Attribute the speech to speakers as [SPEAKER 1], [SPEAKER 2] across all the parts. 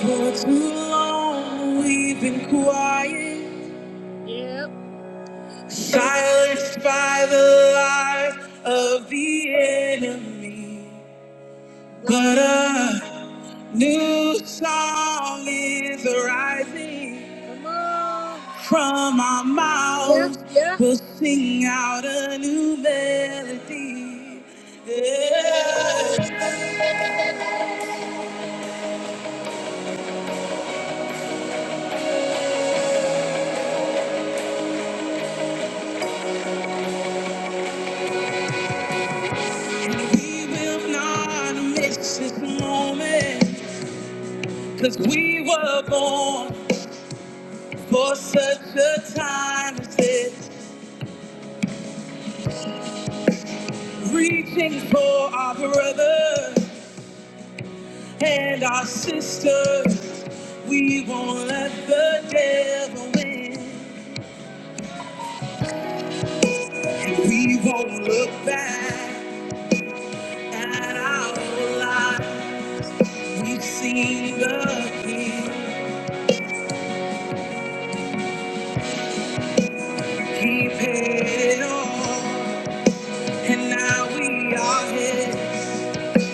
[SPEAKER 1] For too long we've been quiet, yep. silenced by the lies of the enemy. But a new song is arising Come on. from our mouths. Yeah, yeah. We'll sing out a new melody. Yeah. We will not miss this moment, 'cause we were born. For such a time as this, reaching for our brothers and our sisters, we won't let the devil win, and we won't look back at our lives. We've seen the King, He paid it all, and now we are His.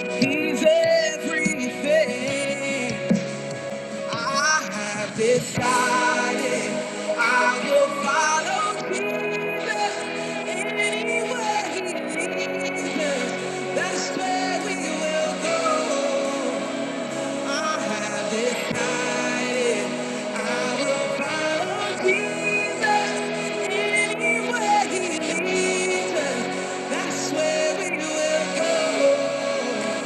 [SPEAKER 1] He's everything. I have decided I will follow Jesus anywhere he leads us. That's where we will go. I have decided I will follow Jesus anywhere he leads us. That's where we will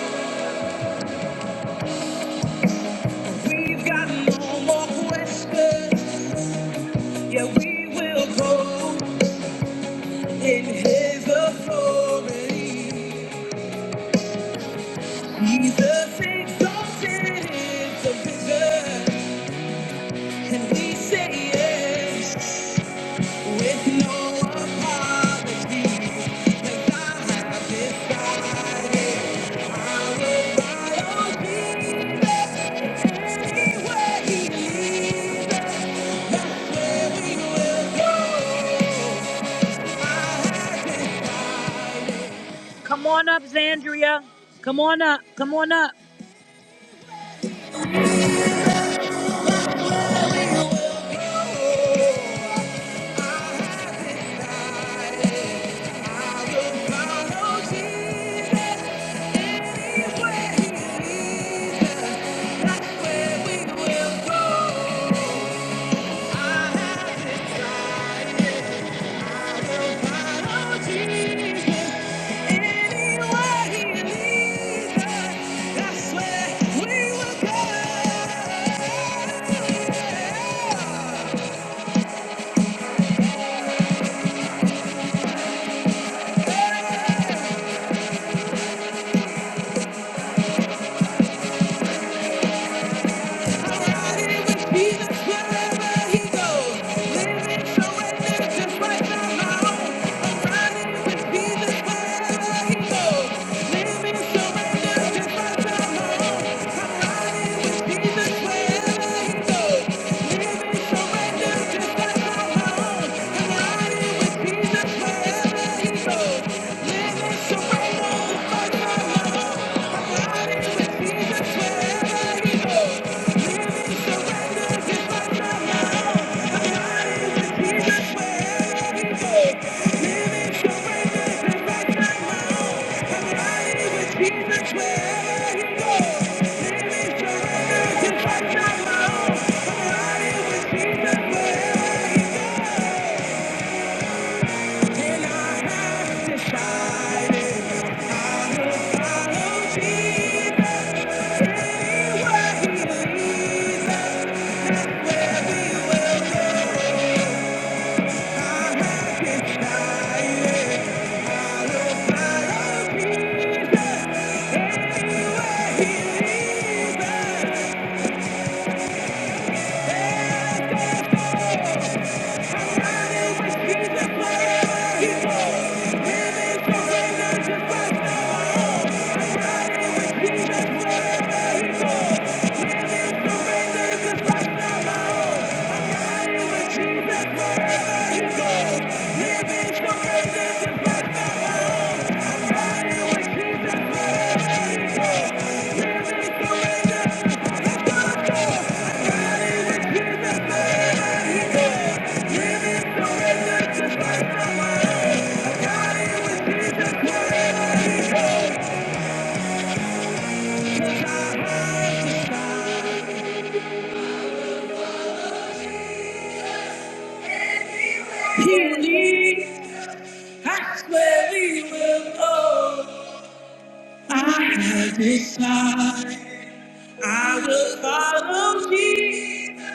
[SPEAKER 1] go. We've got no more questions. Yeah, we will go in his authority. He's the exalted division, and we say yes with no apology. 'Cause I have decided I will follow Jesus anywhere he leads, and we will go. Come on up, Zandria. Come on up. Come on up. That's where we will go. Thank you Thank you. Decided He leads, I swear he will go. I have decided I will follow Jesus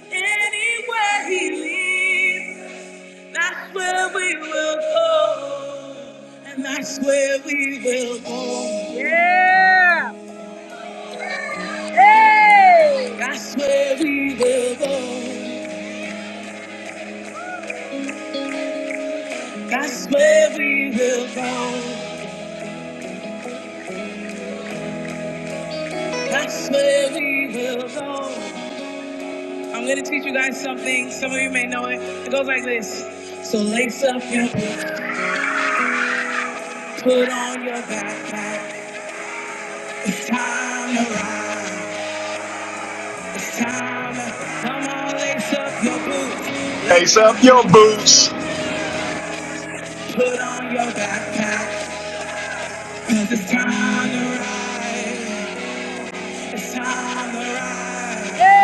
[SPEAKER 1] anywhere he leads. That's where we will go. And that's where we will go. Yeah. Hey! That's where we will go. That's where we will go. That's where we will go. I'm gonna teach you guys something. Some of you may know it. It goes like this. So lace up your boots, put on your backpack. It's time to ride. It's time to ride. come on, lace up your boots. Lace
[SPEAKER 2] Lace up
[SPEAKER 1] up your
[SPEAKER 2] your
[SPEAKER 1] boots.
[SPEAKER 2] boots.
[SPEAKER 1] Put on your backpack. Cause it's time to ride. It's time to ride. Yeah.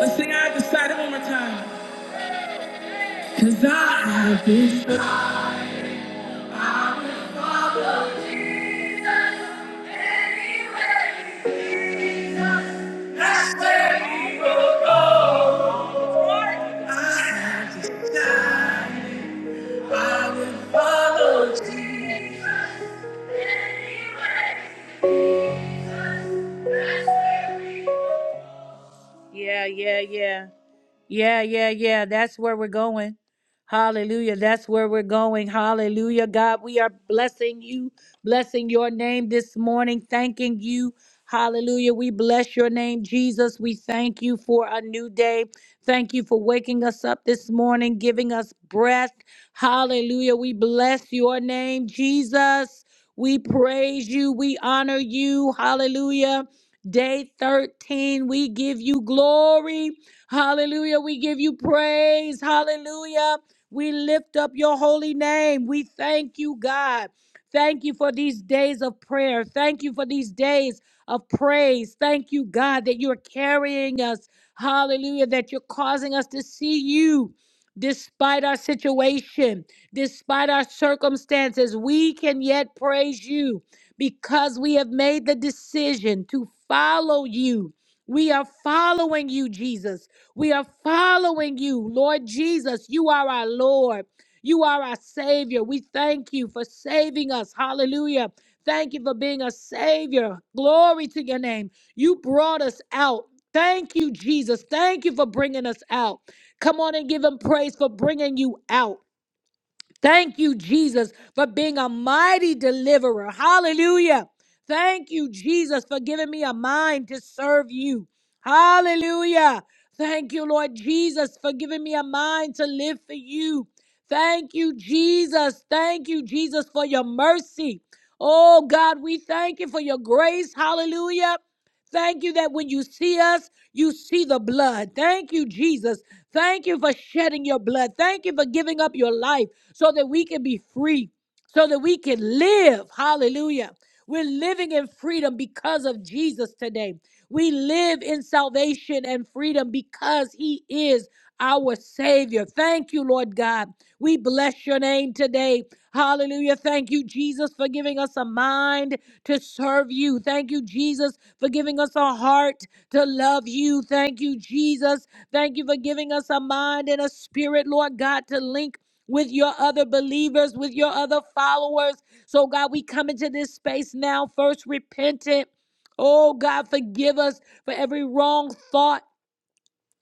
[SPEAKER 1] Let's sing I decided one more time. Yeah, yeah, yeah. Yeah, yeah, yeah. That's where we're going. Hallelujah. That's where we're going. Hallelujah. God, we are blessing you, blessing your name this morning, thanking you. Hallelujah. We bless your name, Jesus. We thank you for a new day. Thank you for waking us up this morning, giving us breath. Hallelujah. We bless your name, Jesus. We praise you. We honor you. Hallelujah. Day 13, we give you glory. Hallelujah. We give you praise. Hallelujah. We lift up your holy name. We thank you, God. Thank you for these days of prayer. Thank you for these days of praise. Thank you, God, that you're carrying us. Hallelujah. That you're causing us to see you despite our situation, despite our circumstances. We can yet praise you because we have made the decision to follow you. We are following you, Jesus. We are following you, Lord Jesus. You are our Lord. You are our Savior. We thank you for saving us. Hallelujah. Thank you for being a Savior. Glory to your name. You brought us out. Thank you, Jesus. Thank you for bringing us out. Come on and give him praise for bringing you out. Thank you, Jesus, for being a mighty deliverer. Hallelujah. Thank you, Jesus, for giving me a mind to serve you. Hallelujah. Thank you, Lord Jesus, for giving me a mind to live for you. Thank you, Jesus. Thank you, Jesus, for your mercy. Oh, God, we thank you for your grace. Hallelujah. Thank you that when you see us, you see the blood. Thank you, Jesus. Thank you for shedding your blood. Thank you for giving up your life so that we can be free so that we can live. Hallelujah. We're living in freedom because of Jesus today. We live in salvation and freedom because He is our Savior. Thank you, Lord God. We bless your name today. Hallelujah. Thank you, Jesus, for giving us a mind to serve you. Thank you, Jesus, for giving us a heart to love you. Thank you, Jesus. Thank you for giving us a mind and a spirit, Lord God, to link with your other believers, with your other followers. So, God, we come into this space now, first repentant. Oh, God, forgive us for every wrong thought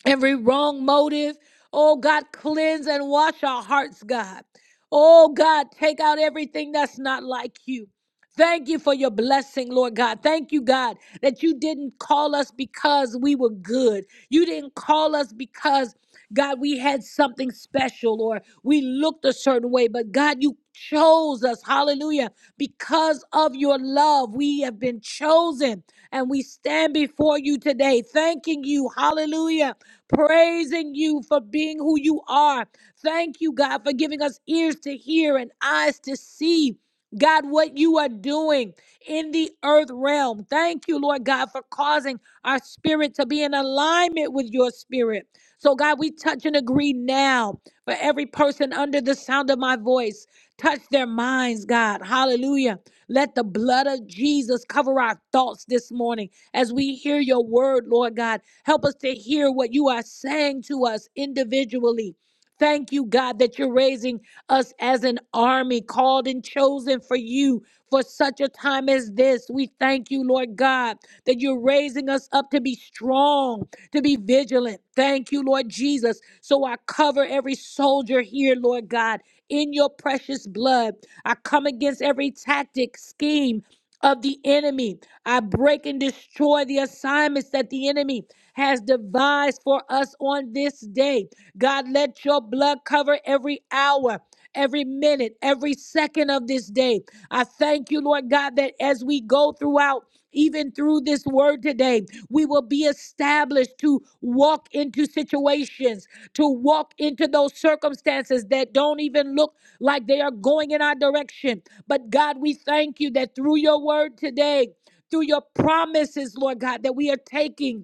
[SPEAKER 1] every wrong motive. Oh God, cleanse and wash our hearts, God. Oh God, take out everything that's not like you. Thank you for your blessing, Lord God. Thank you, God, that you didn't call us because we were good. You didn't call us because, God, we had something special or we looked a certain way. But God, you chose us. Hallelujah. Because of your love, we have been chosen and we stand before you today, thanking you. Hallelujah praising you for being who you are. Thank you, God, for giving us ears to hear and eyes to see. God, what you are doing in the earth realm. Thank you, Lord God, for causing our spirit to be in alignment with your spirit. So, God, we touch and agree now for every person under the sound of my voice. Touch their minds, God. Hallelujah. Let the blood of Jesus cover our thoughts this morning as we hear your word, Lord God. Help us to hear what you are saying to us individually. Thank you, God, that you're raising us as an army called and chosen for you for such a time as this. We thank you, Lord God, that you're raising us up to be strong, to be vigilant. Thank you, Lord Jesus. So I cover every soldier here, Lord God, in your precious blood. I come against every tactic, scheme of the enemy. I break and destroy the assignments that the enemy has devised for us on this day. God, let your blood cover every hour. Every minute, every second of this day. I thank you, Lord God, that as we go throughout, even through this word today, we will be established to walk into situations, to walk into those circumstances that don't even look like they are going in our direction. But God, we thank you that through your word today, through your promises, Lord God, that we are taking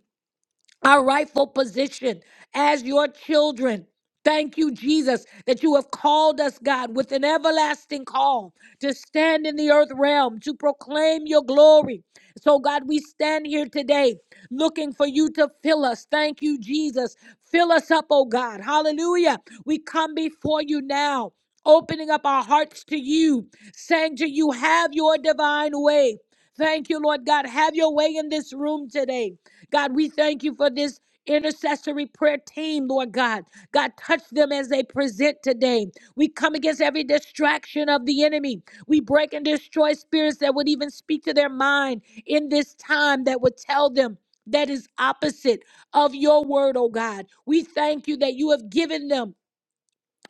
[SPEAKER 1] our rightful position as your children. Thank you, Jesus, that you have called us, God, with an everlasting call to stand in the earth realm, to proclaim your glory. So, God, we stand here today looking for you to fill us. Thank you, Jesus. Fill us up, oh God. Hallelujah. We come before you now, opening up our hearts to you, saying to you, have your divine way. Thank you, Lord God. Have your way in this room today. God, we thank you for this intercessory prayer team, Lord God. God, touch them as they present today. We come against every distraction of the enemy. We break and destroy spirits that would even speak to their mind in this time that would tell them. That is opposite of your word, oh God. We thank you that you have given them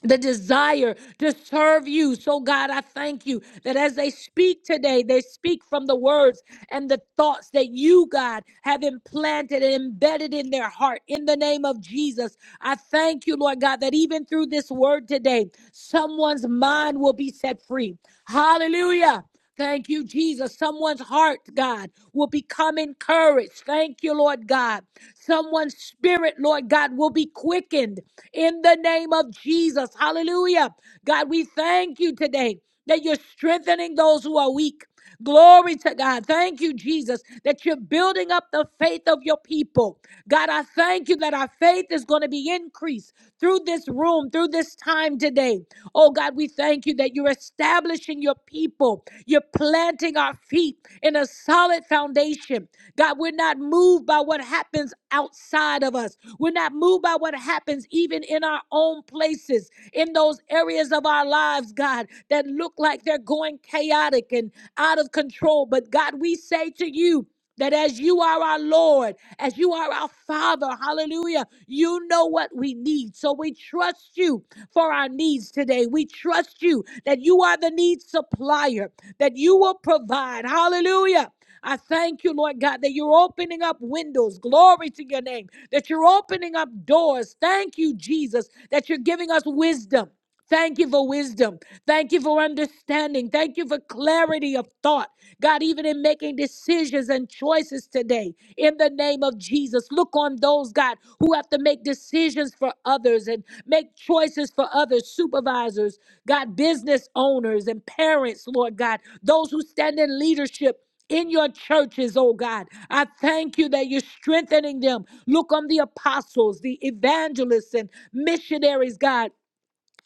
[SPEAKER 1] the desire to serve you. So, God, I thank you that as they speak today, they speak from the words and the thoughts that you, God, have implanted and embedded in their heart in the name of Jesus. I thank you, Lord God, that even through this word today, someone's mind will be set free. Hallelujah. Thank you, Jesus. Someone's heart, God, will become encouraged. Thank you, Lord God. Someone's spirit, Lord God, will be quickened in the name of Jesus. Hallelujah. God, we thank you today that you're strengthening those who are weak. Glory to God. Thank you, Jesus, that you're building up the faith of your people. God, I thank you that our faith is going to be increased through this room, through this time today. Oh, God, we thank you that you're establishing your people. You're planting our feet in a solid foundation. God, we're not moved by what happens outside of us. We're not moved by what happens even in our own places, in those areas of our lives, God, that look like they're going chaotic and out of control. But God, we say to you, that as you are our Lord, as you are our Father, hallelujah, you know what we need. So we trust you for our needs today. We trust you that you are the need supplier, that you will provide, hallelujah. I thank you, Lord God, that you're opening up windows. Glory to your name. That you're opening up doors. Thank you, Jesus, that you're giving us wisdom. Thank you for wisdom. Thank you for understanding. Thank you for clarity of thought. God, even in making decisions and choices today, in the name of Jesus, look on those, God, who have to make decisions for others and make choices for others, supervisors, God, business owners and parents, Lord God, those who stand in leadership in your churches, oh God. I thank you that you're strengthening them. Look on the apostles, the evangelists, and missionaries, God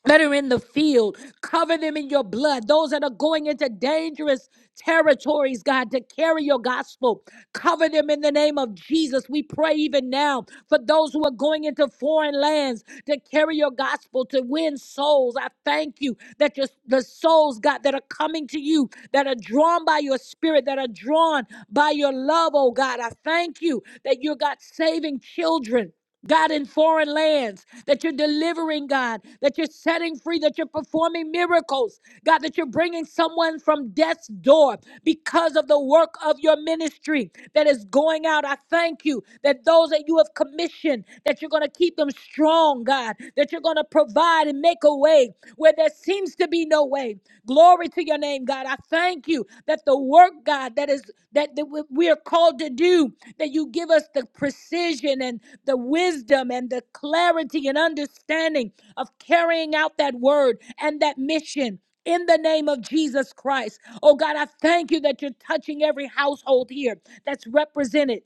[SPEAKER 1] that are in the field. Cover them in your blood. Those that are going into dangerous territories, God, to carry your gospel. Cover them in the name of Jesus. We pray even now for those who are going into foreign lands to carry your gospel, to win souls. I thank you that your, the souls, God, that are coming to you, that are drawn by your spirit, that are drawn by your love, oh God. I thank you that you're, God, saving children God, in foreign lands, that you're delivering, God, that you're setting free, that you're performing miracles, God, that you're bringing someone from death's door because of the work of your ministry that is going out. I thank you that those that you have commissioned, that you're going to keep them strong, God, that you're going to provide and make a way where there seems to be no way. Glory to your name, God. I thank you that the work, God, that is that, that we we are called to do, that you give us the precision and the wisdom and the clarity and understanding of carrying out that word and that mission. In the name of Jesus Christ. Oh God, I thank you that you're touching every household here that's represented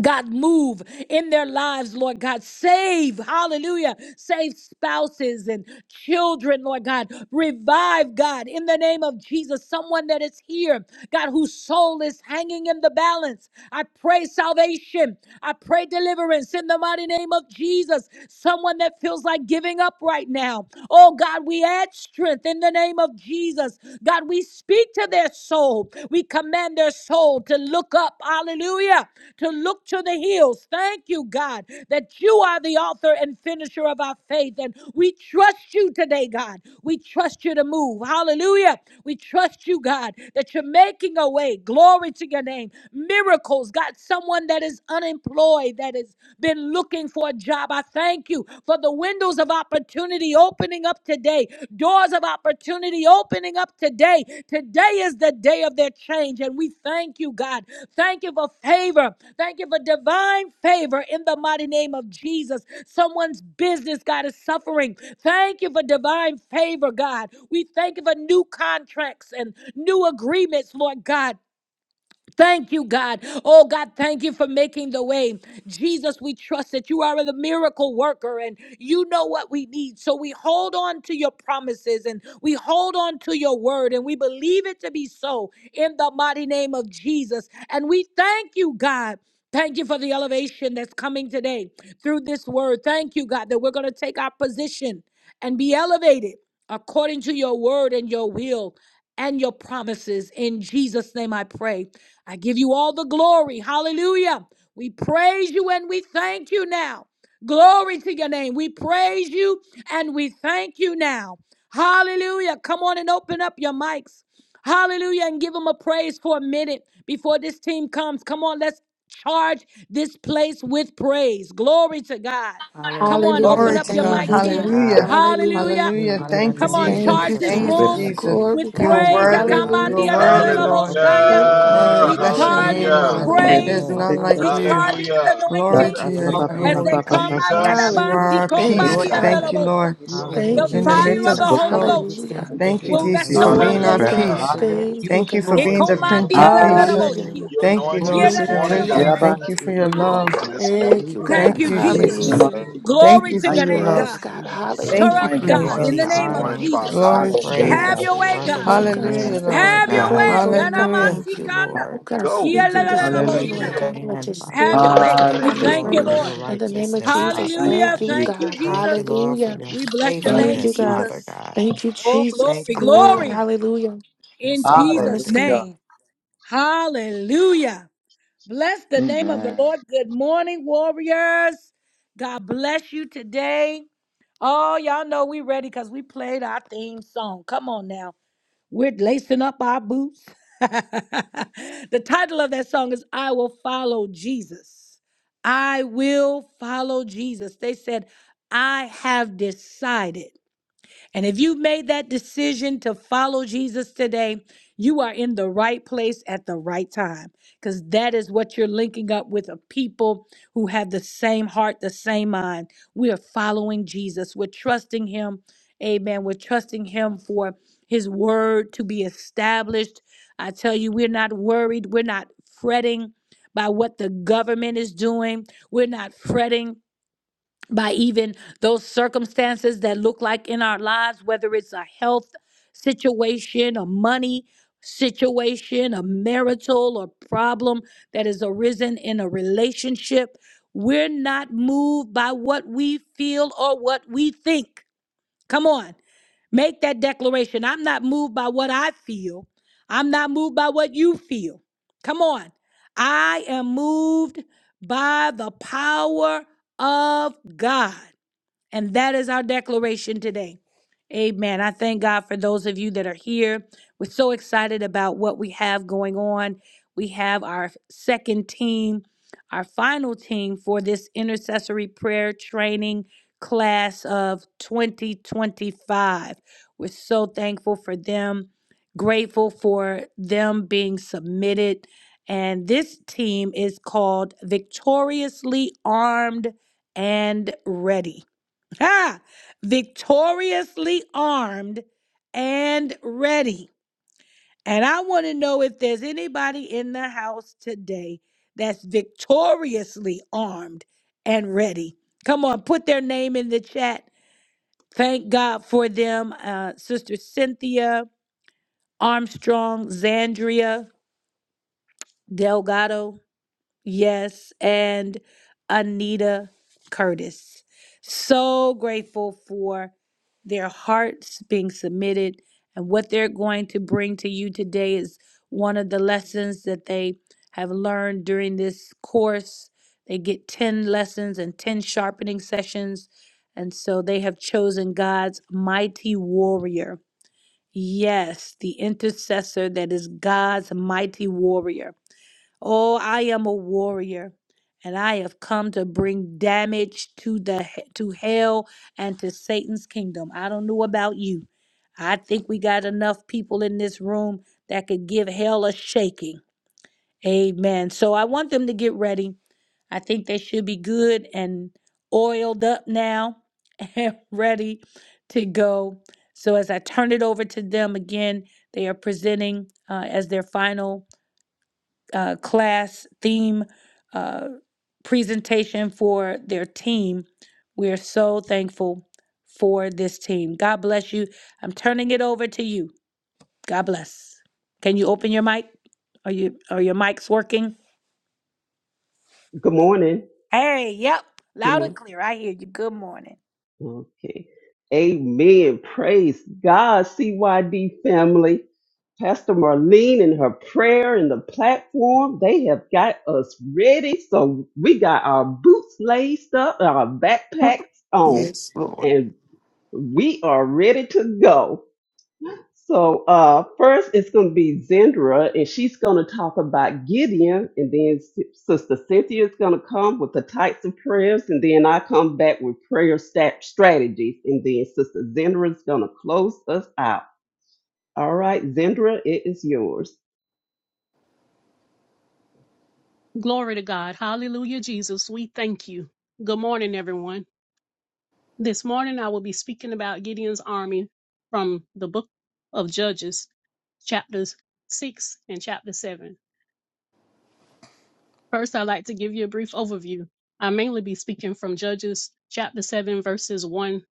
[SPEAKER 1] God, move in their lives, Lord God. Save, hallelujah. Save spouses and children, Lord God. Revive, God, in the name of Jesus. Someone that is here, God, whose soul is hanging in the balance. I pray salvation. I pray deliverance in the mighty name of Jesus. Someone that feels like giving up right now. Oh, God, we add strength in the name of Jesus. Jesus. God, we speak to their soul. We command their soul to look up. Hallelujah. To look to the hills. Thank you, God, that you are the author and finisher of our faith. And we trust you today, God. We trust you to move. Hallelujah. We trust you, God, that you're making a way. Glory to your name. Miracles. God, someone that is unemployed, that has been looking for a job job. I thank you for the windows of opportunity opening up today, doors of opportunity opening up today. Today is the day of their change, and we thank you, God. Thank you for favor. Thank you for divine favor in the mighty name of Jesus. Someone's business, God, is suffering. Thank you for divine favor, God. We thank you for new contracts and new agreements, Lord God. Thank you, God. Oh, God, thank you for making the way. Jesus, we trust that you are the miracle worker and you know what we need. So we hold on to your promises and we hold on to your word and we believe it to be so in the mighty name of Jesus. And we thank you, God. Thank you for the elevation that's coming today through this word. Thank you, God, that we're going to take our position and be elevated according to your word and your will and your promises. In Jesus' name, I pray. I give you all the glory. Hallelujah. We praise you and we thank you now. Glory to your name. We praise you and we thank you now. Hallelujah. Come on and open up your mics. Hallelujah. And give them a praise for a minute before this team comes. Come on, let's charge this place with praise. Glory to God. Come on, open
[SPEAKER 3] Hallelujah.
[SPEAKER 4] Glory
[SPEAKER 1] up
[SPEAKER 4] to
[SPEAKER 1] your
[SPEAKER 4] God.
[SPEAKER 3] Thank
[SPEAKER 1] mics
[SPEAKER 3] you,
[SPEAKER 1] here.
[SPEAKER 3] God.
[SPEAKER 4] Hallelujah.
[SPEAKER 3] Hallelujah.
[SPEAKER 1] Hallelujah.
[SPEAKER 4] Hallelujah. Thank you,
[SPEAKER 1] Come on,
[SPEAKER 4] Jesus.
[SPEAKER 3] Thank
[SPEAKER 1] charge
[SPEAKER 3] you,
[SPEAKER 1] this
[SPEAKER 5] Glory,
[SPEAKER 4] Thank
[SPEAKER 5] we
[SPEAKER 4] you,
[SPEAKER 1] room
[SPEAKER 3] Jesus.
[SPEAKER 5] bless your
[SPEAKER 4] Jesus.
[SPEAKER 5] name,
[SPEAKER 1] with
[SPEAKER 3] Glory,
[SPEAKER 4] You
[SPEAKER 5] Father.
[SPEAKER 4] are
[SPEAKER 3] God.
[SPEAKER 1] praise.
[SPEAKER 4] worthy. You
[SPEAKER 5] Hallelujah.
[SPEAKER 4] are
[SPEAKER 3] Hallelujah.
[SPEAKER 1] Akamandia da da
[SPEAKER 6] Lord,
[SPEAKER 1] da
[SPEAKER 4] worthy,
[SPEAKER 5] We
[SPEAKER 1] la
[SPEAKER 5] give
[SPEAKER 2] Hallelujah.
[SPEAKER 5] you
[SPEAKER 4] Lord.
[SPEAKER 1] boshaya.
[SPEAKER 3] Oh, God, you're
[SPEAKER 4] Oh,
[SPEAKER 1] We
[SPEAKER 4] bless your
[SPEAKER 3] worthy,
[SPEAKER 5] Papa,
[SPEAKER 1] charge
[SPEAKER 4] name,
[SPEAKER 1] it
[SPEAKER 3] God.
[SPEAKER 2] Hallelujah.
[SPEAKER 5] Papa,
[SPEAKER 1] with
[SPEAKER 4] Lord.
[SPEAKER 6] thank
[SPEAKER 5] Sunday.
[SPEAKER 3] Hallelujah.
[SPEAKER 4] There's
[SPEAKER 1] praise.
[SPEAKER 5] We
[SPEAKER 4] none
[SPEAKER 5] give
[SPEAKER 6] you,
[SPEAKER 5] you Papa,
[SPEAKER 4] like
[SPEAKER 1] We
[SPEAKER 4] you.
[SPEAKER 6] God,
[SPEAKER 1] charge it with
[SPEAKER 2] Hallelujah.
[SPEAKER 6] through
[SPEAKER 4] Glory
[SPEAKER 5] Papa,
[SPEAKER 1] anointing
[SPEAKER 4] to
[SPEAKER 6] all
[SPEAKER 4] your
[SPEAKER 5] Papa,
[SPEAKER 2] Hallelujah.
[SPEAKER 4] name.
[SPEAKER 1] as
[SPEAKER 5] Papa,
[SPEAKER 2] Thank
[SPEAKER 1] they
[SPEAKER 6] glory.
[SPEAKER 2] you,
[SPEAKER 5] Papa,
[SPEAKER 1] come.
[SPEAKER 5] Papa,
[SPEAKER 1] ayada
[SPEAKER 5] Sunday.
[SPEAKER 2] Jesus.
[SPEAKER 4] You are
[SPEAKER 1] si
[SPEAKER 3] Hallelujah.
[SPEAKER 4] our
[SPEAKER 3] Thank
[SPEAKER 5] Just
[SPEAKER 4] peace.
[SPEAKER 3] you,
[SPEAKER 2] Thank you,
[SPEAKER 5] a
[SPEAKER 6] Lord,
[SPEAKER 1] komandia
[SPEAKER 2] Lord.
[SPEAKER 5] little
[SPEAKER 1] da da
[SPEAKER 4] Thank
[SPEAKER 1] la
[SPEAKER 5] bit.
[SPEAKER 3] Father.
[SPEAKER 4] you,
[SPEAKER 1] bosha.
[SPEAKER 4] Lord.
[SPEAKER 5] We thank
[SPEAKER 1] The
[SPEAKER 3] Thank
[SPEAKER 5] you
[SPEAKER 3] you,
[SPEAKER 4] In the
[SPEAKER 5] for
[SPEAKER 4] midst
[SPEAKER 1] fire of
[SPEAKER 4] of
[SPEAKER 5] your
[SPEAKER 1] the
[SPEAKER 4] the
[SPEAKER 3] Jesus.
[SPEAKER 5] goodness
[SPEAKER 1] Holy
[SPEAKER 4] storm.
[SPEAKER 1] Ghost
[SPEAKER 3] Hallelujah.
[SPEAKER 5] and your
[SPEAKER 4] Thank you,
[SPEAKER 1] will
[SPEAKER 4] Jesus,
[SPEAKER 1] rest
[SPEAKER 5] mercies
[SPEAKER 4] for
[SPEAKER 5] and
[SPEAKER 1] upon
[SPEAKER 4] being
[SPEAKER 5] your
[SPEAKER 1] them.
[SPEAKER 4] our
[SPEAKER 3] Glory,
[SPEAKER 5] strength.
[SPEAKER 2] Hallelujah.
[SPEAKER 3] God.
[SPEAKER 4] peace.
[SPEAKER 2] Thank you
[SPEAKER 5] Hallelujah.
[SPEAKER 3] Thank
[SPEAKER 6] you
[SPEAKER 3] you,
[SPEAKER 4] Thank
[SPEAKER 2] for
[SPEAKER 4] you
[SPEAKER 2] your
[SPEAKER 4] for
[SPEAKER 3] God.
[SPEAKER 4] being the
[SPEAKER 2] anointing.
[SPEAKER 4] Prince
[SPEAKER 6] be
[SPEAKER 4] of
[SPEAKER 1] Ikomandia da da da
[SPEAKER 4] Peace.
[SPEAKER 2] Thank you
[SPEAKER 3] Hallelujah.
[SPEAKER 2] for
[SPEAKER 1] boshia.
[SPEAKER 5] Hallelujah.
[SPEAKER 2] your
[SPEAKER 4] Thank you,
[SPEAKER 6] glory
[SPEAKER 2] anointing
[SPEAKER 4] Lord,
[SPEAKER 1] Yeah, da
[SPEAKER 2] this
[SPEAKER 4] for
[SPEAKER 3] Thank you,
[SPEAKER 4] your
[SPEAKER 1] da
[SPEAKER 6] and
[SPEAKER 1] da
[SPEAKER 2] morning,
[SPEAKER 1] da
[SPEAKER 2] God.
[SPEAKER 4] wisdom.
[SPEAKER 3] Jesus.
[SPEAKER 1] bosha.
[SPEAKER 5] Shabbat.
[SPEAKER 4] Thank you
[SPEAKER 2] Thank you
[SPEAKER 4] for
[SPEAKER 2] for
[SPEAKER 4] your
[SPEAKER 5] Give it
[SPEAKER 2] the
[SPEAKER 4] love.
[SPEAKER 2] anointing this
[SPEAKER 1] Hallelujah.
[SPEAKER 2] morning,
[SPEAKER 3] Thank you,
[SPEAKER 2] Father.
[SPEAKER 1] Thank
[SPEAKER 3] God.
[SPEAKER 4] Thank
[SPEAKER 1] you,
[SPEAKER 5] In
[SPEAKER 4] you,
[SPEAKER 5] the name
[SPEAKER 1] Jesus.
[SPEAKER 4] Jesus.
[SPEAKER 2] In
[SPEAKER 5] of
[SPEAKER 2] the
[SPEAKER 3] Hallelujah.
[SPEAKER 2] name of
[SPEAKER 5] Jesus.
[SPEAKER 4] Thank
[SPEAKER 1] Glory
[SPEAKER 4] you
[SPEAKER 1] to
[SPEAKER 4] for
[SPEAKER 2] Jesus
[SPEAKER 5] Thank
[SPEAKER 1] your
[SPEAKER 4] your
[SPEAKER 5] you,
[SPEAKER 1] name,
[SPEAKER 4] love.
[SPEAKER 3] Yes,
[SPEAKER 5] Father.
[SPEAKER 1] God.
[SPEAKER 2] Christ.
[SPEAKER 3] God.
[SPEAKER 2] Thank
[SPEAKER 1] Stir
[SPEAKER 4] Thank
[SPEAKER 2] you
[SPEAKER 4] you
[SPEAKER 3] Hallelujah.
[SPEAKER 1] up,
[SPEAKER 2] for your
[SPEAKER 5] Thank
[SPEAKER 4] for
[SPEAKER 5] you,
[SPEAKER 4] your
[SPEAKER 1] God,
[SPEAKER 5] Father.
[SPEAKER 4] love.
[SPEAKER 1] in
[SPEAKER 2] anointing
[SPEAKER 1] the
[SPEAKER 2] this
[SPEAKER 3] In
[SPEAKER 1] name
[SPEAKER 3] the
[SPEAKER 1] of
[SPEAKER 2] morning,
[SPEAKER 3] mighty name of
[SPEAKER 2] Father.
[SPEAKER 1] Jesus.
[SPEAKER 4] Glory
[SPEAKER 2] Thank you.
[SPEAKER 3] Jesus,
[SPEAKER 4] to
[SPEAKER 5] Hallelujah.
[SPEAKER 1] Have
[SPEAKER 3] God.
[SPEAKER 4] Jesus.
[SPEAKER 1] your way,
[SPEAKER 2] Thank
[SPEAKER 1] God.
[SPEAKER 2] you,
[SPEAKER 3] Oh, God,
[SPEAKER 2] Jesus.
[SPEAKER 4] Hallelujah,
[SPEAKER 3] have your
[SPEAKER 4] Lord.
[SPEAKER 1] Have
[SPEAKER 3] divine
[SPEAKER 1] your
[SPEAKER 5] Hallelujah.
[SPEAKER 3] way,
[SPEAKER 1] way.
[SPEAKER 3] Lord God.
[SPEAKER 4] Hallelujah.
[SPEAKER 1] Yanamasikanda.
[SPEAKER 5] Hallelujah.
[SPEAKER 3] Oh God,
[SPEAKER 2] Go.
[SPEAKER 3] speak in this room,
[SPEAKER 5] Hallelujah.
[SPEAKER 2] Thank you,
[SPEAKER 3] Lord
[SPEAKER 1] Yalalalalaboshaya.
[SPEAKER 2] Lord.
[SPEAKER 3] God. Let your
[SPEAKER 1] Have
[SPEAKER 3] spirit
[SPEAKER 1] your
[SPEAKER 3] rest
[SPEAKER 1] way. We
[SPEAKER 3] upon this
[SPEAKER 1] thank you,
[SPEAKER 3] room.
[SPEAKER 5] Hallelujah.
[SPEAKER 1] Lord.
[SPEAKER 3] In the name of Jesus,
[SPEAKER 5] Thank you,
[SPEAKER 1] Hallelujah.
[SPEAKER 3] thank you,
[SPEAKER 5] Jesus.
[SPEAKER 1] Thank you,
[SPEAKER 3] God.
[SPEAKER 1] Jesus.
[SPEAKER 3] Hallelujah.
[SPEAKER 1] We bless your
[SPEAKER 5] Thank
[SPEAKER 1] name,
[SPEAKER 3] Thank
[SPEAKER 5] you,
[SPEAKER 3] you,
[SPEAKER 5] Jesus.
[SPEAKER 3] God.
[SPEAKER 1] Jesus.
[SPEAKER 3] Thank you,
[SPEAKER 1] Oh,
[SPEAKER 3] Jesus.
[SPEAKER 1] glory,
[SPEAKER 3] Glory.
[SPEAKER 1] glory
[SPEAKER 3] Hallelujah.
[SPEAKER 1] in Jesus'
[SPEAKER 3] Yes, God.
[SPEAKER 5] Hallelujah.
[SPEAKER 1] name. Hallelujah. Bless the name of the
[SPEAKER 5] Amen.
[SPEAKER 1] Lord. Good morning, warriors. God bless you today. Oh, y'all know we ready because we played our theme song. Come on now. We're lacing up our boots. the title of that song is I Will Follow Jesus. I will follow Jesus. They said, I have decided. And if you made that decision to follow Jesus today, you are in the right place at the right time because that is what you're linking up with a people who have the same heart, the same mind. We are following Jesus. We're trusting him. Amen. We're trusting him for his word to be established. I tell you, we're not worried. We're not fretting by what the government is doing. We're not fretting by even those circumstances that look like in our lives, whether it's a health situation, a money situation, a marital or problem that has arisen in a relationship. We're not moved by what we feel or what we think. Come on. Make that declaration. I'm not moved by what I feel. I'm not moved by what you feel. Come on. I am moved by the power of God. And that is our declaration today. Amen. I thank God for those of you that are here. We're so excited about what we have going on. We have our second team, our final team for this intercessory prayer training class of 2025. We're so thankful for them, grateful for them being submitted. And this team is called Victoriously Armed and Ready ah, victoriously armed and ready. And I want to know if there's anybody in the house today that's victoriously armed and ready. Come on, put their name in the chat. Thank God for them, uh, Sister Cynthia Armstrong, Zandria Delgado. Yes, and Anita Curtis. So grateful for their hearts being submitted and what they're going to bring to you today is one of the lessons that they have learned during this course. They get 10 lessons and 10 sharpening sessions. And so they have chosen God's mighty warrior. Yes, the intercessor that is God's mighty warrior. Oh, I am a warrior, and I have come to bring damage to the he- to hell and to Satan's kingdom. I don't know about you. I think we got enough people in this room that could give hell a shaking. Amen. So I want them to get ready. I think they should be good and oiled up now and ready to go. So as I turn it over to them again, they are presenting uh, as their final uh, class theme uh, presentation for their team. We are so thankful for this team. God bless you. I'm turning it over to you. God bless. Can you open your mic? Are you are your mics working?
[SPEAKER 7] Good morning.
[SPEAKER 1] Hey, yep,
[SPEAKER 7] Good
[SPEAKER 1] loud and
[SPEAKER 7] morning.
[SPEAKER 1] clear. I hear you. Good morning.
[SPEAKER 7] Okay. Amen. Praise God, CYD family. Pastor Marlene and her prayer and the platform, they have got us ready. So we got our boots laced up, our backpacks on,
[SPEAKER 8] Yes, Lord.
[SPEAKER 7] and we are ready to go. So uh, first, it's going to be Zendra, and she's going to talk about Gideon, and then S- Sister Cynthia is going to come with the types of prayers, and then I come back with prayer stat- strategies, and then Sister Zendra is going to close us out. All right, Zendra, it is yours.
[SPEAKER 9] Glory to God. Hallelujah, Jesus. We thank you. Good morning, everyone. This morning, I will be speaking about Gideon's army from the book of Judges, chapters 6 and chapter 7. First, I'd like to give you a brief overview. I mainly be speaking from Judges chapter 7, verses 1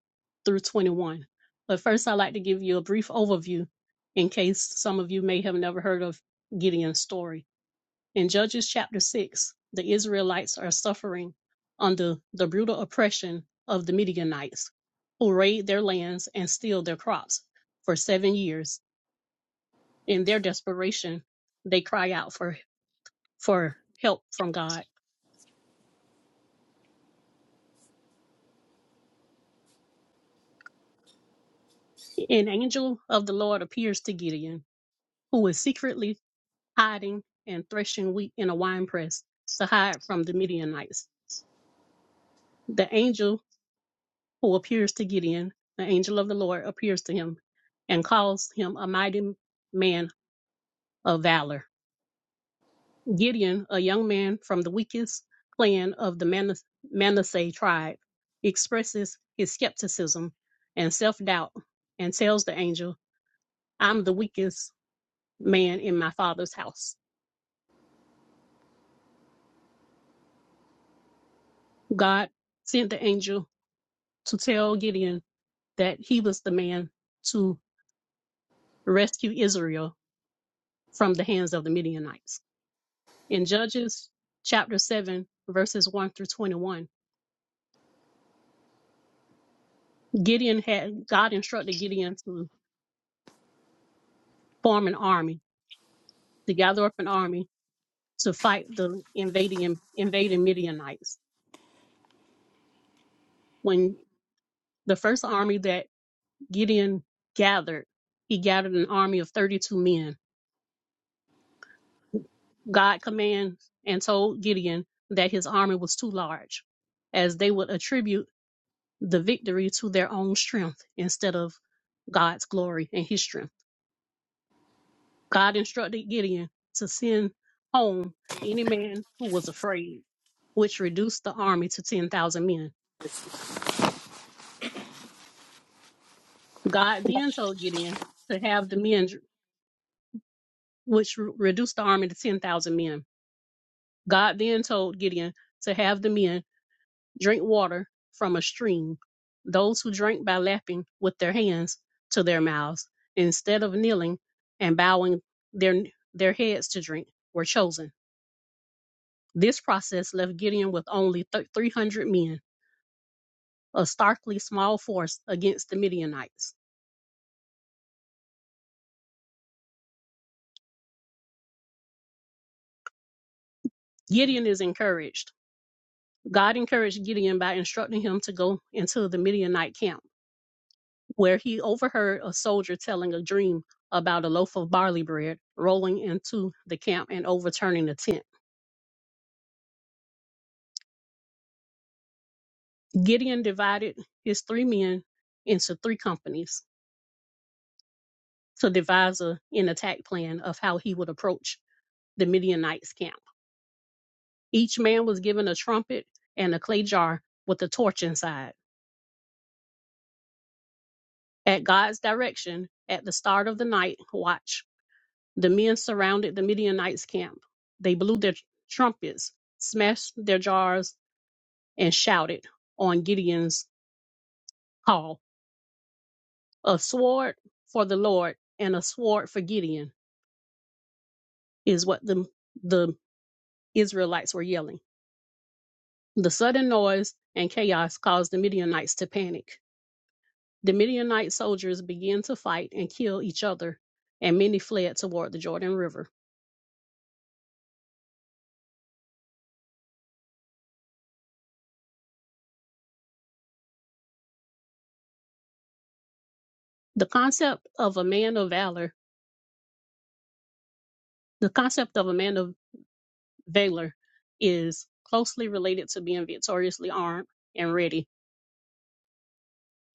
[SPEAKER 9] through 21. But first, I'd like to give you a brief overview in case some of you may have never heard of Gideon's story. In Judges chapter 6, the Israelites are suffering under the brutal oppression of the Midianites, who raid their lands and steal their crops for seven years. In their desperation, they cry out for, for help from God. An angel of the Lord appears to Gideon, who is secretly hiding and threshing wheat in a winepress to hide from the Midianites. The angel who appears to Gideon, the angel of the Lord appears to him and calls him a mighty man of valor. Gideon, a young man from the weakest clan of the Manas- Manasseh tribe, expresses his skepticism and self doubt and tells the angel, I'm the weakest man in my father's house. God sent the angel to tell Gideon that he was the man to rescue Israel from the hands of the Midianites. in Judges chapter 7, verses 1 through 21, Gideon had, God instructed Gideon to form an army, to gather up an army to fight the invading, invading Midianites. When the first army that Gideon gathered, he gathered an army of 32 men. God commanded and told Gideon that his army was too large, as they would attribute the victory to their own strength instead of God's glory and his strength. God instructed Gideon to send home any man who was afraid, which reduced the army to 10,000 men. God then told Gideon to have the men, which re- reduced the army to 10,000 men. God then told Gideon to have the men drink water from a stream, those who drank by lapping with their hands to their mouths, instead of kneeling and bowing their, their heads to drink, were chosen. This process left Gideon with only th- 300 men a starkly small force against the Midianites. Gideon is encouraged. God encouraged Gideon by instructing him to go into the Midianite camp, where he overheard a soldier telling a dream about a loaf of barley bread rolling into the camp and overturning the tent. Gideon divided his three men into three companies to devise a, an attack plan of how he would approach the Midianites' camp. Each man was given a trumpet and a clay jar with a torch inside. At God's direction, at the start of the night watch, the men surrounded the Midianites' camp. They blew their trumpets, smashed their jars, and shouted on Gideon's call. A sword for the Lord and a sword for Gideon is what the, the Israelites were yelling. The sudden noise and chaos caused the Midianites to panic. The Midianite soldiers began to fight and kill each other, and many fled toward the Jordan River. The concept of a man of valor, the concept of a man of valor is closely related to being victoriously armed and ready.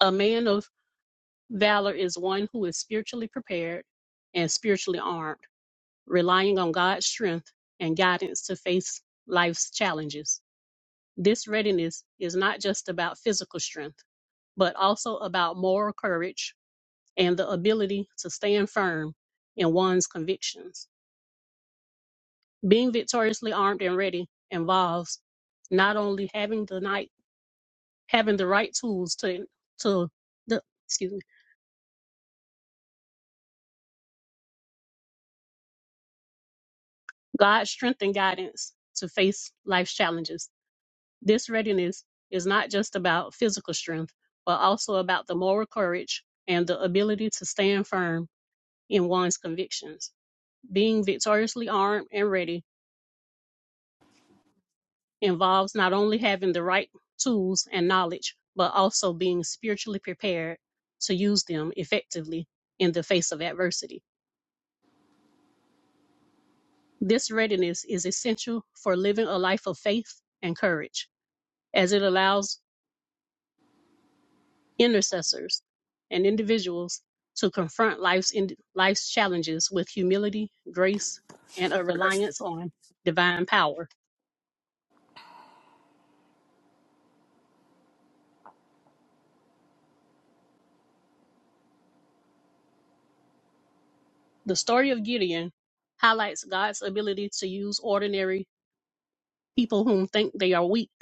[SPEAKER 9] A man of valor is one who is spiritually prepared and spiritually armed, relying on God's strength and guidance to face life's challenges. This readiness is not just about physical strength, but also about moral courage and the ability to stand firm in one's convictions. Being victoriously armed and ready involves not only having the night having the right tools to to the excuse me God's strength and guidance to face life's challenges. This readiness is not just about physical strength, but also about the moral courage and the ability to stand firm in one's convictions. Being victoriously armed and ready involves not only having the right tools and knowledge, but also being spiritually prepared to use them effectively in the face of adversity. This readiness is essential for living a life of faith and courage, as it allows intercessors and individuals to confront life's, in, life's challenges with humility, grace, and a reliance on divine power. The story of Gideon highlights God's ability to use ordinary people whom think they are weak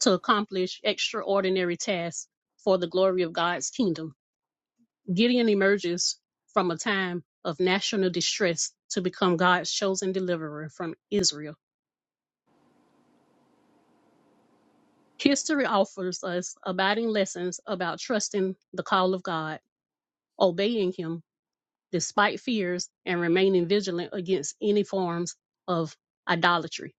[SPEAKER 9] to accomplish extraordinary tasks for the glory of God's kingdom. Gideon emerges from a time of national distress to become God's chosen deliverer from Israel. History offers us abiding lessons about trusting the call of God, obeying Him despite fears, and remaining vigilant against any forms of idolatry.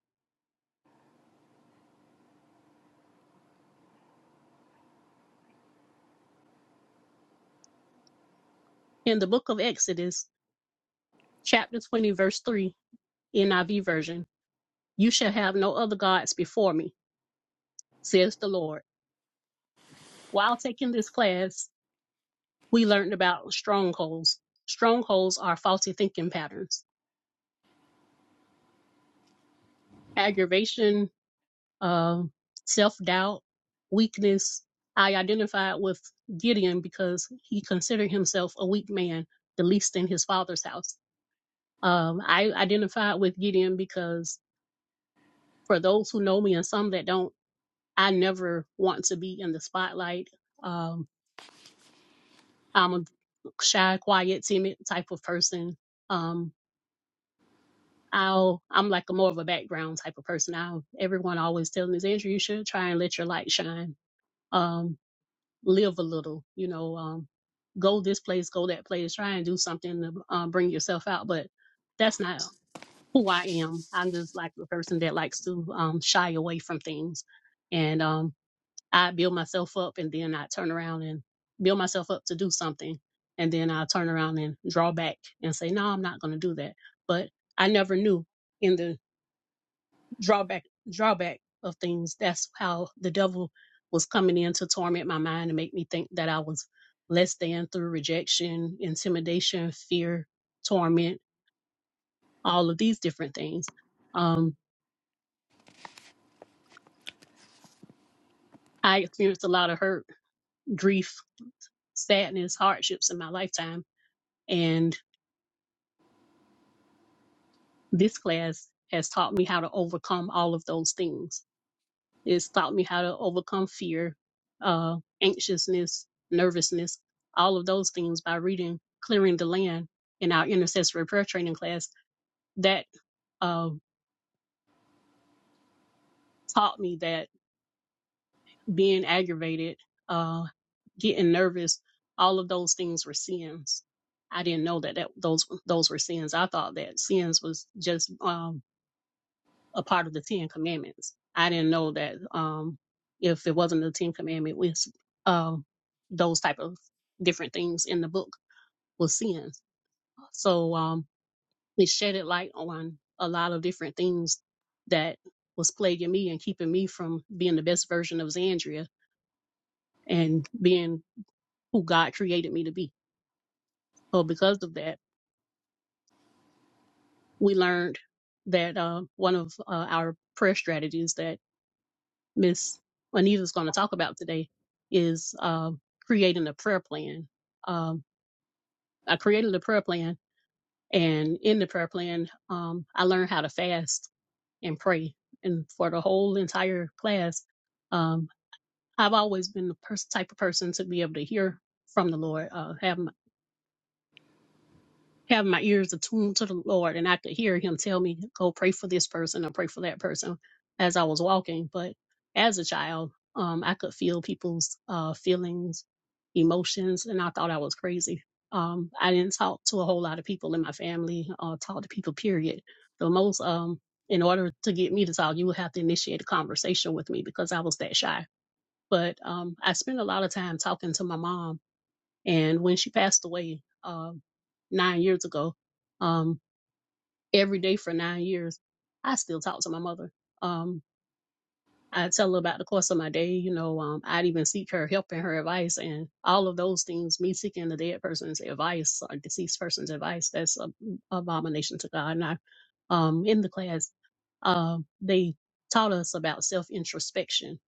[SPEAKER 9] In the book of Exodus, chapter 20, verse 3, NIV version, you shall have no other gods before me, says the Lord. While taking this class, we learned about strongholds. Strongholds are faulty thinking patterns, aggravation, uh, self doubt, weakness. I identified with Gideon because he considered himself a weak man, the least in his father's house. Um, I identified with Gideon because for those who know me and some that don't, I never want to be in the spotlight. Um, I'm a shy, quiet, timid type of person. Um, I'll I'm like a more of a background type of person. I'll everyone always telling me is Andrew, you should try and let your light shine. Um, live a little, you know, um, go this place, go that place, try and do something to um, bring yourself out. But that's not who I am. I'm just like the person that likes to um, shy away from things, and um, I build myself up, and then I turn around and build myself up to do something, and then I turn around and draw back and say, no, I'm not going to do that. But I never knew in the drawback drawback of things. That's how the devil was coming in to torment my mind and make me think that I was less than through rejection, intimidation, fear, torment, all of these different things. Um, I experienced a lot of hurt, grief, sadness, hardships in my lifetime, and this class has taught me how to overcome all of those things. It's taught me how to overcome fear, uh, anxiousness, nervousness, all of those things by reading Clearing the Land in our intercessory prayer training class. That uh, taught me that being aggravated, uh, getting nervous, all of those things were sins. I didn't know that, that those those were sins. I thought that sins was just uh, a part of the Ten Commandments. I didn't know that um, if it wasn't the Ten Commandment, was um, those type of different things in the book was sins. So um, it shedded light on a lot of different things that was plaguing me and keeping me from being the best version of Xandria and being who God created me to be. So because of that, we learned that uh, one of uh, our prayer strategies that Miss Anita's going to talk about today is um, creating a prayer plan. Um, I created a prayer plan, and in the prayer plan, um, I learned how to fast and pray. And for the whole entire class, um, I've always been the pers- type of person to be able to hear from the Lord. Uh, have have my ears attuned to the Lord and I could hear him tell me, go pray for this person or pray for that person as I was walking. But as a child, um, I could feel people's uh, feelings, emotions, and I thought I was crazy. Um, I didn't talk to a whole lot of people in my family, uh, talk to people, period. The most, um, in order to get me to talk, you would have to initiate a conversation with me because I was that shy. But um, I spent a lot of time talking to my mom and when she passed away um, nine years ago, um, every day for nine years, I still talk to my mother. Um, I tell her about the course of my day. You know, um, I'd even seek her help and her advice, and all of those things. Me seeking the dead person's advice or deceased person's advice that's an abomination to God. And I, um, in the class, um, they taught us about self introspection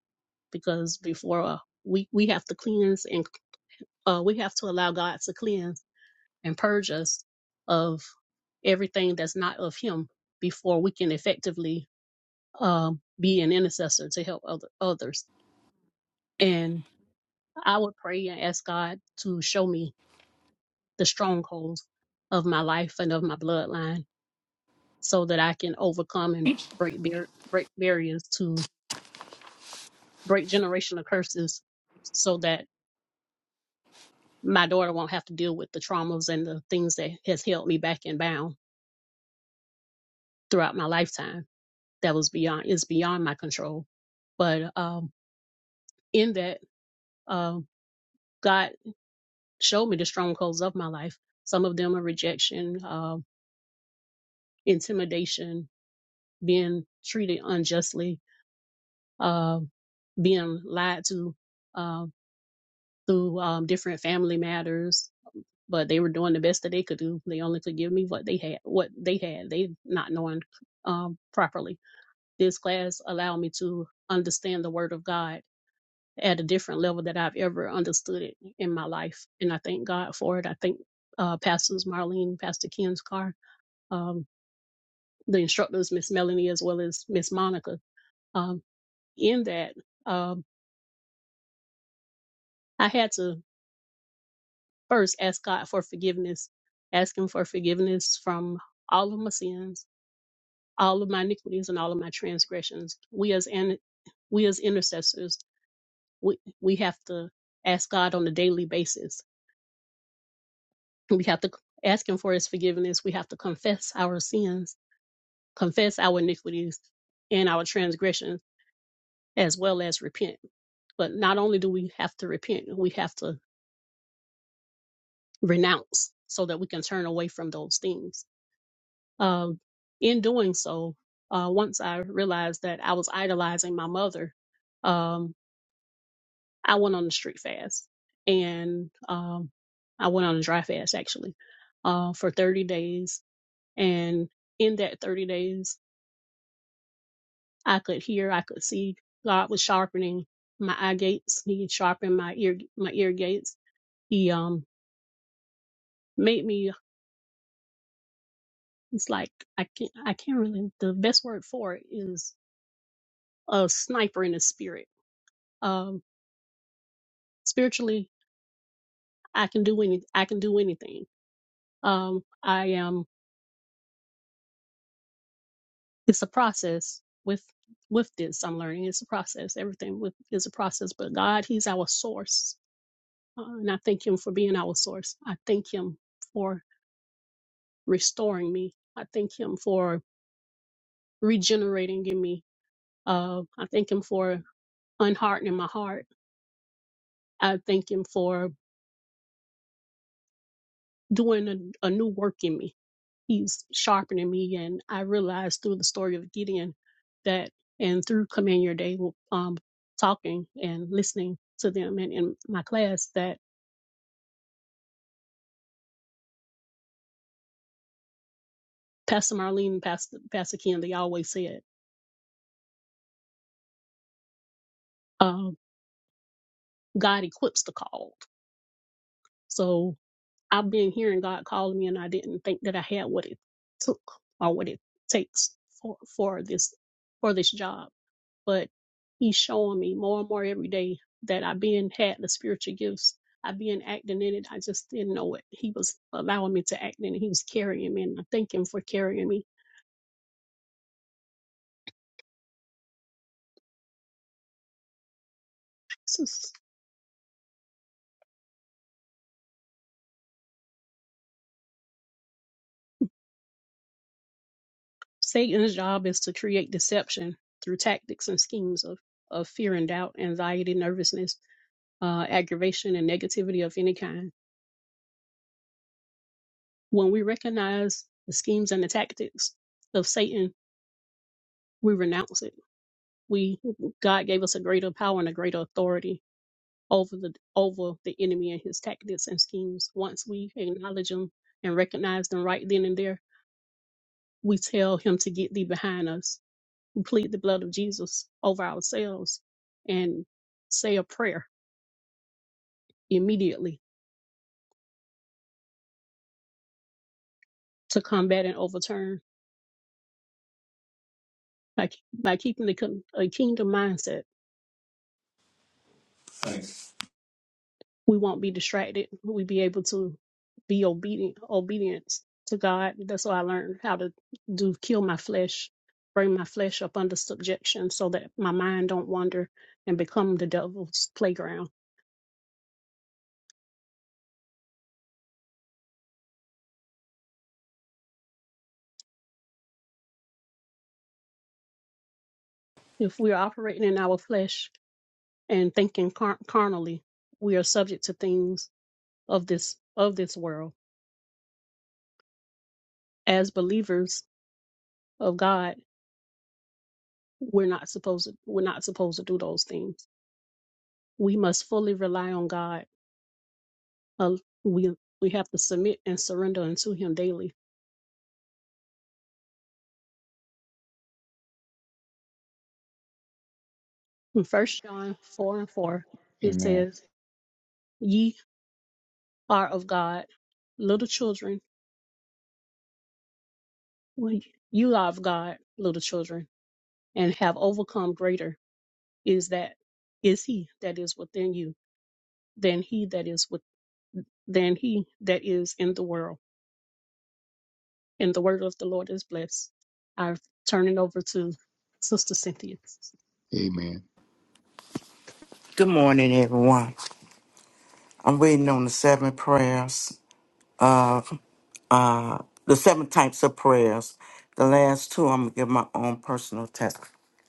[SPEAKER 9] because before uh, we we have to cleanse and uh, we have to allow God to cleanse and purge us of everything that's not of him before we can effectively um, be an intercessor to help other, others. And I would pray and ask God to show me the strongholds of my life and of my bloodline so that I can overcome and break, bar- break barriers to break generational curses so that my daughter won't have to deal with the traumas and the things that has held me back and bound throughout my lifetime that was beyond is beyond my control. But um, in that, um, God showed me the strongholds of my life. Some of them are rejection, um, intimidation, being treated unjustly, um, being lied to um, through um, different family matters. But they were doing the best that they could do. They only could give me what they had. What they had, they not knowing um, properly. This class allowed me to understand the Word of God at a different level that I've ever understood it in my life. And I thank God for it. I thank uh, Pastors Marlene, Pastor Ken's car, um, the instructors, Miss Melanie, as well as Miss Monica. Um, in that, um, I had to first ask God for forgiveness, ask Him for forgiveness from all of my sins, all of my iniquities, and all of my transgressions. We as an we as intercessors, we, we have to ask God on a daily basis We have to ask Him for His forgiveness. We have to confess our sins, confess our iniquities and our transgressions, as well as repent. But not only do we have to repent, we have to renounce so that we can turn away from those things. Um, in doing so, uh, once I realized that I was idolizing my mother, um, I went on a street fast and um, I went on a dry fast actually uh, for 30 days. And in that 30 days, I could hear, I could see. God was sharpening my eye gates. He sharpened my ear my ear gates. He um made me it's like I can't I can't really the best word for it is a sniper in the spirit. Um spiritually I can do any I can do anything. Um I am it's a process with with this I'm learning. It's a process. Everything with is a process. But God, He's our source. Uh, and I thank him for being our source. I thank him for restoring me. I thank him for regenerating in me. Uh, I thank him for unhardening my heart. I thank him for doing a, a new work in me. He's sharpening me. And I realized through the story of Gideon that, and through Command Your Day, um, talking and listening to them and in my class, that Pastor Marlene and Pastor, Pastor Ken, they always said, um, God equips the called. So I've been hearing God calling me, and I didn't think that I had what it took or what it takes for for this for this job. But He's showing me more and more every day that I been had the spiritual gifts. I've been acting in it. I just didn't know it. He was allowing me to act in it. He was carrying me, and I thank Him for carrying me. So s- Satan's job is to create deception through tactics and schemes of of fear and doubt, anxiety, nervousness, uh, aggravation, and negativity of any kind When we recognize the schemes and the tactics of Satan, we renounce it. We God gave us a greater power and a greater authority over the over the enemy and his tactics and schemes. Once we acknowledge them and recognize them right then and there, we tell him to get thee behind us. We plead the blood of Jesus over ourselves and say a prayer immediately to combat and overturn by, by keeping the, kin- a kingdom mindset we won't be distracted. We be able to be obedient, obedience to God. That's why I learned how to do kill my flesh, bring my flesh up under subjection, so that my mind don't wander and become the devil's playground. If we're operating in our flesh and thinking car- carnally, we are subject to things of this of this world. As believers of God, we're not supposed to, we're not supposed to do those things. We must fully rely on God uh, we we have to submit and surrender unto him daily. In First John four and four, it
[SPEAKER 2] Amen.
[SPEAKER 9] says, "Ye are of God, little children. Well, You are of God, little children, and have overcome. Greater is that is He that is within you than He that is with than He that is in the world." And the word of the Lord is blessed. I turn it over to Sister Cynthia.
[SPEAKER 2] Amen.
[SPEAKER 8] Good morning, everyone. I'm waiting on the seven prayers of uh, the seven types of prayers. The last two, I'm gonna give my own personal test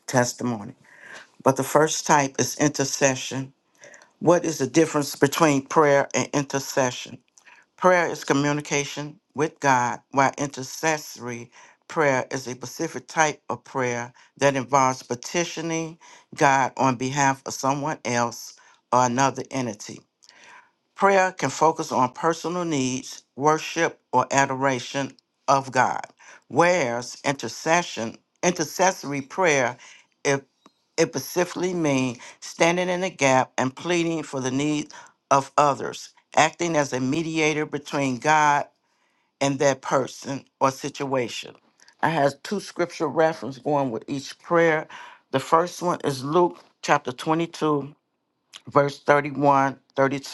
[SPEAKER 8] testimony. But the first type is intercession. What is the difference between prayer and intercession? Prayer is communication with God, while intercessory prayer is a specific type of prayer that involves petitioning God on behalf of someone else or another entity. Prayer can focus on personal needs, worship, or adoration of God, whereas intercession, intercessory prayer, it, it specifically means standing in the gap and pleading for the needs of others, acting as a mediator between God and that person or situation. I have two scripture references going with each prayer. The first one is Luke chapter 22, verse 31, 32,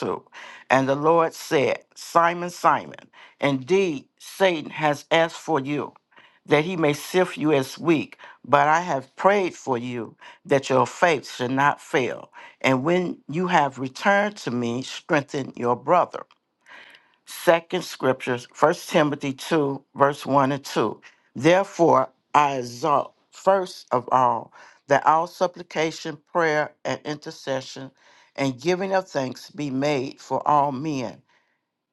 [SPEAKER 8] and the lord said simon simon indeed satan has asked for you that he may sift you as wheat but i have prayed for you that your faith should not fail and when you have returned to me strengthen your brother second scriptures, First Timothy 2, verse 1 and 2. Therefore, I exhort first of all that all supplication, prayer, and intercession and giving of thanks be made for all men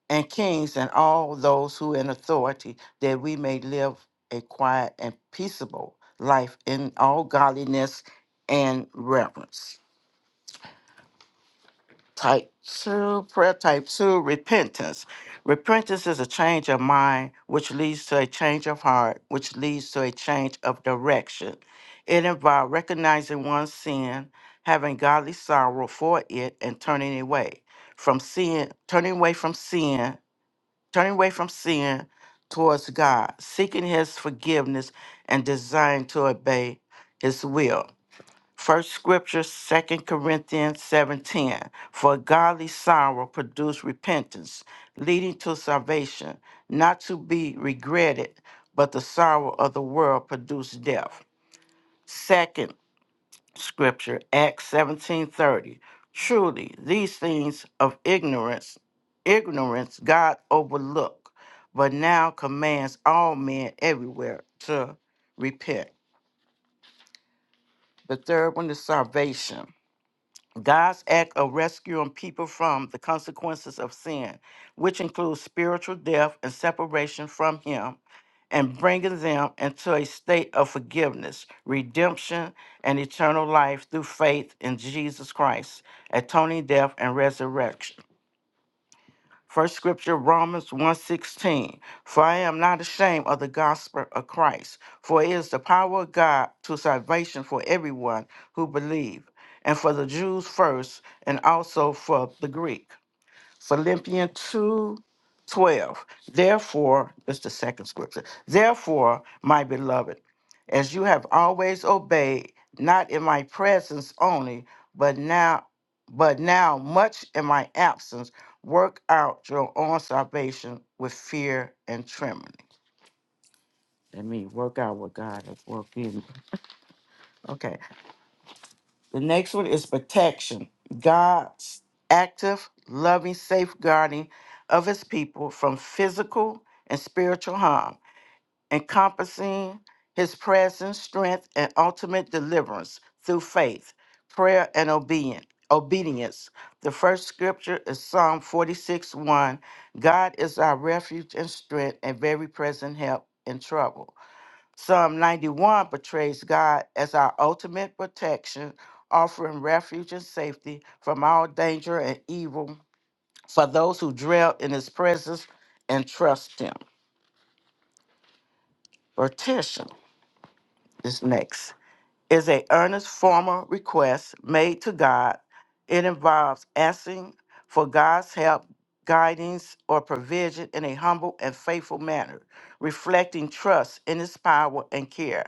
[SPEAKER 8] and kings and all those who in authority, that we may live a quiet and peaceable life in all godliness and reverence. Type two, prayer type two, repentance. Repentance is a change of mind, which leads to a change of heart, which leads to a change of direction. It involves recognizing one's sin, having godly sorrow for it, and turning away from sin, turning away from sin, turning away from sin towards God, seeking His forgiveness and desiring to obey His will. First scripture, Second Corinthians 7:10. For godly sorrow produces repentance, leading to salvation, not to be regretted, but the sorrow of the world produces death. Second scripture, Acts 17:30. Truly, these things of ignorance, ignorance God overlooked, but now commands all men everywhere to repent. The third one is salvation. God's act of rescuing people from the consequences of sin, which includes spiritual death and separation from Him, and bringing them into a state of forgiveness, redemption, and eternal life through faith in Jesus Christ, atoning death and resurrection. First scripture, Romans one sixteen. For I am not ashamed of the gospel of Christ, for it is the power of God to salvation for everyone who believe, and for the Jews first, and also for the Greek. Philippians 2, 12. Therefore, it's the second scripture. Therefore, my beloved, as you have always obeyed, not in my presence only, but now but now much in my absence, work out your own salvation with fear and trembling. That means work out what God has worked in. me. Okay. The next one is protection. God's active, loving safeguarding of his people from physical and spiritual harm, encompassing his presence, strength, and ultimate deliverance through faith, prayer, and obedience. Obedience. The first scripture is Psalm 46 1. God is our refuge and strength and very present help in trouble. Psalm 91 portrays God as our ultimate protection, offering refuge and safety from all danger and evil for those who dwell in his presence and trust him. Petition is next. Is a earnest formal request made to God. It involves asking for God's help, guidance, or provision in a humble and faithful manner, reflecting trust in his power and care.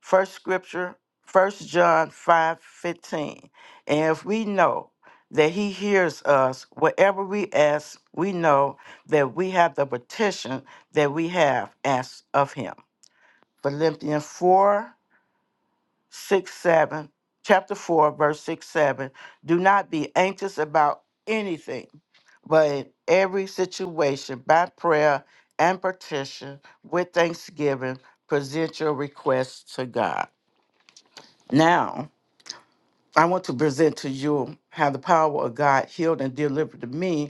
[SPEAKER 8] First scripture, First John five fifteen. And if we know that he hears us, whatever we ask, we know that we have the petition that we have asked of him. Philippians 4 6 7, chapter 4, verse 6, 7. Do not be anxious about anything, but in every situation, by prayer and petition, with thanksgiving, present your requests to God. Now I want to present to you how the power of God healed and delivered to me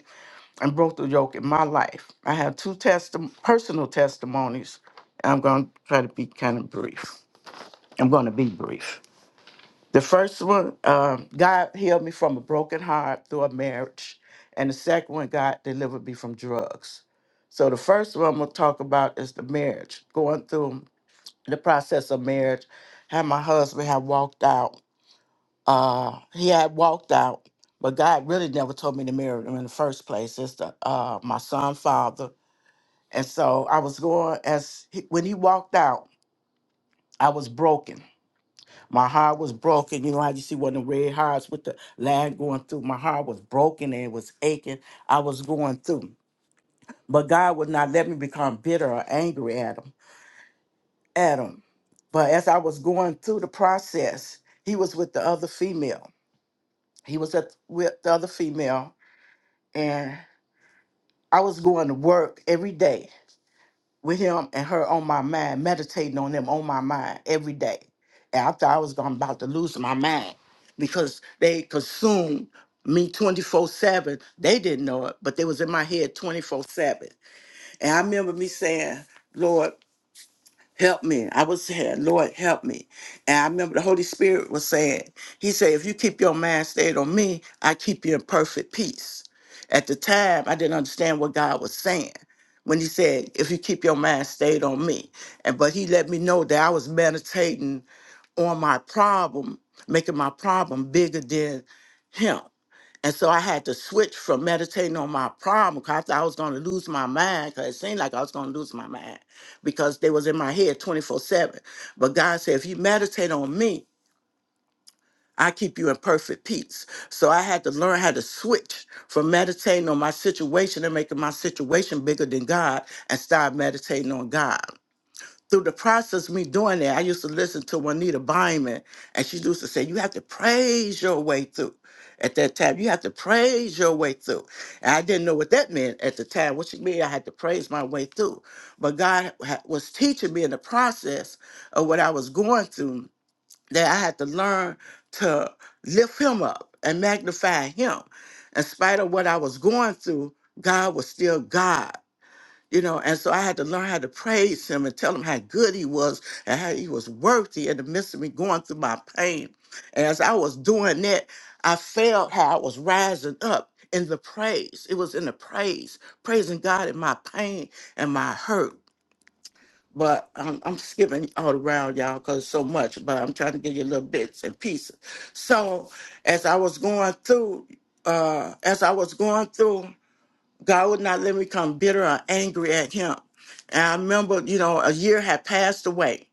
[SPEAKER 8] and broke the yoke in my life. I have two testi- personal testimonies. I'm going to try to be kind of brief. I'm going to be brief. The first one, uh, God healed me from a broken heart through a marriage. And the second one, God delivered me from drugs. So the first one I'm going to talk about is the marriage, going through the process of marriage, how my husband had walked out uh he had walked out but god really never told me to marry him in the first place it's the uh my son father and so i was going as he, when he walked out i was broken my heart was broken you know how you see one of the red hearts with the line going through my heart was broken and it was aching i was going through but god would not let me become bitter or angry at him at him but as i was going through the process he was with the other female he was at, with the other female and I was going to work every day with him and her on my mind, meditating on them on my mind every day. And I thought I was going about to lose my mind because they consumed me 24-7. They didn't know it, but they was in my head 24-7. And I remember me saying, Lord, Help me. I was saying, Lord, help me. And I remember the Holy Spirit was saying, He said, if you keep your mind stayed on me, I keep you in perfect peace. At the time, I didn't understand what God was saying when He said, if you keep your mind stayed on me. And but He let me know that I was meditating on my problem, making my problem bigger than him. And so I had to switch from meditating on my problem because I thought I was going to lose my mind because it seemed like I was going to lose my mind because they was in my head 24 7. But God said, if you meditate on me, I keep you in perfect peace. So I had to learn how to switch from meditating on my situation and making my situation bigger than God and start meditating on God through the process of me doing that, I used to listen to Juanita Byman, and she used to say, You have to praise your way through. At that time, you have to praise your way through. And I didn't know what that meant at the time, what she mean I had to praise my way through. But God ha- was teaching me in the process of what I was going through that I had to learn to lift Him up and magnify Him. In spite of what I was going through, God was still God you know and so i had to learn how to praise him and tell him how good he was and how he was worthy in the midst of me going through my pain and as i was doing that i felt how i was rising up in the praise it was in the praise praising god in my pain and my hurt but I'm, I'm skipping all around y'all because so much but i'm trying to give you little bits and pieces so as i was going through uh as i was going through God would not let me come bitter or angry at him. And I remember, you know, a year had passed away.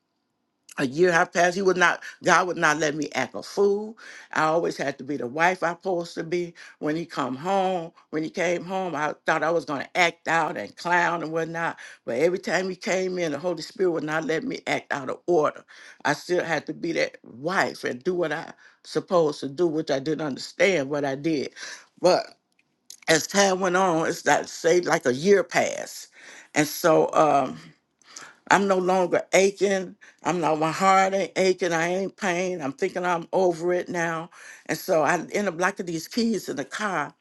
[SPEAKER 8] A year had passed. He would not, God would not let me act a fool. I always had to be the wife I supposed to be. When he come home, when he came home, I thought I was gonna act out and clown and whatnot. But every time he came in, the Holy Spirit would not let me act out of order. I still had to be that wife and do what I supposed to do, which I didn't understand what I did. but as time went on, it's like say like a year passed, and so um, I'm no longer aching. I'm not my heart ain't aching. I ain't pain. I'm thinking I'm over it now, and so I end up liking these keys in the car,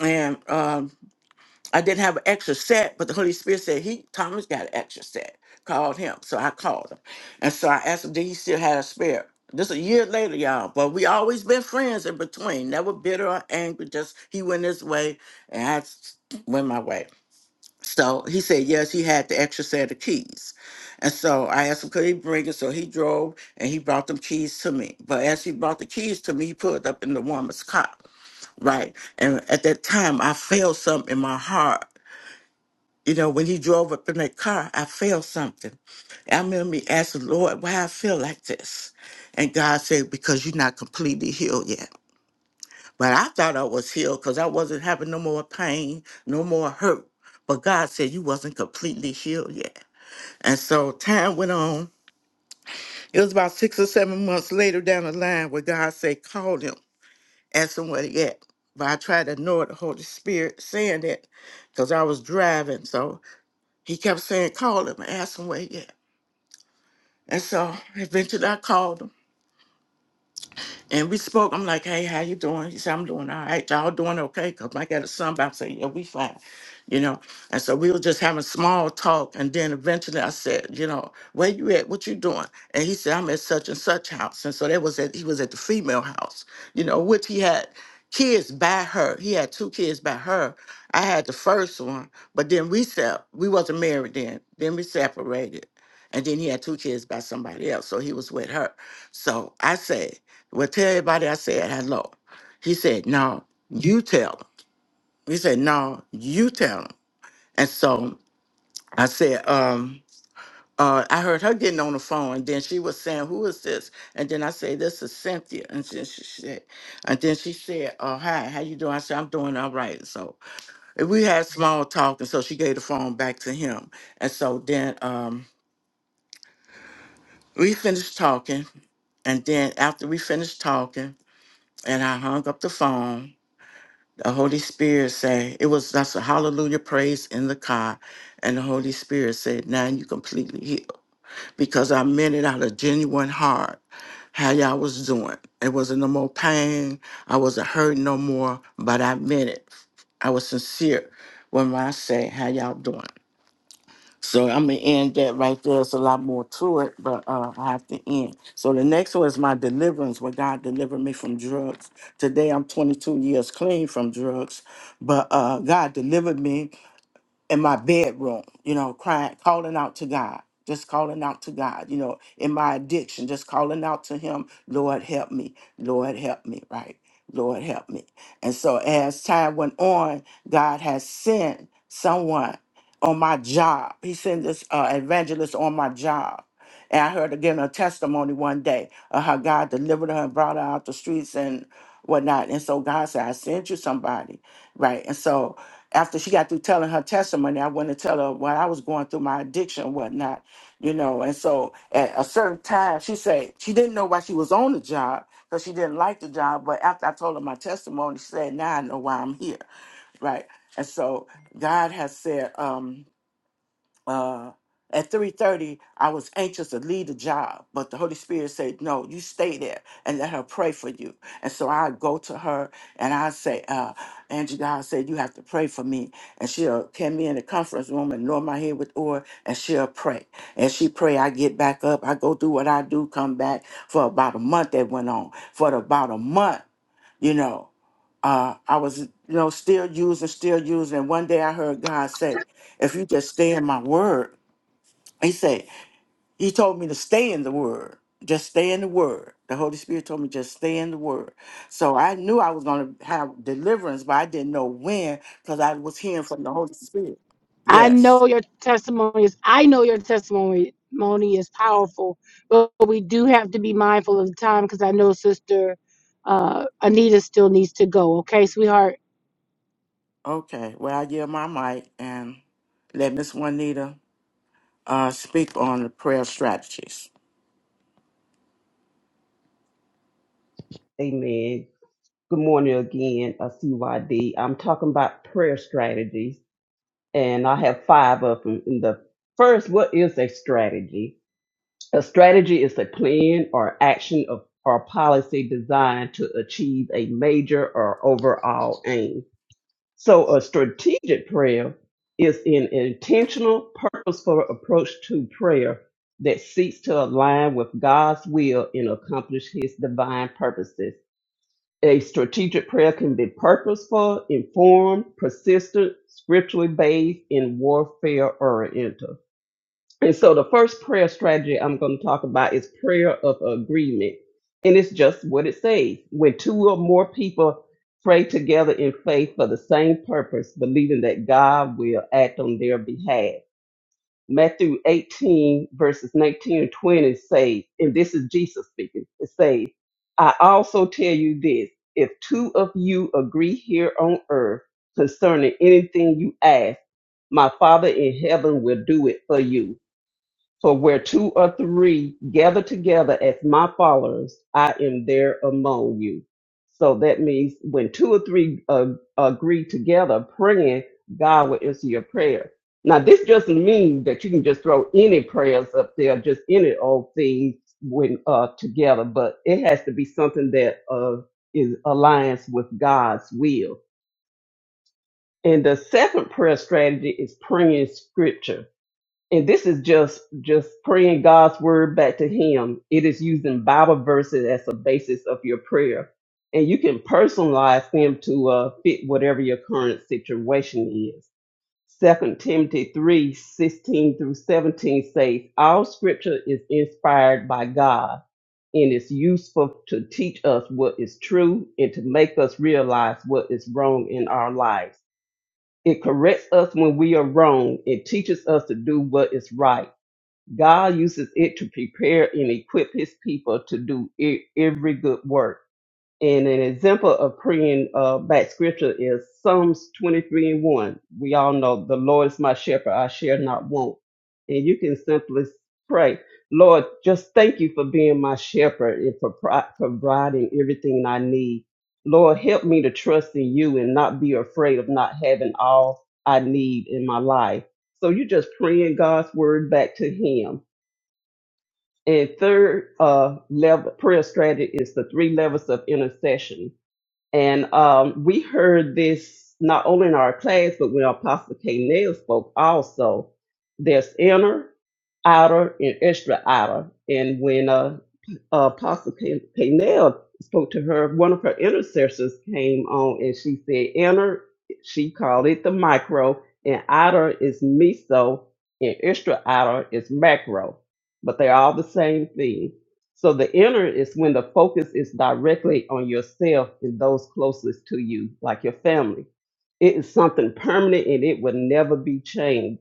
[SPEAKER 8] and um, I didn't have an extra set, but the Holy Spirit said he Thomas got an extra set. Called him, so I called him, and so I asked him, did he still have a spare? This a year later, y'all, but we always been friends in between, never bitter or angry. Just he went his way, and I s- went my way. So he said yes, he had the extra set of keys, and so I asked him could he bring it. So he drove and he brought them keys to me. But as he brought the keys to me, he pulled up in the woman's car, right? And at that time, I felt something in my heart you know, when he drove up in that car, I felt something. I remember me asking the Lord, why I feel like this. And God said, because you're not completely healed yet. But I thought I was healed because I wasn't having no more pain, no more hurt. But God said you wasn't completely healed yet. And so time went on. It was about six or seven months later down the line where God said, call him, ask him where he at. But I tried to ignore the Holy Spirit saying that because I was driving. So he kept saying, call him, ask him where he at. And so eventually I called him. And we spoke. I'm like, hey, how you doing? He said, I'm doing all right. Y'all doing okay? Because I got a son back saying, yeah, we fine, you know. And so we were just having small talk. And then eventually I said, you know, where you at? What you doing? And he said, I'm at such and such house. And so that was at, he was at the female house, you know, which he had kids by her. He had two kids by her. I had the first one, but then we sep- we wasn't married then. Then we separated. And then he had two kids by somebody else. So he was with her. So I said. Well, tell everybody I said hello. He said, No, you tell him. He said, No, you tell him. And so I said, um, uh, I heard her getting on the phone, and then she was saying, Who is this? And then I said, This is Cynthia. And then she said, and then she said, Oh, hi, how you doing? I said, I'm doing all right. So and we had small talk, and so she gave the phone back to him. And so then um we finished talking, and then after we finished talking, and I hung up the phone, The Holy Spirit said, it was that's a hallelujah praise in the car. And the Holy Spirit said, now you completely healed. Because I meant it out of genuine heart how y'all was doing. It wasn't no more pain. I wasn't hurting no more, but I meant it. I was sincere when I say how y'all doing. So I'm gonna end that right there. It's a lot more to it, but uh, I have to end. So the next one is my deliverance, where God delivered me from drugs. Today I'm 22 years clean from drugs, but uh, God delivered me in my bedroom, you know, crying, calling out to God, just calling out to God, you know, in my addiction, just calling out to Him, Lord, help me, Lord, help me, right? Lord, help me. And so as time went on, God has sent someone on my job. He sent this uh, evangelist on my job. And I heard again a testimony one day of how God delivered her and brought her out the streets and whatnot. And so God said, I sent you somebody, right? And so after she got through telling her testimony, I went to tell her what I was going through, my addiction and whatnot, you know. And so at a certain time, she said she didn't know why she was on the job because she didn't like the job. But after I told her my testimony, she said, now I know why I'm here, right? And so God has said, um, uh, at 3.30 i was anxious to leave the job but the holy spirit said no you stay there and let her pray for you and so i go to her and i say uh, angie god said you have to pray for me and she'll come me in the conference room and anoint my head with oil and she'll pray and she pray i get back up i go do what i do come back for about a month that went on for about a month you know uh, i was you know still using still using and one day i heard god say if you just stay in my word, he said, he told me to stay in the word. Just stay in the word. The Holy Spirit told me just stay in the word. So I knew I was going to have deliverance, but I didn't know when because I was hearing from the Holy Spirit.
[SPEAKER 1] I
[SPEAKER 8] Yes.
[SPEAKER 1] know your testimony is I know your testimony testimony is powerful, but we do have to be mindful of the time because I know Sister uh, Anita still needs to go. Okay, sweetheart.
[SPEAKER 8] Okay. Well, I give my mic and let Miss Juanita uh, speak on the prayer strategies.
[SPEAKER 7] Amen. Good morning again, uh, CYD. I'm talking about prayer strategies, and I have five of them. And the first, what is a strategy? A strategy is a plan or action of, or policy designed to achieve a major or overall aim. So, a strategic prayer is an intentional, purposeful approach to prayer that seeks to align with God's will and accomplish His divine purposes. A strategic prayer can be purposeful, informed, persistent, scripturally based, and warfare oriented. And so the first prayer strategy I'm going to talk about is prayer of agreement. And it's just what it says. When two or more people pray together in faith for the same purpose, believing that God will act on their behalf. Matthew 18 verses 19 and 20 say, and this is Jesus speaking, it says, I also tell you this, if two of you agree here on earth concerning anything you ask, my Father in heaven will do it for you. For where two or three gather together as my followers, I am there among you. So that means when two or three uh, agree together praying, God will answer your prayer. Now, this doesn't mean that you can just throw any prayers up there, just any old thing when uh, together, but it has to be something that uh, is alliance with God's will. And the second prayer strategy is praying scripture and this is just just praying god's word back to him it is using bible verses as a basis of your prayer and you can personalize them to uh, fit whatever your current situation is Second timothy three sixteen through 17 says all scripture is inspired by god and is useful to teach us what is true and to make us realize what is wrong in our lives it corrects us when we are wrong it teaches us to do what is right God uses it to prepare and equip his people to do e- every good work. And an example of praying uh, back scripture is Psalms 23 and 1. We all know the Lord is my shepherd, I shall not want. And you can simply pray, Lord, just thank you for being my shepherd and for pro- providing everything I need. Lord, help me to trust in you and not be afraid of not having all I need in my life. So you just praying God's word back to Him and third uh, level prayer strategy is the three levels of intercession. And um, we heard this not only in our class, but when Apostle K. Nail spoke also. There's inner, outer, and extra outer. And when uh, Apostle K. K. Nail spoke to her, one of her intercessors came on and she said, inner, she called it the micro, and outer is meso, and extra outer is macro. But they're all the same thing. So the inner is when the focus is directly on yourself and those closest to you, like your family. It is something permanent and it will never be changed.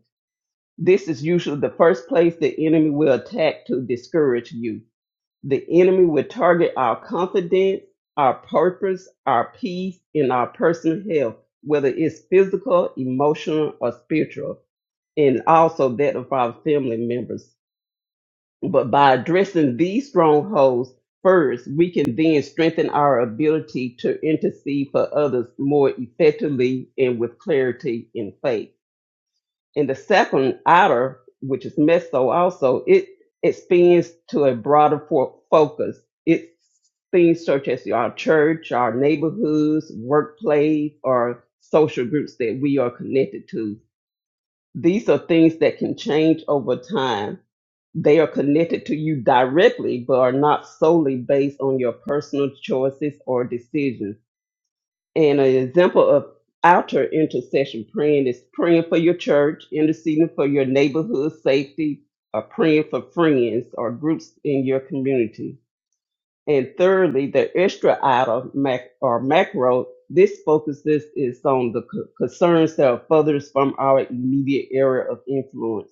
[SPEAKER 7] This is usually the first place the enemy will attack to discourage you. The enemy will target our confidence, our purpose, our peace, and our personal health, whether it's physical, emotional, or spiritual, and also that of our family members. But by addressing these strongholds first, we can then strengthen our ability to intercede for others more effectively and with clarity in faith. And the second outer, which is meso also, it expands to a broader fo- focus. It things such as our church, our neighborhoods, workplace, or social groups that we are connected to these are things that can change over time. They are connected to you directly, but are not solely based on your personal choices or decisions. And an example of outer intercession praying is praying for your church, interceding for your neighborhood safety, or praying for friends or groups in your community. And thirdly, the extra outer mac or macro, this focuses is on the c- concerns that are furthest from our immediate area of influence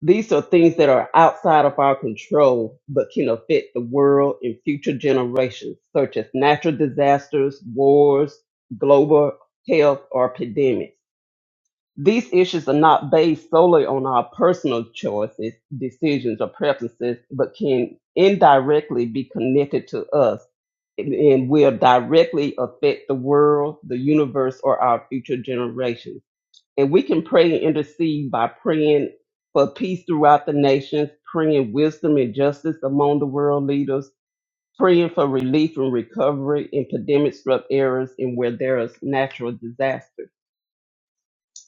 [SPEAKER 7] these are things that are outside of our control but can affect the world and future generations, such as natural disasters, wars, global health, or epidemics. These issues are not based solely on our personal choices, decisions, or preferences, but can indirectly be connected to us and will directly affect the world, the universe, or our future generations. And we can pray and intercede by praying for peace throughout the nations, praying wisdom and justice among the world leaders, praying for relief and recovery in pandemic struck areas and where there is natural disasters.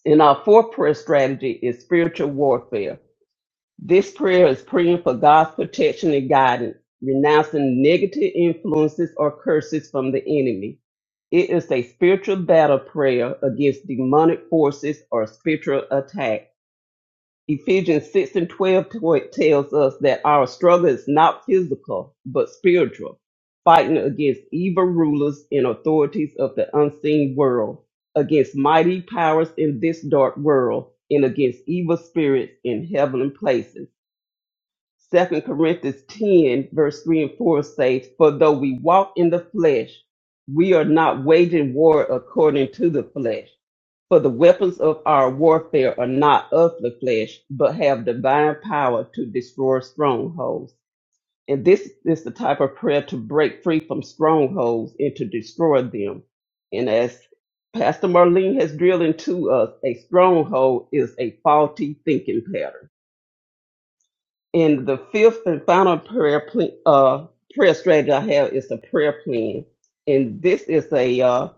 [SPEAKER 7] And our fourth prayer strategy is spiritual warfare. This prayer is praying for God's protection and guidance, renouncing negative influences or curses from the enemy. It is a spiritual battle prayer against demonic forces or spiritual attacks Ephesians 6 and 12 t- tells us that our struggle is not physical, but spiritual, fighting against evil rulers and authorities of the unseen world, against mighty powers in this dark world, and against evil spirits in heavenly places. Second Corinthians 10, verse 3 and 4 says, For though we walk in the flesh, we are not waging war according to the flesh. For the weapons of our warfare are not of the flesh, but have divine power to destroy strongholds. And this is the type of prayer to break free from strongholds and to destroy them. And as Pastor Marlene has drilled into us, a stronghold is a faulty thinking pattern. And the fifth and final prayer ple- uh, prayer strategy I have is a prayer plan, and this is a uh,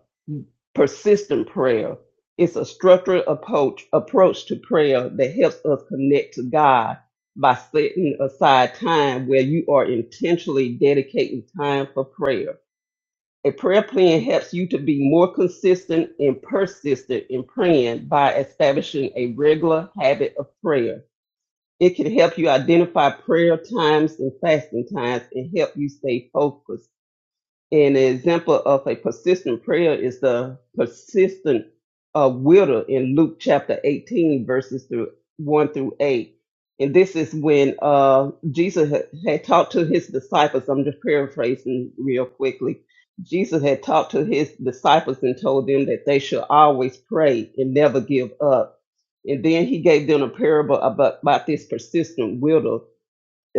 [SPEAKER 7] persistent prayer. It's a structured approach approach to prayer that helps us connect to God by setting aside time where you are intentionally dedicating time for prayer. A prayer plan helps you to be more consistent and persistent in praying by establishing a regular habit of prayer. It can help you identify prayer times and fasting times and help you stay focused. An example of a persistent prayer is the persistent uh, widow in Luke chapter 18, verses through 1 through 8. And this is when uh, Jesus had, had talked to his disciples. I'm just paraphrasing real quickly. Jesus had talked to his disciples and told them that they should always pray and never give up and then he gave them a parable about, about this persistent widow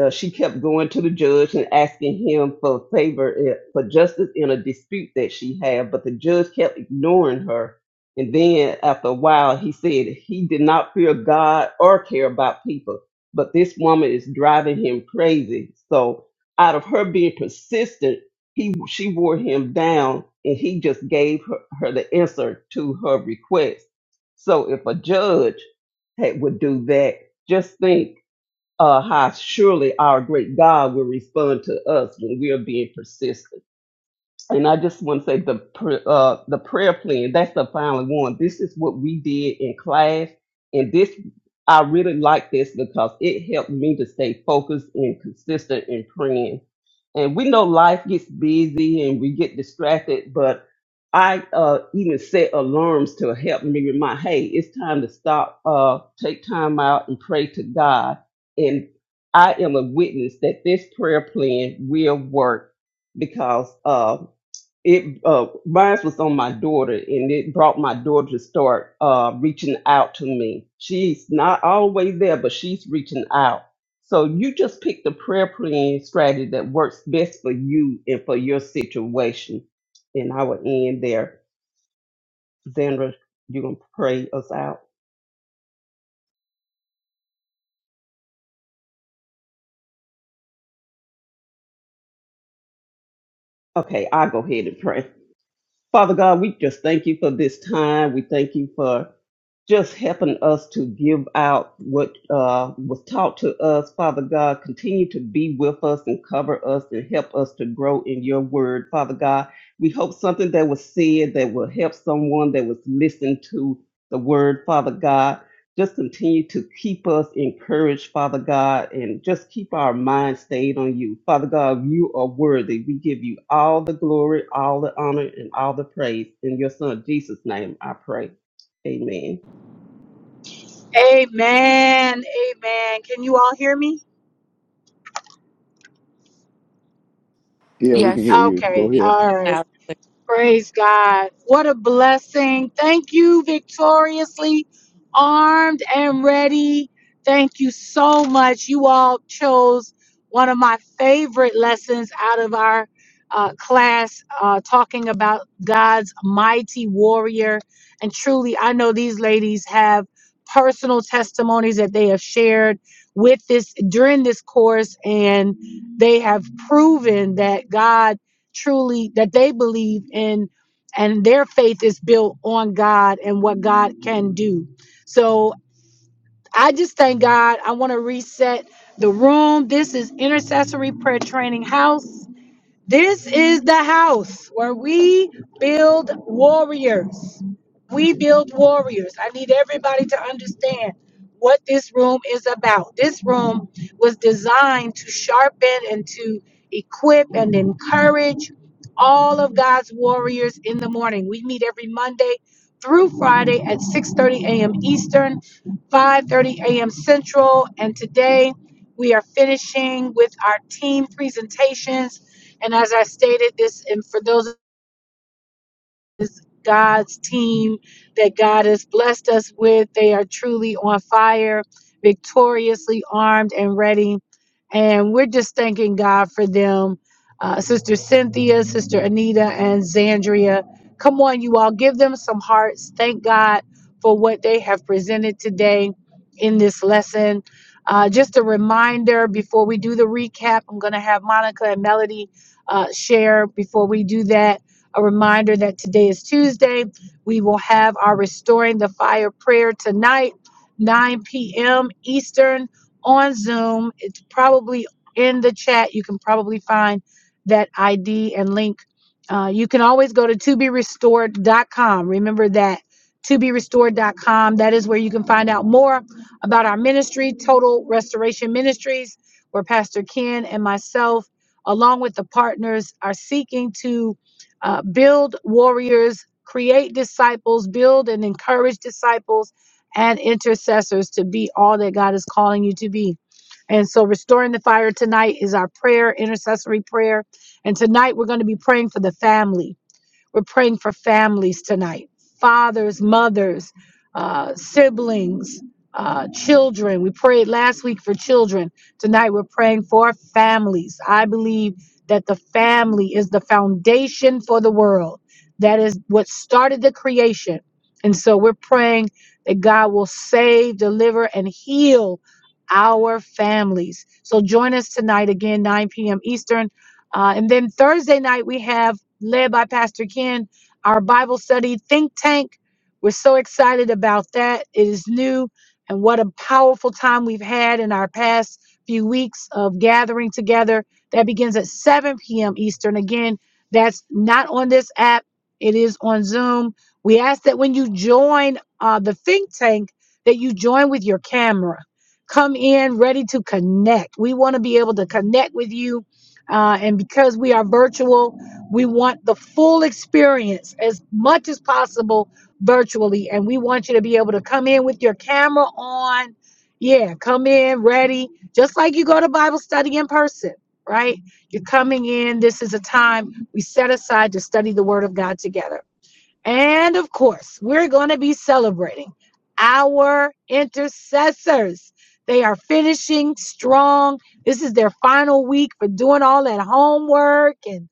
[SPEAKER 7] uh, she kept going to the judge and asking him for favor eh, for justice in a dispute that she had, but the judge kept ignoring her. And then after a while, he said he did not fear God or care about people, but this woman is driving him crazy. So out of her being persistent, he she wore him down, and he just gave her, her the answer to her request. So if a judge had, would do that, just think uh, how surely our great God will respond to us when we are being persistent and I just want to say the pr- uh, the prayer plan. That's the final one. This is what we did in class, and this I really like this because it helped me to stay focused and consistent in praying. And we know life gets busy and we get distracted, but I uh, even set alarms to help me remind, hey, it's time to stop, uh, take time out and pray to God. And I am a witness that this prayer plan will work because uh, it uh mine was on my daughter and it brought my daughter to start uh reaching out to me she's not always there but she's reaching out so you just pick the prayer plan strategy that works best for you and for your situation and i will end there Sandra, you gonna pray us out okay i'll go ahead and pray father god we just thank you for this time we thank you for just helping us to give out what uh, was taught to us. Father God, continue to be with us and cover us and help us to grow in your word. Father God, we hope something that was said that will help someone that was listening to the word. Father God, just continue to keep us encouraged, Father God, and just keep our mind stayed on you. Father God, you are worthy. We give you all the glory, all the honor, and all the praise. In your son Jesus' name, I pray. Amen.
[SPEAKER 1] Amen. Amen. Can you all hear me?
[SPEAKER 2] Yeah, we can
[SPEAKER 3] Yes.
[SPEAKER 2] hear you. Go
[SPEAKER 1] Okay.
[SPEAKER 6] be
[SPEAKER 2] ahead.
[SPEAKER 1] All right.
[SPEAKER 6] loud.
[SPEAKER 1] Praise God. What a blessing. Thank you, victoriously armed and ready. Thank you so much. You all chose one of my favorite lessons out of our uh, class uh, talking about God's mighty warrior. And truly, I know these ladies have personal testimonies that they have shared with this during this course, and they have proven that God truly that they believe in and their faith is built on God and what God can do. So I just thank God. I want to reset the room. This is Intercessory Prayer Training House. This is the house where we build warriors. We build warriors. I need everybody to understand what this room is about. This room was designed to sharpen and to equip and encourage all of God's warriors in the morning. We meet every Monday through Friday at 6:30 a.m. Eastern, 5:30 a.m. Central, and today we are finishing with our team presentations and as I stated this, and for those is God's team that God has blessed us with. They are truly on fire, victoriously armed and ready. And we're just thanking God for them. Uh, Sister Cynthia, Sister Anita, and Zandria. Come on, you all, give them some hearts. Thank God for what they have presented today in this lesson. Uh, just a reminder before we do the recap, I'm going to have Monica and Melody uh, share before we do that a reminder that today is Tuesday. We will have our Restoring the Fire prayer tonight, 9 p.m. Eastern on Zoom. It's probably in the chat. You can probably find that ID and link. Uh, you can always go to to be restored dot com. Remember that to be restored dot com. That is where you can find out more about our ministry, Total Restoration Ministries, where Pastor Ken and myself, along with the partners, are seeking to uh, build warriors, create disciples, build and encourage disciples and intercessors to be all that God is calling you to be. And so, restoring the fire tonight is our prayer, intercessory prayer. And tonight, we're going to be praying for the family we're praying for families tonight fathers, mothers, uh, siblings, uh, children. We prayed last week for children. Tonight we're praying for families. I believe that the family is the foundation for the world. That is what started the creation. And so we're praying that God will save, deliver, and heal our families. So join us tonight again, 9 p.m. Eastern. Uh, and then Thursday night, we have led by Pastor Ken, our Bible study think tank. We're so excited about that. It is new, and what a powerful time we've had in our past few weeks of gathering together. That begins at 7 p.m. Eastern. Again, that's not on this app, it is on Zoom. We ask that when you join uh, the think tank, that you join with your camera. Come in ready to connect. We want to be able to connect with you. Uh, and because we are virtual, we want the full experience as much as possible virtually. And we want you to be able to come in with your camera on. Yeah, come in ready, just like you go to Bible study in person, right? You're coming in. This is a time we set aside to study the Word of God together. And of course, we're going to be celebrating our intercessors. They are finishing strong. This is their final week for doing all that homework and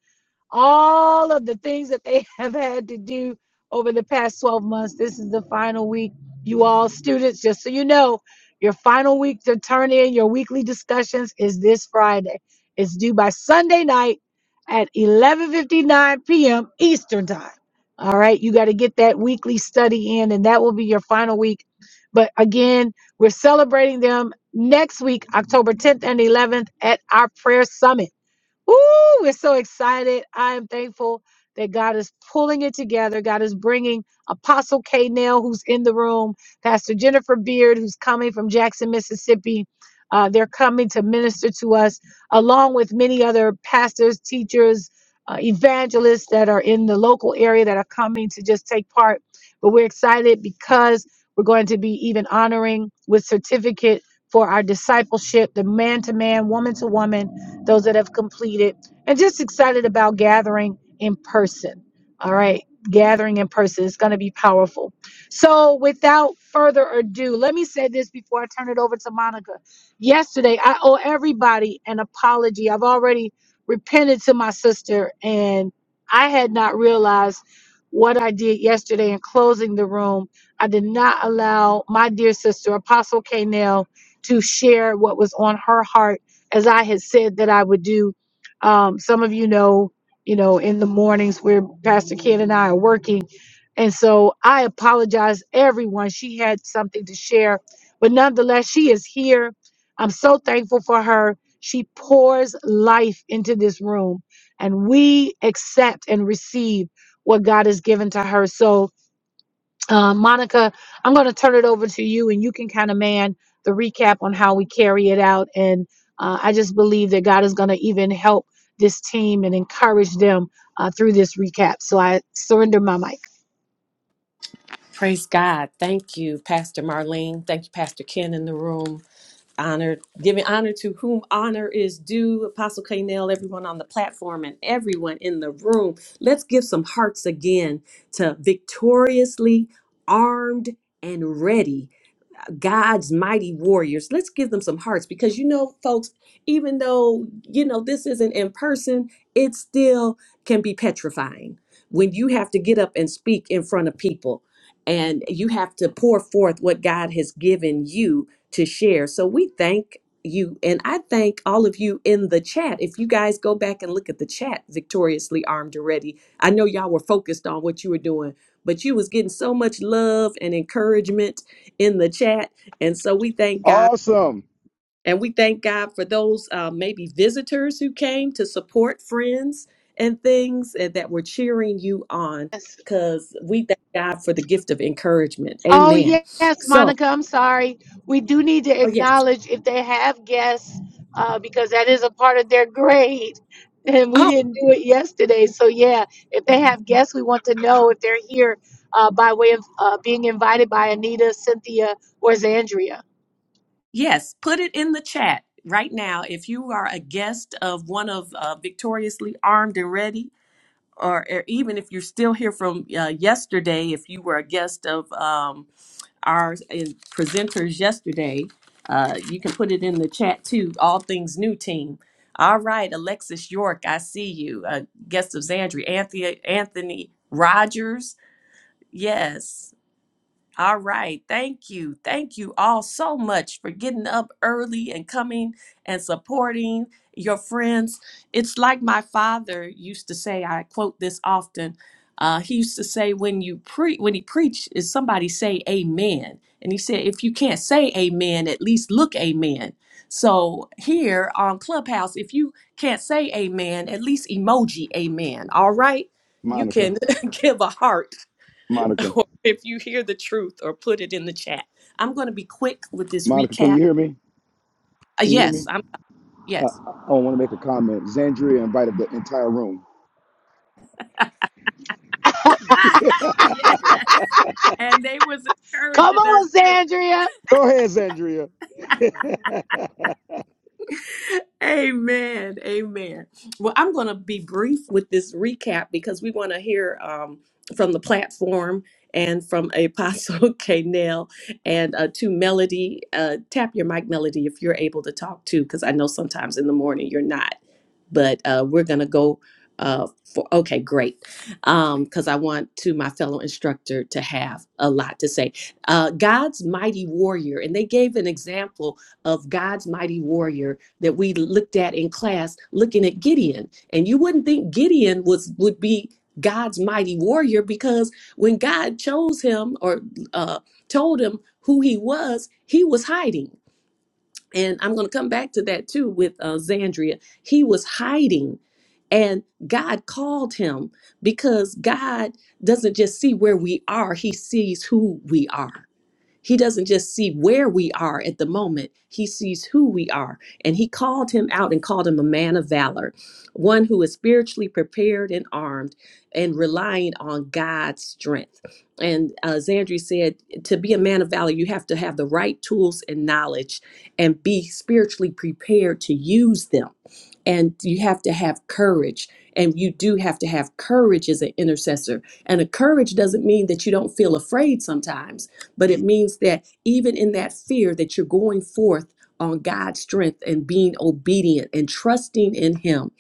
[SPEAKER 1] all of the things that they have had to do over the past 12 months. This is the final week. You all students, just so you know, your final week to turn in your weekly discussions is this Friday. It's due by Sunday night at 11:59 p.m. Eastern Time. All right, you got to get that weekly study in and that will be your final week. But again, we're celebrating them next week, October 10th and 11th at our prayer summit. Ooh, we're so excited. I am thankful that God is pulling it together. God is bringing Apostle K. Nail, who's in the room, Pastor Jennifer Beard, who's coming from Jackson, Mississippi. Uh, they're coming to minister to us, along with many other pastors, teachers, uh, evangelists that are in the local area that are coming to just take part. But we're excited because we're going to be even honoring with certificate for our discipleship, the man to man, woman to woman those that have completed, and just excited about gathering in person. All right, gathering in person is going to be powerful. So, without further ado, let me say this before I turn it over to Monica. Yesterday, I owe everybody an apology. I've already repented to my sister, and I had not realized what I did yesterday in closing the room. I did not allow my dear sister, Apostle K. to share what was on her heart as I had said that I would do. Um, some of you know, you know, in the mornings where Pastor Ken and I are working. And so I apologize, everyone. She had something to share, but nonetheless, she is here. I'm so thankful for her. She pours life into this room, and we accept and receive what God has given to her. So, uh, Monica, I'm going to turn it over to you and you can kind of man the recap on how we carry it out. And uh, I just believe that God is going to even help this team and encourage them uh, through this recap. So I surrender my mic.
[SPEAKER 6] Praise God. Thank you, Pastor Marlene. Thank you, Pastor Ken in the room. Honored, giving honor to whom honor is due. Apostle K. everyone on the platform, and everyone in the room. Let's give some hearts again to victoriously armed and ready God's mighty warriors. Let's give them some hearts because you know, folks, even though you know this isn't in person, it still can be petrifying when you have to get up and speak in front of people and you have to pour forth what God has given you to share. So we thank you and I thank all of you in the chat. If you guys go back and look at the chat, victoriously armed already. I know y'all were focused on what you were doing, but you was getting so much love and encouragement in the chat. And so we thank God.
[SPEAKER 2] Awesome,
[SPEAKER 6] And we thank God for those uh, maybe visitors who came to support friends and things and that were cheering you on because we thank God for the gift of encouragement.
[SPEAKER 1] Oh,
[SPEAKER 6] Amen.
[SPEAKER 1] yes,
[SPEAKER 6] So,
[SPEAKER 1] Monica, I'm sorry. We do need to
[SPEAKER 6] oh, yes.
[SPEAKER 1] acknowledge if they have guests, uh, because that is a part of their grade. And we
[SPEAKER 6] Oh,
[SPEAKER 1] didn't do it yesterday. So, yeah, if they have guests, we want to know if they're here uh, by way of uh, being invited by Anita, Cynthia, or Zandria.
[SPEAKER 6] yes. Put it in the chat right now if you are a guest of one of uh, Victoriously Armed and Ready. Or, or even if you're still here from uh, yesterday, if you were a guest of um, our uh, presenters yesterday. Uh, you can put it in the chat too. All things new team. All right, Alexis York, I see you. Uh, guest of Zandri, Anthea, Anthony Rogers. Yes. All right. Thank you. Thank you all so much for getting up early and coming and supporting your friends. It's like my father used to say, I quote this often. Uh, he used to say when you pre when he preached is somebody say amen. And he said, if you can't say amen, at least look amen. So here on Clubhouse, if you can't say amen, at least emoji amen. All right. You
[SPEAKER 2] Monica.
[SPEAKER 6] can give a heart
[SPEAKER 2] Monica.
[SPEAKER 6] or if you hear the truth or put it in the chat. I'm going to be quick with this
[SPEAKER 2] Monica, can
[SPEAKER 6] recap.
[SPEAKER 2] you hear me?
[SPEAKER 6] Uh,
[SPEAKER 2] Can you hear
[SPEAKER 6] yes,
[SPEAKER 2] me?
[SPEAKER 6] I'm
[SPEAKER 2] Uh,
[SPEAKER 6] yes.
[SPEAKER 2] I want to make a comment. Zandria invited the entire room.
[SPEAKER 6] yeah, and they was
[SPEAKER 1] Come
[SPEAKER 6] encouraging her
[SPEAKER 1] on,
[SPEAKER 6] too.
[SPEAKER 1] Zandria.
[SPEAKER 2] Go ahead, Zandria.
[SPEAKER 6] Amen. Amen. Well, I'm going to be brief with this recap because we want to hear um, from the platform and from Apostle K. Kanell and uh, to Melody. Uh, tap your mic, Melody, if you're able to talk too, because I know sometimes in the morning you're not. But uh, we're going to go uh, for, okay, great. Because I want to my fellow instructor to have a lot to say. Uh, God's mighty warrior, and they gave an example of God's mighty warrior that we looked at in class looking at Gideon. And you wouldn't think Gideon was would be God's mighty warrior because when God chose him or uh, told him who he was, he was hiding. And I'm going to come back to that too with uh, Zandria. He was hiding and God called him because God doesn't just see where we are, he sees who we are. He doesn't just see where we are at the moment, he sees who we are. And he called him out and called him a man of valor, one who is spiritually prepared and armed and relying on God's strength. And uh, as Andrew said, to be a man of valor, you have to have the right tools and knowledge and be spiritually prepared to use them. And you have to have courage. And you do have to have courage as an intercessor. And a courage doesn't mean that you don't feel afraid sometimes but it means that even in that fear that you're going forth on God's strength and being obedient and trusting in him.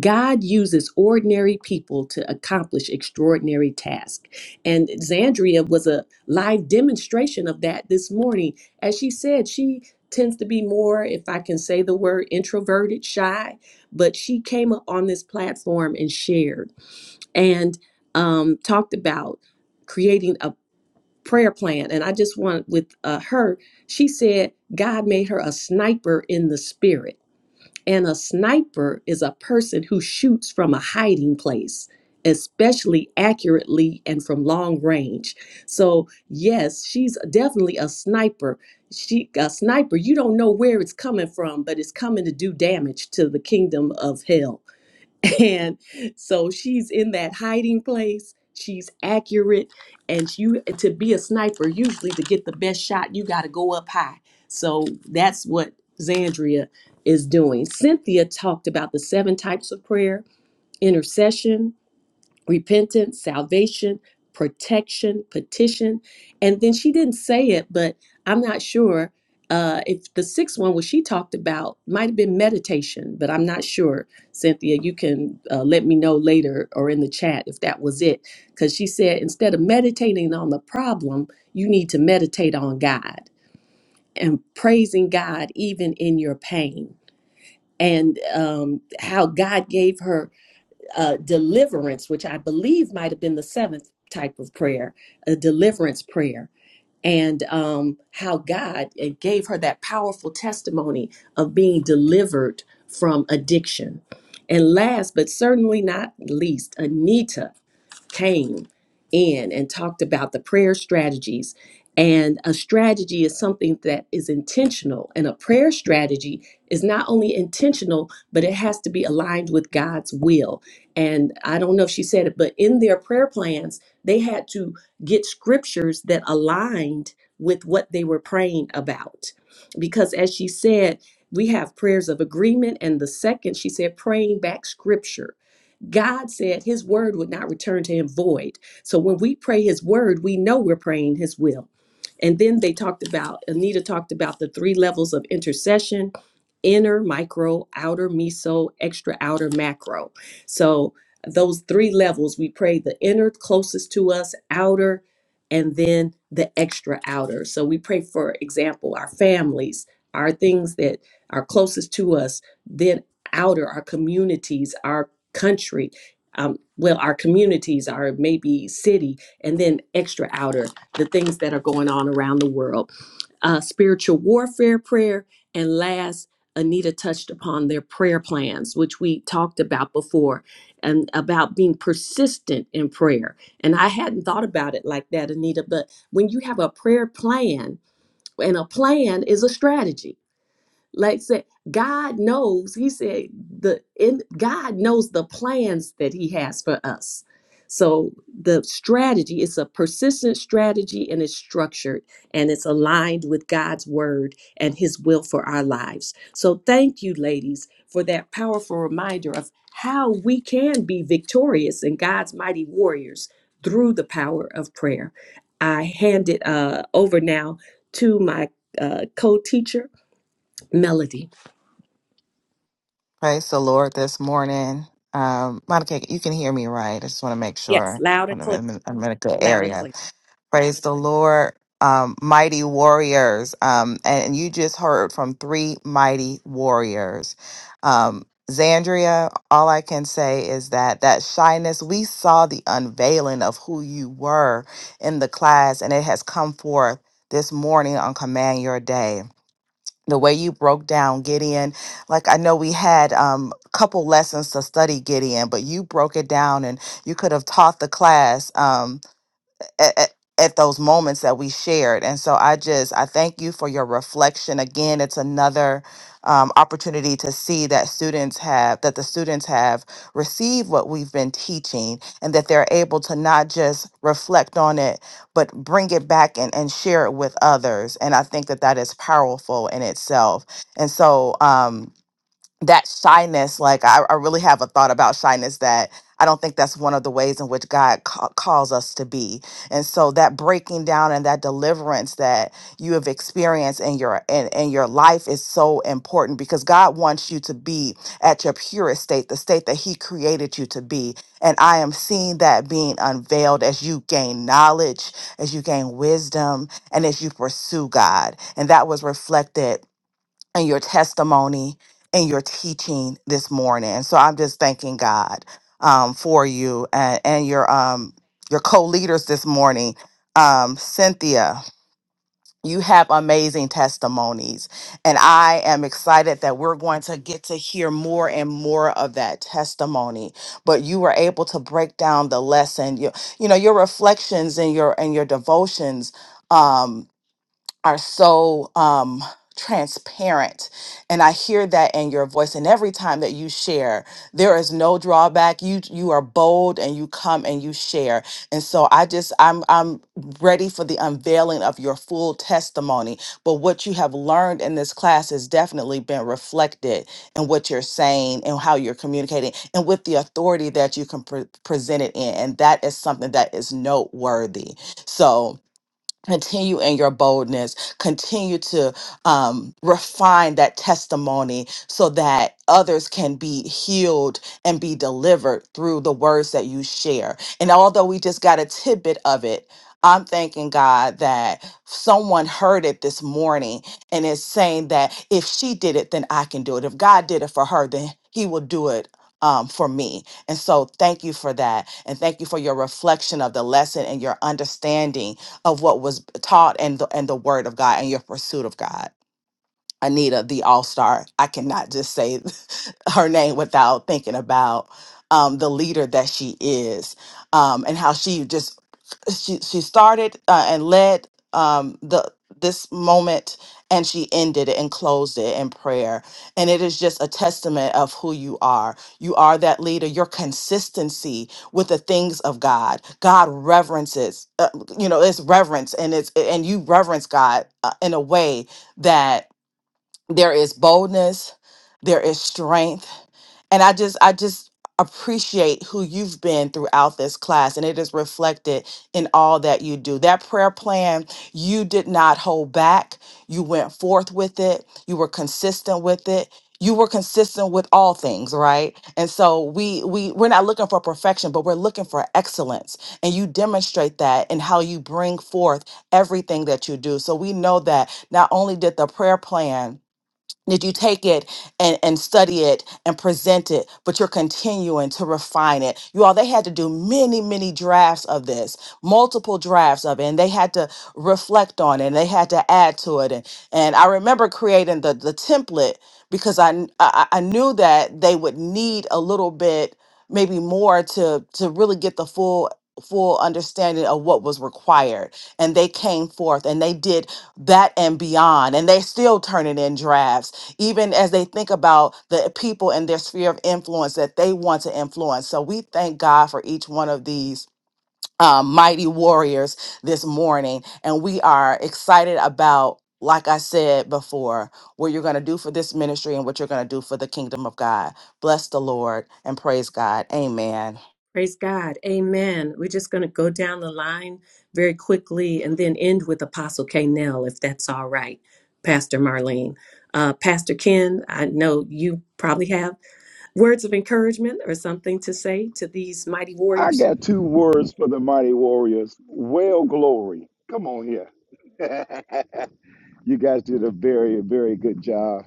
[SPEAKER 6] God uses ordinary people to accomplish extraordinary tasks. And Zandria was a live demonstration of that this morning. As she said, she tends to be more if I can say the word introverted, shy, but she came up on this platform and shared and um, talked about creating a prayer plan and i just want with uh, her she said god made her a sniper in the spirit and a sniper is a person who shoots from a hiding place especially accurately and from long range so yes she's definitely a sniper she a sniper you don't know where it's coming from but it's coming to do damage to the kingdom of hell and so she's in that hiding place. She's accurate. And you to be a sniper, usually to get the best shot, you gotta go up high. So that's what Zandria is doing. Cynthia talked about the seven types of prayer, intercession, repentance, salvation, protection, petition. And then she didn't say it, but I'm not sure uh, if the sixth one, what she talked about, might have been meditation, but I'm not sure. Cynthia, you can uh, let me know later or in the chat if that was it. Because she said instead of meditating on the problem, you need to meditate on God and praising God even in your pain. And um, how God gave her uh, deliverance, which I believe might have been the seventh type of prayer, a deliverance prayer, and um, how God uh, gave her that powerful testimony of being delivered from addiction. And last but certainly not least, Anita came in and talked about the prayer strategies. And a strategy is something that is intentional. And a prayer strategy is not only intentional, but it has to be aligned with God's will. And I don't know if she said it, but in their prayer plans, they had to get scriptures that aligned with what they were praying about. Because as she said, we have prayers of agreement. And the second, she said, praying back scripture God said his word would not return to him void. So when we pray his word, we know we're praying his will. And then they talked about, Anita talked about the three levels of intercession inner, micro, outer, meso, extra, outer, macro. So those three levels, we pray the inner closest to us, outer, and then the extra outer. So we pray, for example, our families, our things that are closest to us, then outer, our communities, our country um, well our communities our maybe city and then extra outer the things that are going on around the world uh, spiritual warfare prayer and last anita touched upon their prayer plans which we talked about before and about being persistent in prayer and i hadn't thought about it like that anita but when you have a prayer plan and a plan is a strategy like said, God knows, he said the in God knows the plans that he has for us. So the strategy is a persistent strategy and it's structured and it's aligned with God's word and his will for our lives. So thank you, ladies, for that powerful reminder of how we can be victorious in God's mighty warriors through the power of prayer. I hand it uh, over now to my uh, co-teacher, Melody. Yes, loud and clear, loud and clear.
[SPEAKER 10] mighty warriors. Um, and you just heard from three mighty warriors. Um, Zandria, all I can say is that that shyness, we saw the unveiling of who you were in the class, and it has come forth this morning on Command Your Day. The way you broke down Gideon, like I know we had um, a couple lessons to study Gideon, but you broke it down and you could have taught the class. Um, at, at at those moments that we shared. And so I just, I thank you for your reflection. Again, it's another um, opportunity to see that students have, that the students have received what we've been teaching and that they're able to not just reflect on it, but bring it back and, and share it with others. And I think that that is powerful in itself. And so, um, that shyness like I, I really have a thought about shyness that i don't think that's one of the ways in which god ca- calls us to be and so that breaking down and that deliverance that you have experienced in your in, in your life is so important because god wants you to be at your purest state the state that he created you to be and i am seeing that being unveiled as you gain knowledge as you gain wisdom and as you pursue god and that was reflected and your testimony and your teaching this morning. And so I'm just thanking God um, for you and, and your um, your co-leaders this morning. Um, Cynthia, you have amazing testimonies, and I am excited that we're going to get to hear more and more of that testimony. But you were able to break down the lesson. You, you know your reflections and your and your devotions. Um, are so um transparent and i hear that in your voice and every time that you share there is no drawback you you are bold and you come and you share and so i just i'm i'm ready for the unveiling of your full testimony but what you have learned in this class has definitely been reflected in what you're saying and how you're communicating and with the authority that you can pre- present it in and that is something that is noteworthy so continue in your boldness continue to um, refine that testimony so that others can be healed and be delivered through the words that you share and although we just got a tidbit of it i'm thanking god that someone heard it this morning and is saying that if she did it then i can do it if god did it for her then he will do it um, for me. And so, thank you for that. And thank you for your reflection of the lesson and your understanding of what was taught and the, and the word of God and your pursuit of God. Anita, the all star. I cannot just say her name without thinking about um, the leader that she is um, and how she just she she started uh, and led um, the this moment and she ended it and closed it in prayer and it is just a testament of who you are you are that leader your consistency with the things of god god reverences uh, you know it's reverence and it's and you reverence god uh, in a way that there is boldness there is strength and i just i just appreciate who you've been throughout this class and it is reflected in all that you do that prayer plan you did not hold back you went forth with it you were consistent with it you were consistent with all things right and so we we we're not looking for perfection but we're looking for excellence and you demonstrate that in how you bring forth everything that you do so we know that not only did the prayer plan did you take it and, and study it and present it, but you're continuing to refine it? You all, they had to do many, many drafts of this, multiple drafts of it, and they had to reflect on it and they had to add to it. And, and I remember creating the, the template because I, kn- I, I knew that they would need a little bit, maybe more to, to really get the full full understanding of what was required and they came forth and they did that and beyond and they still turning in drafts even as they think about the people and their sphere of influence that they want to influence. So we thank God for each one of these um, mighty warriors this morning. And we are excited about, like I said before, what you're going to do for this ministry and what you're going to do for the kingdom of God. Bless the Lord and praise God. Amen.
[SPEAKER 6] Praise God. Amen. We're just going to go down the line very quickly and then end with Apostle K. Nell, if that's all right, Pastor Marlene. Uh, Pastor Ken, I know you probably have words of encouragement or something to say to these mighty
[SPEAKER 2] I
[SPEAKER 6] warriors.
[SPEAKER 2] got two words for the mighty warriors. Well, glory. Come on here. you guys did a very, very good job.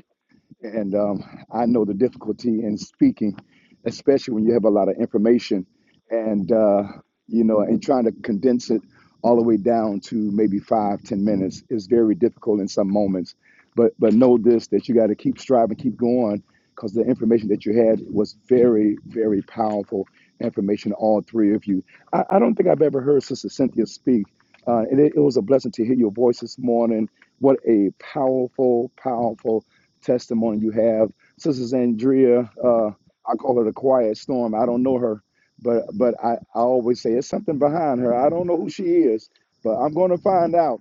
[SPEAKER 2] And um, I know the difficulty in speaking, especially when you have a lot of information and, uh, you know, and trying to condense it all the way down to maybe five, ten minutes is very difficult in some moments. But, but know this, that you got to keep striving, keep going, because the information that you had was very, very powerful information, all three of you. I, I don't think I've ever heard Sister Cynthia speak. Uh, and it, it was a blessing to hear your voice this morning. What a powerful, powerful testimony you have. Sister Andrea, uh, I call her the quiet storm. I don't know her, but but I, I always say it's something behind her. I don't know who she is, but I'm going to find out.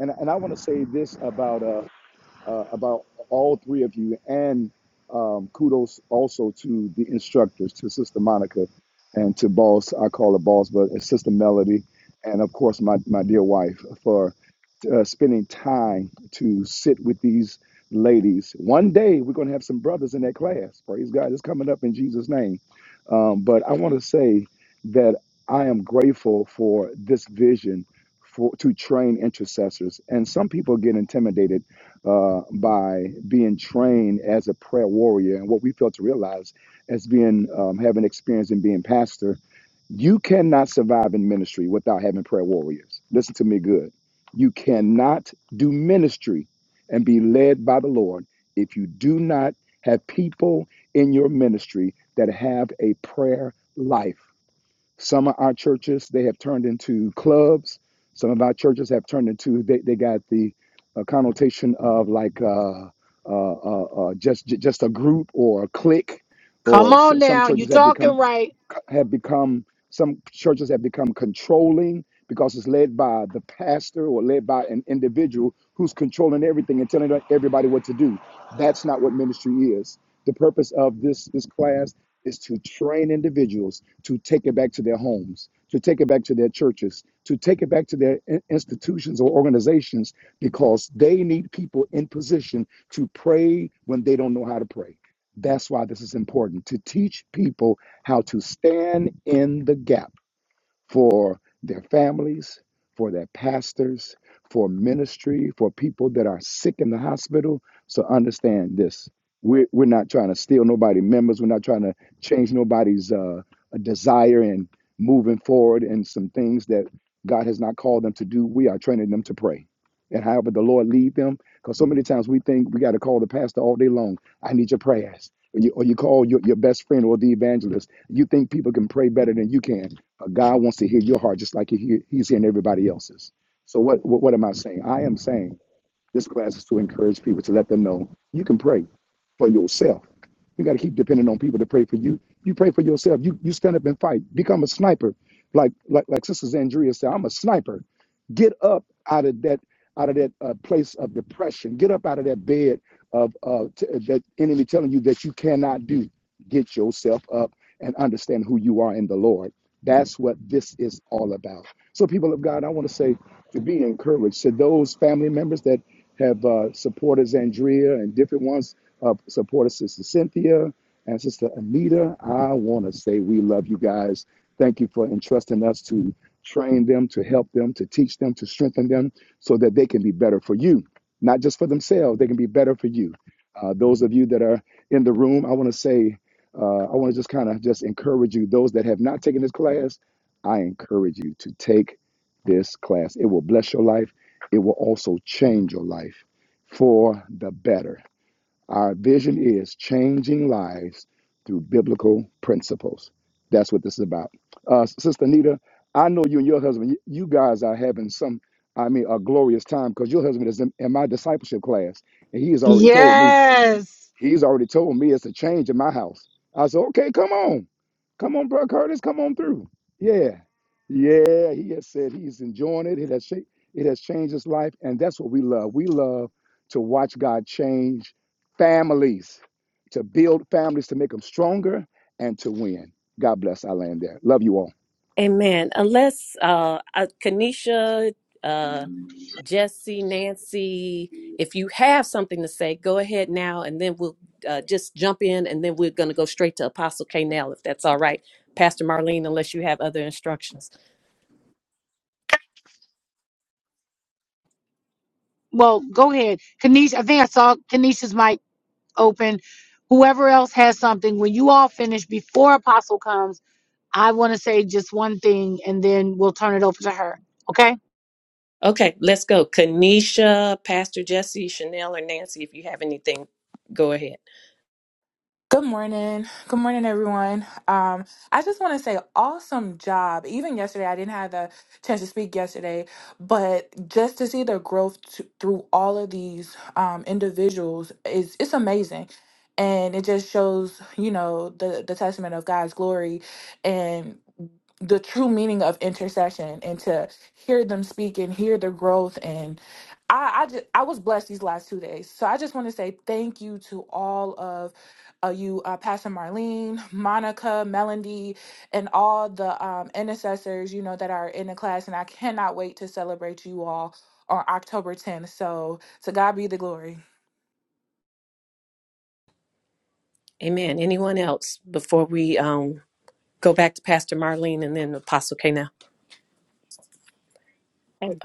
[SPEAKER 2] And, and I want to say this about uh uh, about all three of you, and um, kudos also to the instructors, to Sister Monica, and to Boss. I call her Boss, but it's Sister Melody, and of course my my dear wife for uh, spending time to sit with these ladies. One day we're going to have some brothers in that class. Praise God! It's coming up in Jesus' name. Um, but I want to say that I am grateful for this vision for to train intercessors. And some people get intimidated uh, by being trained as a prayer warrior. And what we fail to realize as being um, having experience in being pastor, you cannot survive in ministry without having prayer warriors. Listen to me good. You cannot do ministry and be led by the Lord if you do not have people in your ministry that have a prayer life. Some of our churches they have turned into clubs. Some of our churches have turned into they, they got the uh, connotation of like uh, uh, uh, uh, just ju- just a group or a clique, or
[SPEAKER 1] Come
[SPEAKER 2] s-
[SPEAKER 1] on
[SPEAKER 2] some
[SPEAKER 1] now. you
[SPEAKER 2] churches have become
[SPEAKER 1] talking right.
[SPEAKER 2] have become some churches have become controlling because it's led by the pastor or led by an individual who's controlling everything and telling everybody what to do. That's not what ministry is. The purpose of this this class is to train individuals to take it back to their homes, to take it back to their churches, to take it back to their in- institutions or organizations because they need people in position to pray when they don't know how to pray. That's why this is important to teach people how to stand in the gap for their families, for their pastors, for ministry, for people that are sick in the hospital. So understand this. We're, we're not trying to steal nobody's members. We're not trying to change nobody's uh, desire and moving forward and some things that God has not called them to do. We are training them to pray. And however the Lord lead them, because so many times we think we got to call the pastor all day long. I need your prayers. Or you, or you call your, your best friend or the evangelist. You think people can pray better than you can but God wants to hear your heart just like he hear, He's hearing everybody else's. So what, what what am I saying? I am saying this class is to encourage people to let them know you can pray for yourself. You got to keep depending on people to pray for you. You pray for yourself. You you stand up and fight. Become a sniper, like like like Sister Zandria said. I'm a sniper. Get up out of that out of that uh, place of depression. Get up out of that bed of uh, t- that enemy telling you that you cannot do. Get yourself up and understand who you are in the Lord. That's what this is all about. So, people of God, I want to say to be encouraged to those family members that have uh, supporters Andrea and different ones uh, supported Sister Cynthia and Sister Anita. I want to say we love you guys. Thank you for entrusting us to train them, to help them, to teach them, to strengthen them so that they can be better for you, not just for themselves, they can be better for you. Uh, those of you that are in the room, I want to say, uh, I want to just kind of just encourage you. Those that have not taken this class, I encourage you to take this class. It will bless your life it will also change your life for the better. Our vision is changing lives through biblical principles. That's what this is about. Uh, Sister Anita, I know you and your husband, you guys are having some, I mean, a glorious time because your husband is in, in my discipleship class, and he has already told me.
[SPEAKER 1] Yes.
[SPEAKER 2] He's already told me it's a change in my house. I said, okay, come on. Come on, bro, Curtis, come on through. Yeah. Yeah, he has said he's enjoying it. It has shaped, it has changed his life. And that's what we love. We love to watch God change families, to build families, to make them stronger and to win. God bless our land there. Love you all.
[SPEAKER 6] Amen. Unless uh, uh Kanisha, Jesse, Nancy, if you have something to say, go ahead now, and then we'll uh, just jump in, and then we're going to go straight to Apostle Canal, if that's all right. Pastor Marlene, unless you have other instructions.
[SPEAKER 1] Well, go ahead. Kanisha, I think I saw Kanisha's mic. open. Whoever else has something, when you all finish before Apostle comes, I want to say just one thing and then we'll turn it over to her. Okay?
[SPEAKER 6] Okay, let's go. Kanisha, Pastor Jesse, Chanel, or Nancy, if you have anything, go ahead.
[SPEAKER 3] Good morning. Good morning, everyone. Um, I just want to say awesome job. Even yesterday, I didn't have the chance to speak yesterday, but just to see the growth t- through all of these um, individuals is it's amazing. And it just shows, you know, the, the testament of God's glory and the true meaning of intercession and to hear them speak and hear the growth and I, I just I was blessed these last two days. So I just want to say thank you to all of uh, you, uh, Pastor Marlene, Monica, Melody, and all the um, intercessors, you know, that are in the class. And I cannot wait to celebrate you all on October 10th. So to God be the glory.
[SPEAKER 6] Amen. Anyone else before we um, go back to Pastor Marlene and then Apostle Canal?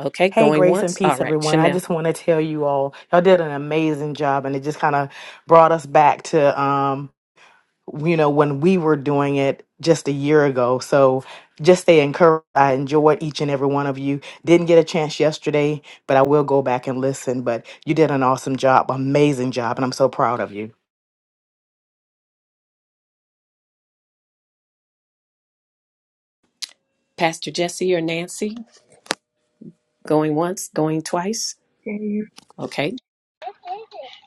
[SPEAKER 6] Okay,
[SPEAKER 11] Hey,
[SPEAKER 6] going
[SPEAKER 11] grace and
[SPEAKER 6] once. All
[SPEAKER 11] peace,
[SPEAKER 6] right,
[SPEAKER 11] everyone. I
[SPEAKER 6] Chanel.
[SPEAKER 11] just want to tell you all, y'all did an amazing job, and it just kind of brought us back to, um, you know, when we were doing it just a year ago. So just stay encouraged. I enjoyed each and every one of you. Didn't get a chance yesterday, but I will go back and listen. But you did an awesome job, amazing job, and I'm so proud of you.
[SPEAKER 6] Pastor Jesse or Nancy, going once, going twice.
[SPEAKER 12] Can you
[SPEAKER 6] Okay,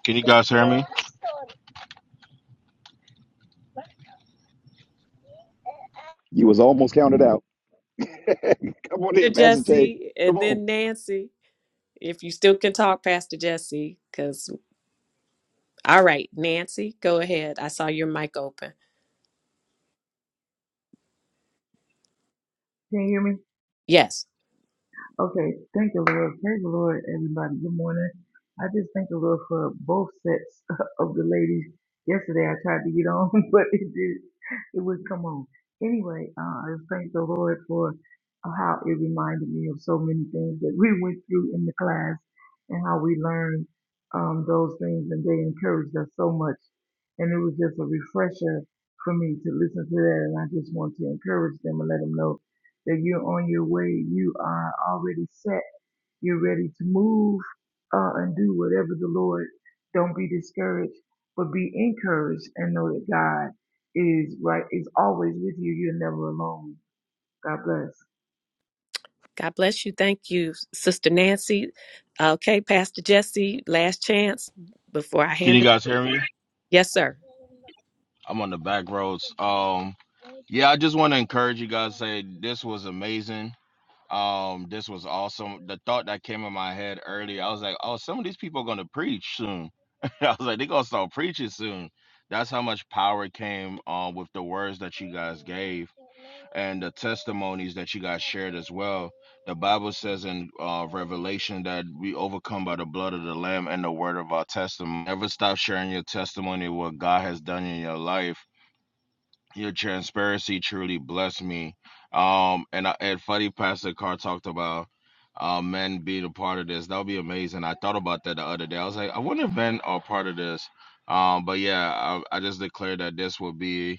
[SPEAKER 13] Can you guys hear me?
[SPEAKER 2] You was almost counted out. come on here,
[SPEAKER 6] Pastor
[SPEAKER 2] Pastor Jay.
[SPEAKER 6] Jesse,
[SPEAKER 2] Come
[SPEAKER 6] and
[SPEAKER 2] on.
[SPEAKER 6] then Nancy. If you still can talk, Pastor Jesse, because all right, Nancy, go ahead. I saw your mic open.
[SPEAKER 12] can you hear me?
[SPEAKER 6] Yes.
[SPEAKER 12] Okay, thank the Lord. Praise the Lord, everybody. Good morning. I just thank the Lord for both sets of the ladies. Yesterday I tried to get on, but it did it wouldn't come on. Anyway, uh, I just thank the Lord for uh, how it reminded me of so many things that we went through in the class and how we learned um, those things and they encouraged us so much. And it was just a refresher for me to listen to that and I just want to encourage them and let them know that you're on your way, you are already set, you're ready to move uh, and do whatever the Lord. Don't be discouraged, but be encouraged and know that God is right, is always with you. You're never alone. God bless.
[SPEAKER 6] God bless you. Thank you, Sister Nancy. Okay, Pastor Jesse, last chance before I
[SPEAKER 13] Can you
[SPEAKER 6] hand it.
[SPEAKER 13] guys hear me?
[SPEAKER 6] Yes, sir.
[SPEAKER 13] I'm on the back roads. Um, yeah, I just want to encourage you guys. Say this was amazing. Um, this was awesome. The thought that came in my head earlier, I was like, oh, some of these people are gonna preach soon. I was like, they're gonna start preaching soon. That's how much power came um with the words that you guys gave. and the testimonies that you guys shared as well. The Bible says in uh, Revelation that we overcome by the blood of the Lamb and the word of our testimony. Never stop sharing your testimony, what God has done in your life. Your transparency truly blessed me. Um, and I, and funny, Pastor Carr talked about uh, men being a part of this. That would be amazing. I thought about that the other day. I was like, I wonder if men are part of this. Um, but yeah, I, I just declared that this would be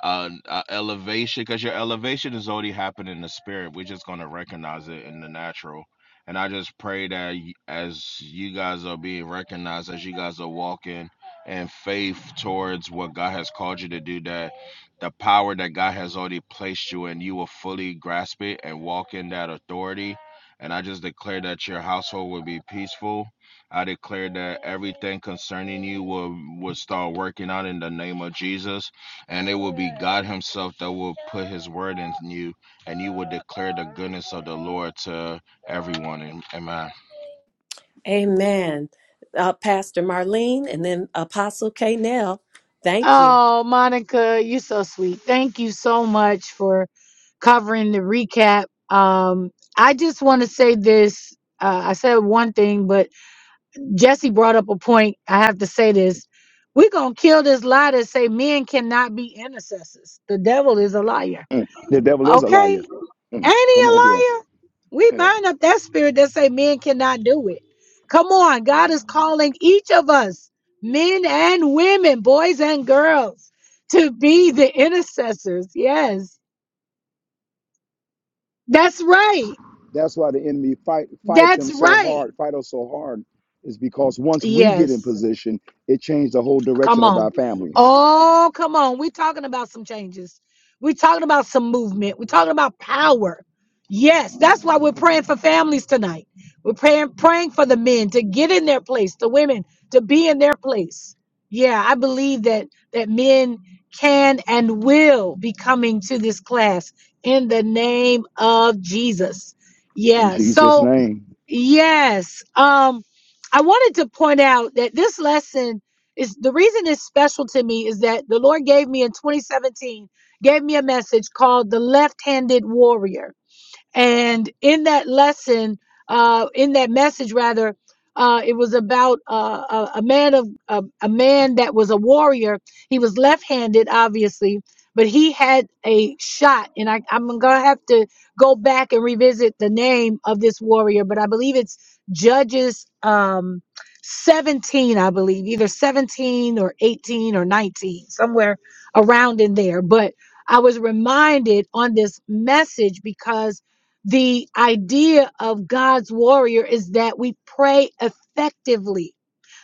[SPEAKER 13] uh, uh elevation because your elevation is already happening in the spirit we're just going to recognize it in the natural and i just pray that y- as you guys are being recognized as you guys are walking in faith towards what god has called you to do that the power that god has already placed you in you will fully grasp it and walk in that authority and I just declare that your household will be peaceful. I declare that everything concerning you will, will start working out in the name of Jesus. And it will be God Himself that will put His word in you, and you will declare the goodness of the Lord to everyone. Amen.
[SPEAKER 6] Amen. Uh, Pastor Marlene and then Apostle K. Nell, thank you.
[SPEAKER 1] Oh, Monica, you're so sweet. Thank you so much for covering the recap. Um, I just want to say this. Uh, I said one thing, but Jesse brought up a point. I have to say this. We're going to kill this lie that say men cannot be intercessors. The devil is a liar.
[SPEAKER 2] Mm. The devil is a
[SPEAKER 1] Okay?
[SPEAKER 2] liar. Mm.
[SPEAKER 1] Ain't he
[SPEAKER 2] Come
[SPEAKER 1] a
[SPEAKER 2] on here.
[SPEAKER 1] liar? We bind up that spirit that say men cannot do it. Come on, God is calling each of us, men and women, boys and girls, to be the intercessors. Yes. That's right.
[SPEAKER 2] That's why the enemy fight fight
[SPEAKER 1] That's
[SPEAKER 2] them so
[SPEAKER 1] right.
[SPEAKER 2] hard, fight us so hard, is because once we get in
[SPEAKER 1] Yes.
[SPEAKER 2] position, it changed the whole
[SPEAKER 1] Come
[SPEAKER 2] direction of
[SPEAKER 1] on.
[SPEAKER 2] our families.
[SPEAKER 1] Oh, come on. We're talking about some changes. We're talking about some movement. We're talking about power. Yes, that's why we're praying for families tonight. We're praying praying for the men to get in their place, the women to be in their place. Yeah, I believe that that men can and will be coming to this class in the name of Jesus.
[SPEAKER 2] In
[SPEAKER 1] Yeah.
[SPEAKER 2] Jesus'
[SPEAKER 1] So
[SPEAKER 2] name,
[SPEAKER 1] Yes. Um, I wanted to point out that this lesson is the reason it's special to me is that the Lord gave me in 2017, gave me a message called the left handed warrior. And in that lesson, uh, in that message, rather, uh, it was about uh, a, a man of a, a man that was a warrior. He was left-handed, obviously, but he had a shot. And I, I'm gonna have to go back and revisit the name of this warrior, but I believe it's Judges um, 17, I believe, either 17 or 18 or 19, somewhere around in there. But I was reminded on this message because the idea of God's warrior is that we pray effectively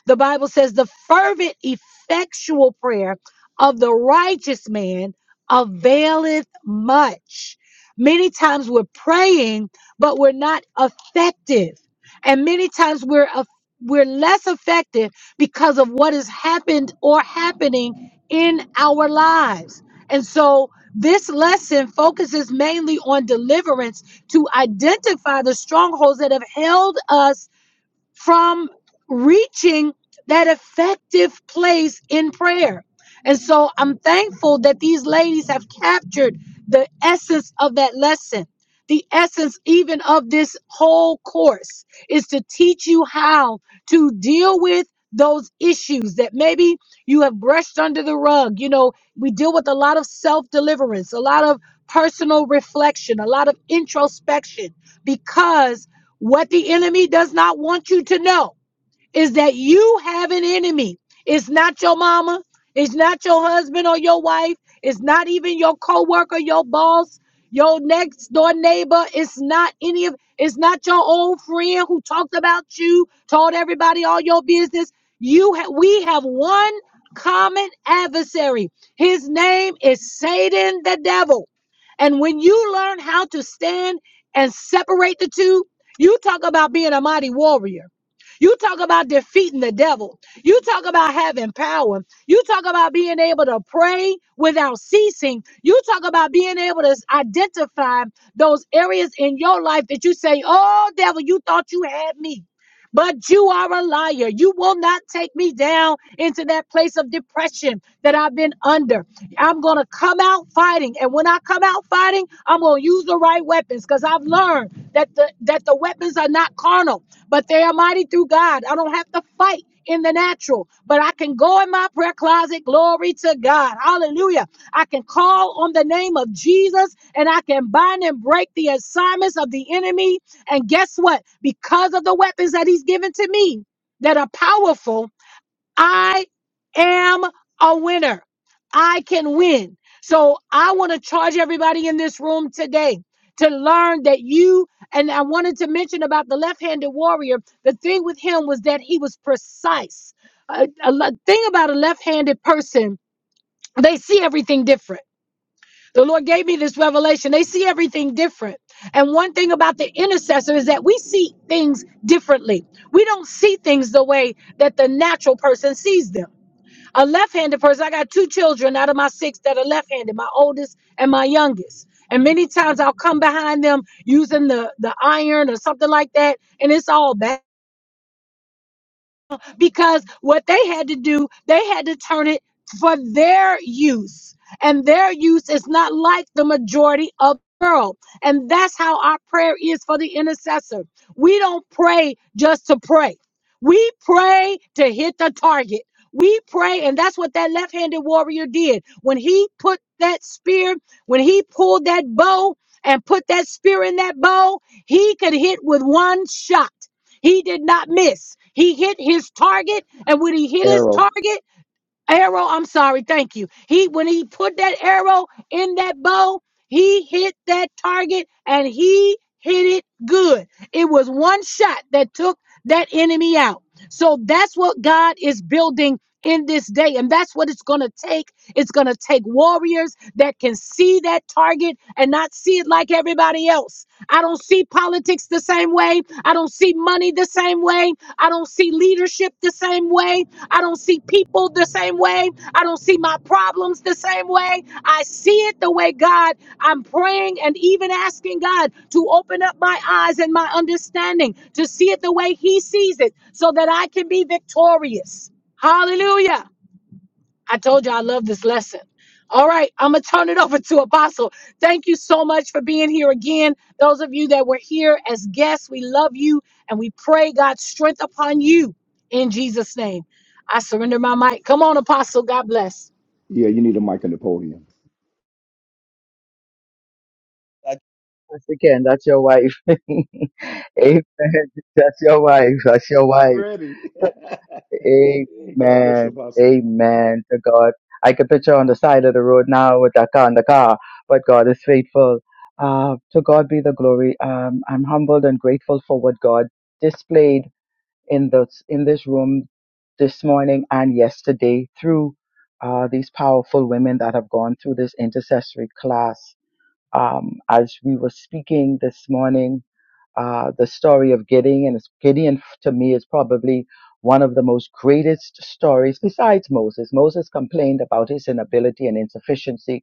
[SPEAKER 1] the Bible says the fervent, effectual prayer of the righteous man availeth much. Many times we're praying, but we're not effective. And many times we're eff- we're less effective because of what has happened or happening in our lives. And so this lesson focuses mainly on deliverance to identify the strongholds that have held us from reaching that effective place in prayer. And so I'm thankful that these ladies have captured the essence of that lesson. The essence, even of this whole course, is to teach you how to deal with those issues that maybe you have brushed under the rug. You know, we deal with a lot of self deliverance, a lot of personal reflection, a lot of introspection because what the enemy does not want you to know is that you have an enemy. It's not your mama, it's not your husband or your wife, it's not even your coworker, your boss, your next door neighbor, it's not any of it's not your old friend who talked about you, told everybody all your business. You ha- we have one common adversary. His name is Satan the devil. And when you learn how to stand and separate the two, you talk about being a mighty warrior you talk about defeating the devil. You talk about having power. You talk about being able to pray without ceasing. You talk about being able to identify those areas in your life that you say, Oh, devil, you thought you had me. But you are a liar. You will not take me down into that place of depression that I've been under. I'm going to come out fighting. And when I come out fighting, I'm going to use the right weapons because I've learned that the, that the weapons are not carnal, but they are mighty through God. I don't have to fight in the natural, but I can go in my prayer closet. Glory to God. Hallelujah. I can call on the name of Jesus and I can bind and break the assignments of the enemy and guess what? Because of the weapons that he's given to me that are powerful, I am a winner. I can win. So I want to charge everybody in this room today to learn that you, and I wanted to mention about the left handed warrior. The thing with him was that he was precise. A, a lo- thing about a left handed person, they see everything different the Lord gave me this revelation. They see everything different. And one thing about the intercessor is that we see things differently. We don't see things the way that the natural person sees them. A left handed person, I got two children out of my six that are left handed, my oldest and my youngest. And many times I'll come behind them using the, the iron or something like that, and it's all bad because what they had to do, they had to turn it for their use. And their use is not like the majority of the world. And that's how our prayer is for the intercessor. We don't pray just to pray. We pray to hit the target. We pray, and that's what that left handed warrior did. When he put that spear, when he pulled that bow and put that spear in that bow, he could hit with one shot. He did not miss. He hit his target, and when he hit his
[SPEAKER 2] arrow.
[SPEAKER 1] target, arrow, I'm sorry, thank you. He when he put that arrow in that bow, he hit that target and he hit it good. It was one shot that took that enemy out. So that's what God is building in this day. And that's what it's going to take. It's going to take warriors that can see that target and not see it like everybody else. I don't see politics the same way. I don't see money the same way. I don't see leadership the same way. I don't see people the same way. I don't see my problems the same way. I see it the way God, I'm praying and even asking God to open up my eyes and my understanding to see it the way He sees it so that I can be victorious. Hallelujah. I told you I love this lesson. All right, I'm going to turn it over to Apostle. Thank you so much for being here again. Those of you that were here as guests, we love you and we pray God's strength upon you in Jesus' name. I surrender my mic. Come on, Apostle. God bless.
[SPEAKER 2] Yeah, you need a mic on the podium.
[SPEAKER 5] That's your again, that's your wife. Amen. That's your wife. That's your wife.
[SPEAKER 2] Ready. God bless you,
[SPEAKER 5] Amen.
[SPEAKER 2] Apostle.
[SPEAKER 5] Amen to God. I can picture on the side of the road now with that car in the car, but God is faithful. Uh, to God be the glory. Um, I'm humbled and grateful for what God displayed in this, in this room this morning and yesterday through uh, these powerful women that have gone through this intercessory class. Um, as we were speaking this morning, uh, the story of Gideon, and it's- Gideon f- to me is probably one of the most greatest stories besides Moses. Moses complained about his inability and insufficiency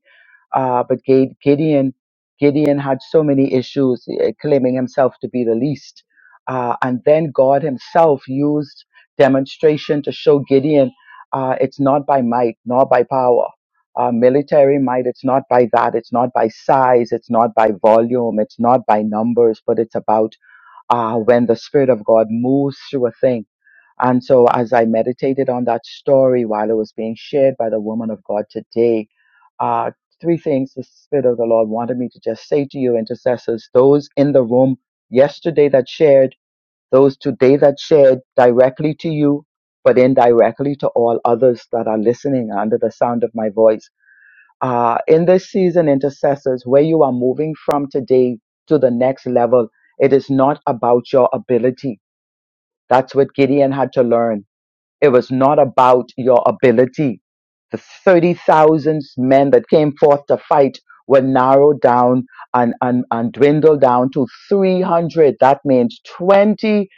[SPEAKER 5] uh, but Gade- Gideon, Gideon had so many issues, eh, claiming himself to be the least. Uh, and then God Himself used demonstration to show Gideon, uh, it's not by might nor by power, uh, military might. It's not by that. It's not by size. It's not by volume. It's not by numbers. But it's about uh, when the Spirit of God moves through a thing. And so, as I meditated on that story while it was being shared by the woman of God today, uh, three things the Spirit of the Lord wanted me to just say to you, intercessors, those in the room yesterday that shared, those today that shared directly to you, but indirectly to all others that are listening under the sound of my voice. Uh, in this season, intercessors, where you are moving from today to the next level, it is not about your ability. That's what Gideon had to learn. It was not about your ability. The 30,000 men that came forth to fight were narrowed down and, and, and dwindled down to 300. That means 20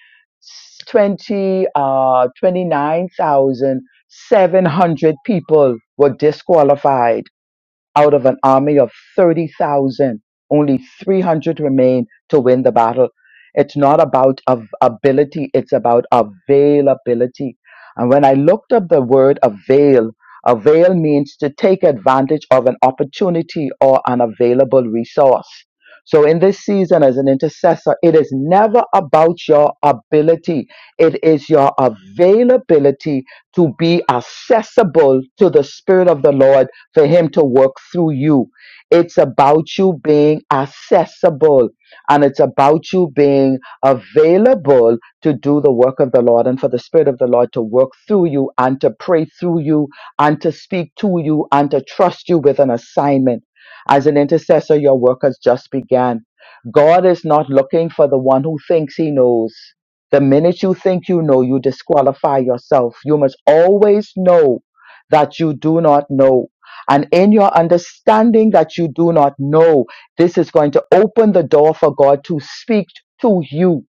[SPEAKER 5] 20 uh, 29,700 people were disqualified out of an army of 30,000. Only 300 remain to win the battle. It's not about av- ability, it's about availability. And when I looked up the word avail, avail means to take advantage of an opportunity or an available resource. So in this season as an intercessor, it is never about your ability. It is your availability to be accessible to the Spirit of the Lord for him to work through you. It's about you being accessible and it's about you being available to do the work of the Lord and for the Spirit of the Lord to work through you and to pray through you and to speak to you and to trust you with an assignment. As an intercessor, your work has just began. God is not looking for the one who thinks he knows. The minute you think you know, you disqualify yourself. You must always know that you do not know and in your understanding that you do not know, this is going to open the door for God to speak to you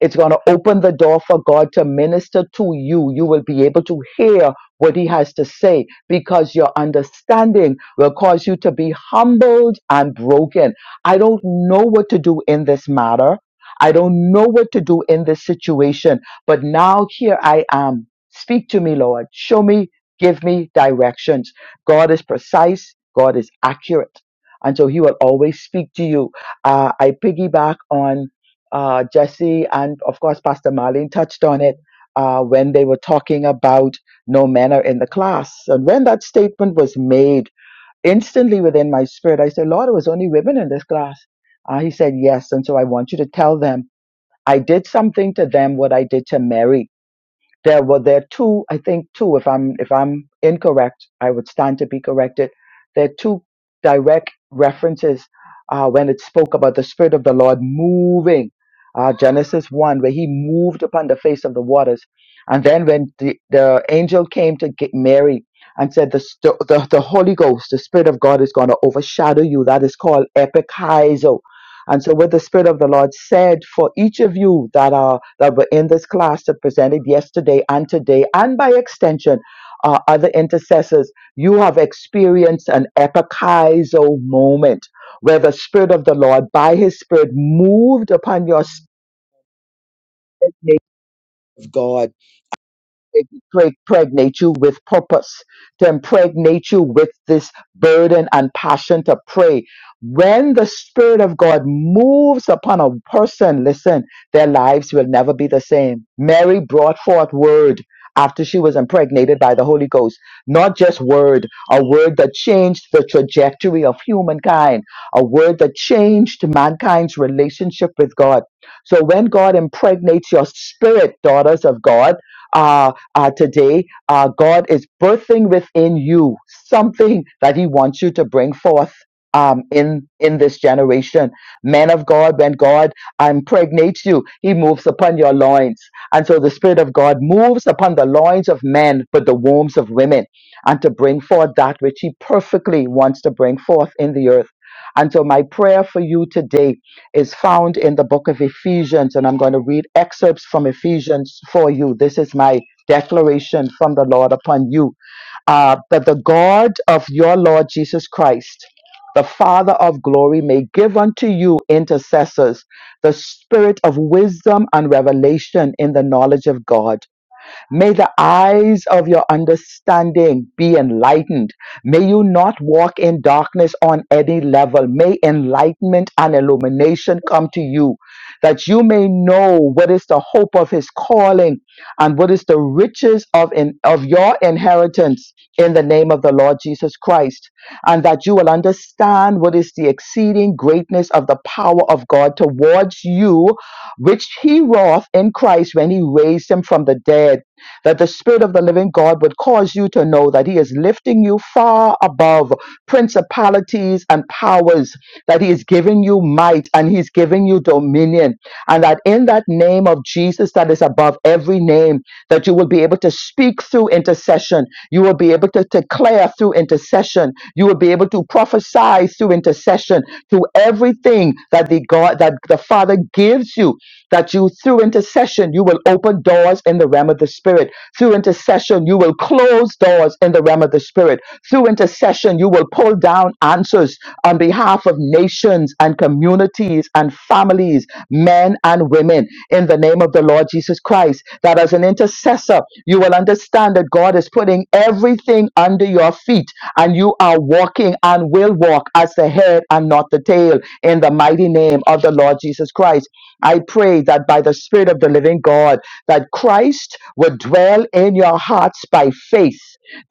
[SPEAKER 5] it's going to open the door for God to minister to you. You will be able to hear what He has to say because your understanding will cause you to be humbled and broken. I don't know what to do in this matter. I don't know what to do in this situation, but now here I am. Speak to me, Lord. Show me, give me directions. God is precise, God is accurate. And so He will always speak to you. Uh, I piggyback on uh, Jesse and of course Pastor Marlene touched on it uh, when they were talking about no manner in the class. And when that statement was made, instantly within my spirit, I said, Lord, it was only women in this class. Uh, he said, Yes. And so I want you to tell them I did something to them what I did to Mary there were there are two, I think two, if I'm if I'm incorrect, I would stand to be corrected. There are two direct references uh, when it spoke about the Spirit of the Lord moving. Uh, Genesis 1, where he moved upon the face of the waters. And then when the, the angel came to get Mary and said, the, st- the, the Holy Ghost, the Spirit of God is going to overshadow you. That is called epikaizo and so what the Spirit of the Lord said for each of you that are that were in this class that presented yesterday and today, and by extension, uh, other intercessors, you have experienced an epichizo moment where the Spirit of the Lord, by His Spirit, moved upon your spirit. of God They pre- pregnate you with purpose, to impregnate you with this burden and passion to pray. When the Spirit of God moves upon a person, listen, their lives will never be the same. Mary brought forth word after she was impregnated by the Holy Ghost. Not just word, a word that changed the trajectory of humankind, a word that changed mankind's relationship with God. So when God impregnates your spirit, daughters of God, uh, uh, today, uh, God is birthing within you something that He wants you to bring forth. Um, in in this generation, Men of God, when God um, impregnates you, He moves upon your loins, and so the Spirit of God moves upon the loins of men, but the wombs of women, and to bring forth that which He perfectly wants to bring forth in the earth. And so my prayer for you today is found in the book of Ephesians, and I'm going to read excerpts from Ephesians for you. This is my declaration from the Lord upon you uh, that the God of your Lord Jesus Christ, the Father of glory, may give unto you intercessors the spirit of wisdom and revelation in the knowledge of God May the eyes of your understanding be enlightened. May you not walk in darkness on any level. May enlightenment and illumination come to you that you may know what is the hope of his calling and what is the riches of, in, of your inheritance in the name of the Lord Jesus Christ. And that you will understand what is the exceeding greatness of the power of God towards you, which he wrought in Christ when he raised him from the dead that the Spirit of the living God would cause you to know that He is lifting you far above principalities and powers, that He is giving you might and He's giving you dominion, and that in that name of Jesus that is above every name, that you will be able to speak through intercession, you will be able to declare through intercession, you will be able to prophesy through intercession to everything that the God that the Father gives you that you through intercession you will open doors in the realm of the spirit through intercession, you will close doors in the realm of the spirit. Through intercession, you will pull down answers on behalf of nations and communities and families, men and women, in the name of the Lord Jesus Christ. That as an intercessor, you will understand that God is putting everything under your feet and you are walking and will walk as the head and not the tail in the mighty name of the Lord Jesus Christ. I pray that by the Spirit of the living God, that Christ would dwell in your hearts by faith,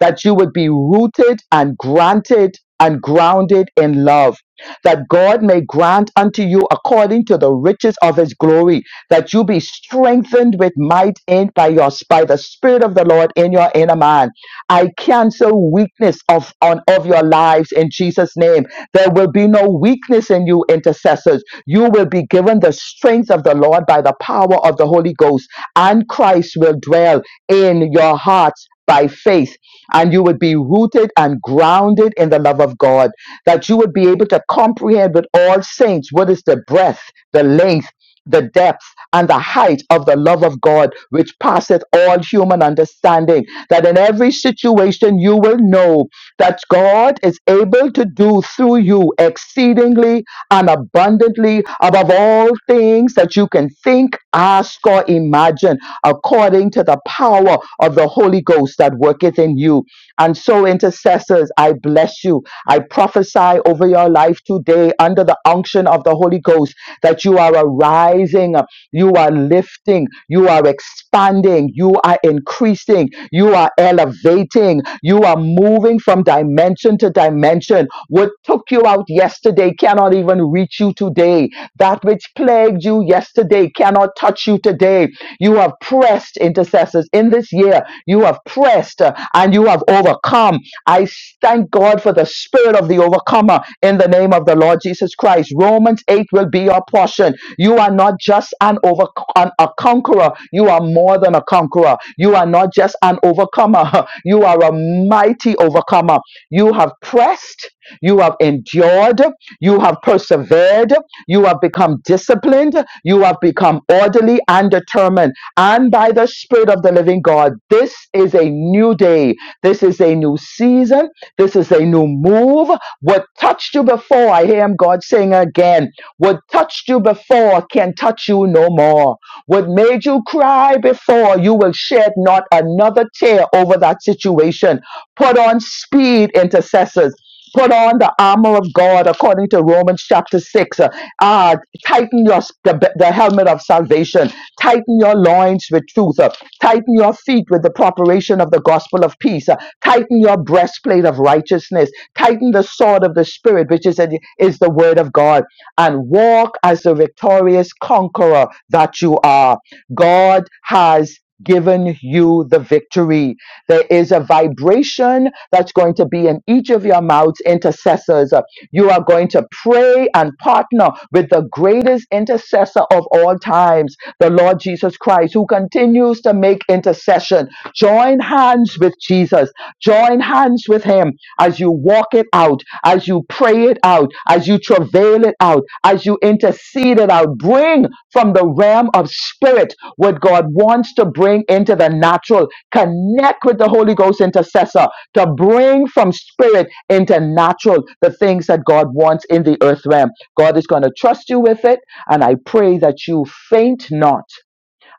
[SPEAKER 5] that you would be rooted and granted and grounded in love, that God may grant unto you according to the riches of his glory, that you be strengthened with might in by your by the Spirit of the Lord in your inner man. I cancel weakness of on of your lives in Jesus' name. There will be no weakness in you, intercessors. You will be given the strength of the Lord by the power of the Holy Ghost and Christ will dwell in your hearts by faith, and you would be rooted and grounded in the love of God, that you would be able to comprehend with all saints what is the breadth, the length, the depth and the height of the love of God, which passeth all human understanding. That in every situation you will know that God is able to do through you exceedingly and abundantly above all things that you can think, ask, or imagine, according to the power of the Holy Ghost that worketh in you. And so, intercessors, I bless you. I prophesy over your life today under the unction of the Holy Ghost that you are arising, you are lifting, you are expanding, you are increasing, you are elevating, you are moving from dimension to dimension what took you out yesterday cannot even reach you today. That which plagued you yesterday cannot touch you today. You have pressed, intercessors, in this year. You have pressed uh, and you have overcome. I s- thank God for the spirit of the overcomer in the name of the Lord Jesus Christ. Romans 8 will be your portion. You are not just an over an- a conqueror, you are more than a conqueror. You are not just an overcomer, you are a mighty overcomer. You have pressed you have endured. You have persevered. You have become disciplined. You have become orderly and determined. And by the Spirit of the living God, this is a new day. This is a new season. This is a new move. What touched you before, I hear God saying again, what touched you before can touch you no more. What made you cry before, you will shed not another tear over that situation. Put on speed, intercessors. Put on the armor of God according to Romans chapter 6. Uh, uh, tighten your the, the helmet of salvation. Tighten your loins with truth. Uh, tighten your feet with the preparation of the gospel of peace. Uh, tighten your breastplate of righteousness. Tighten the sword of the spirit, which is, is the word of God. And walk as the victorious conqueror that you are. God has given you the victory. There is a vibration that's going to be in each of your mouths, intercessors. You are going to pray and partner with the greatest intercessor of all times, the Lord Jesus Christ, who continues to make intercession. Join hands with Jesus. Join hands with him as you walk it out, as you pray it out, as you travail it out, as you intercede it out. Bring from the realm of spirit what God wants to bring into the natural Connect with the Holy Ghost intercessor to bring from spirit into natural the things that God wants in the earth realm. God is going to trust you with it. And I pray that you faint not.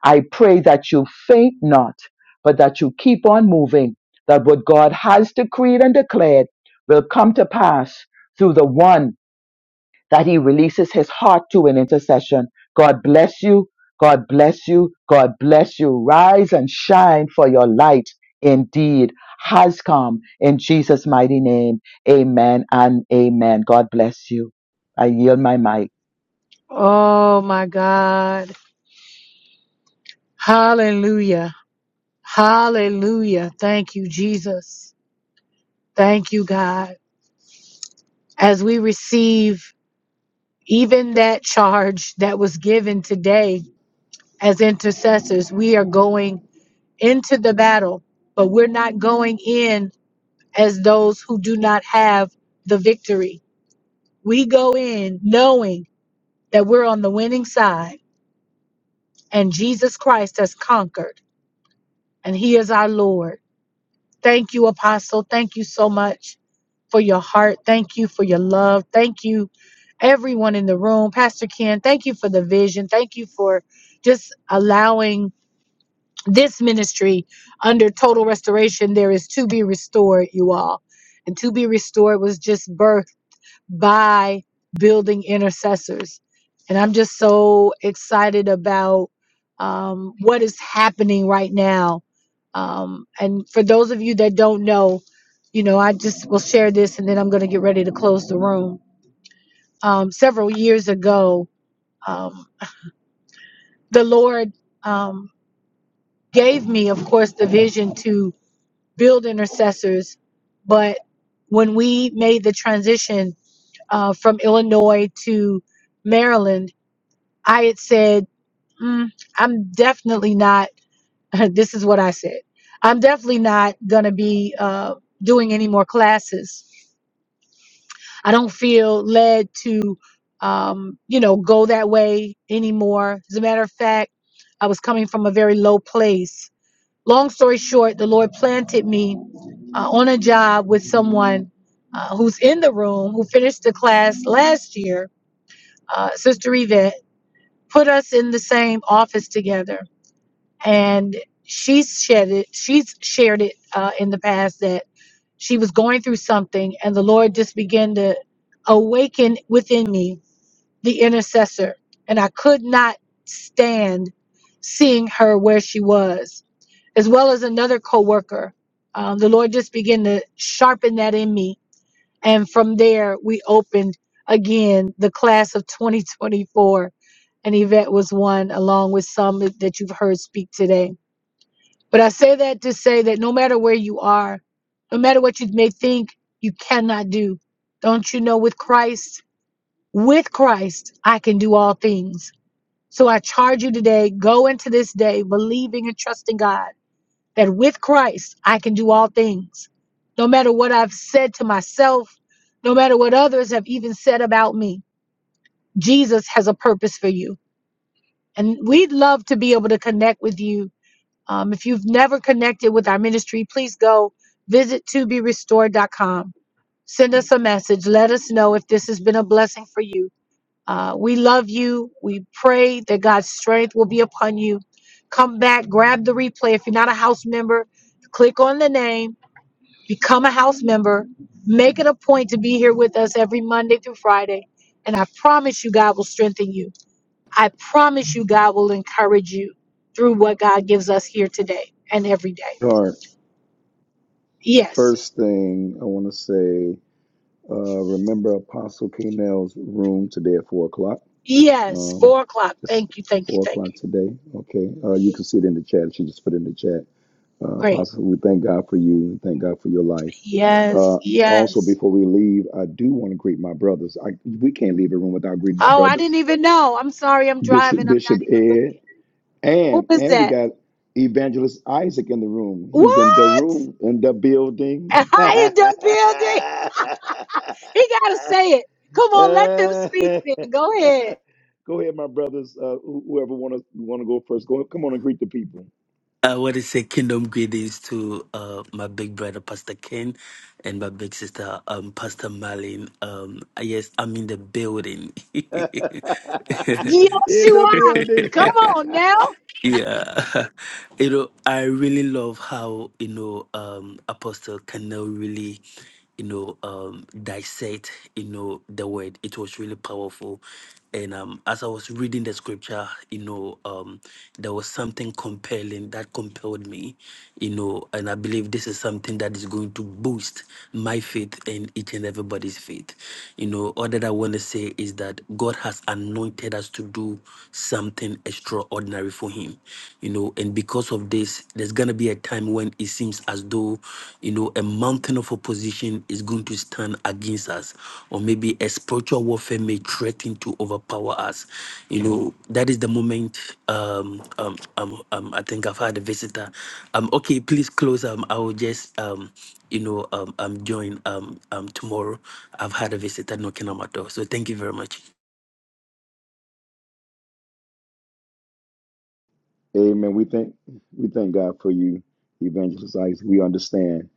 [SPEAKER 5] I pray that you faint not, but that you keep on moving, that what God has decreed and declared will come to pass through the one that he releases his heart to an intercession. God bless you. God bless you. God bless you. Rise and shine for your light indeed has come in Jesus' mighty name. Amen and amen. God bless you. I yield my mic.
[SPEAKER 1] Oh, my God. Hallelujah. Hallelujah. Thank you, Jesus. Thank you, God. As we receive even that charge that was given today, as intercessors. We are going into the battle, but we're not going in as those who do not have the victory. We go in knowing that we're on the winning side and Jesus Christ has conquered and he is our Lord. Thank you, Apostle. Thank you so much for your heart. Thank you for your love. Thank you, everyone in the room. Pastor Ken, thank you for the vision. Thank you for just allowing this ministry under total restoration there is to be restored you all and to be restored was just birthed by building intercessors and i'm just so excited about um, what is happening right now um, and for those of you that don't know you know i just will share this and then i'm going to get ready to close the room um, several years ago um, the lord um, gave me of course the vision to build intercessors. But when we made the transition uh, from Illinois to Maryland, I had said, mm, I'm definitely not, this is what I said, I'm definitely not going to be uh, doing any more classes. I don't feel led to, um, you know, go that way anymore. As a matter of fact, I was coming from a very low place long story short, the Lord planted me uh, on a job with someone uh, who's in the room who finished the class last year, uh, Sister Yvette, put us in the same office together. And she's shared it, she's shared it uh, in the past that she was going through something, and the Lord just began to awaken within me the intercessor, and I could not stand seeing her where she was, as well as another coworker. Um, the Lord just began to sharpen that in me, and from there we opened again the class of 2024, and Yvette was one, along with some that that you've heard speak today. But I say that to say that no matter where you are, no matter what you may think you cannot do, don't you know with Christ? With Christ, I can do all things. So I charge you today, go into this day believing and trusting God that with Christ, I can do all things. No matter what I've said to myself, no matter what others have even said about me, Jesus has a purpose for you. And we'd love to be able to connect with you. Um, if you've never connected with our ministry, please go visit to be restored. dot com. Send us a message. Let us know if this has been a blessing for you Uh, we love you. We pray that God's strength will be upon you. Come back, grab the replay. If you're not a house member, click on the name, become a house member, make it a point to be here with us every Monday through Friday. And I promise you, God will strengthen you. I promise you, God will encourage you through what God gives us here today and every day.
[SPEAKER 2] Heart.
[SPEAKER 1] Yes.
[SPEAKER 2] First thing I want to say, uh, remember Apostle K. Nell's room today at four o'clock.
[SPEAKER 1] Yes.
[SPEAKER 2] Um,
[SPEAKER 1] Four o'clock.
[SPEAKER 2] it's
[SPEAKER 1] Thank you. Thank you.
[SPEAKER 2] four
[SPEAKER 1] Thank
[SPEAKER 2] o'clock
[SPEAKER 1] you.
[SPEAKER 2] today. Okay. Uh, you can see it in the chat. She just put it in the chat. Uh,
[SPEAKER 1] Great.
[SPEAKER 2] Apostle, we thank God for you and thank God for your life.
[SPEAKER 1] Yes.
[SPEAKER 2] Uh, also,
[SPEAKER 1] Yes.
[SPEAKER 2] before we leave, I do want to greet my brothers. I, we can't leave a room without greeting my
[SPEAKER 1] Oh, I didn't
[SPEAKER 2] brothers,
[SPEAKER 1] even know. I'm sorry, I'm
[SPEAKER 2] Bishop
[SPEAKER 1] driving. I'm not
[SPEAKER 2] Bishop
[SPEAKER 1] even looking.
[SPEAKER 2] Ed,
[SPEAKER 1] Who
[SPEAKER 2] and
[SPEAKER 1] is
[SPEAKER 2] and we
[SPEAKER 1] that?
[SPEAKER 2] got Evangelist Isaac in the room. He's in the
[SPEAKER 1] What?
[SPEAKER 2] room in the building.
[SPEAKER 1] A
[SPEAKER 2] go
[SPEAKER 1] high in the building? He gotta say it. Come on, let them speak then. Go ahead.
[SPEAKER 2] ahead, my brothers. Uh, who- whoever want to want to go first, go come on and greet the people
[SPEAKER 14] I want to say kingdom greetings to uh, my big brother, Pastor Ken, and my big sister, um, Pastor Marlene. Um, yes, I'm in the building.
[SPEAKER 2] in
[SPEAKER 1] Yes, you
[SPEAKER 2] the
[SPEAKER 1] are. Come
[SPEAKER 2] building.
[SPEAKER 1] on now.
[SPEAKER 14] yeah. You know, I really love how, you know, um, Apostle Canal really, you know, um, dissect, you know, the word. It was really powerful and um, as I was reading the scripture, you know, um, there was something compelling that compelled me, you know, and I believe this is something that is going to boost my faith and each and everybody's faith. You know, all that I want to say is that God has anointed us to do something extraordinary for Him, you know, and because of this, there's going to be a time when it's it seems as though, you know, a mountain of opposition is going to stand against us, or maybe a spiritual warfare may threaten to overpower us. You know, that is the moment. Um, um, um, um I think I've had a visitor. Um, okay, please close. Um, I will just, um, you know, um, um, join um, um, tomorrow. I've had a visitor knocking on my door. So thank you very much.
[SPEAKER 2] Amen. We thank we thank God for you, Evangelist Isaac. We understand.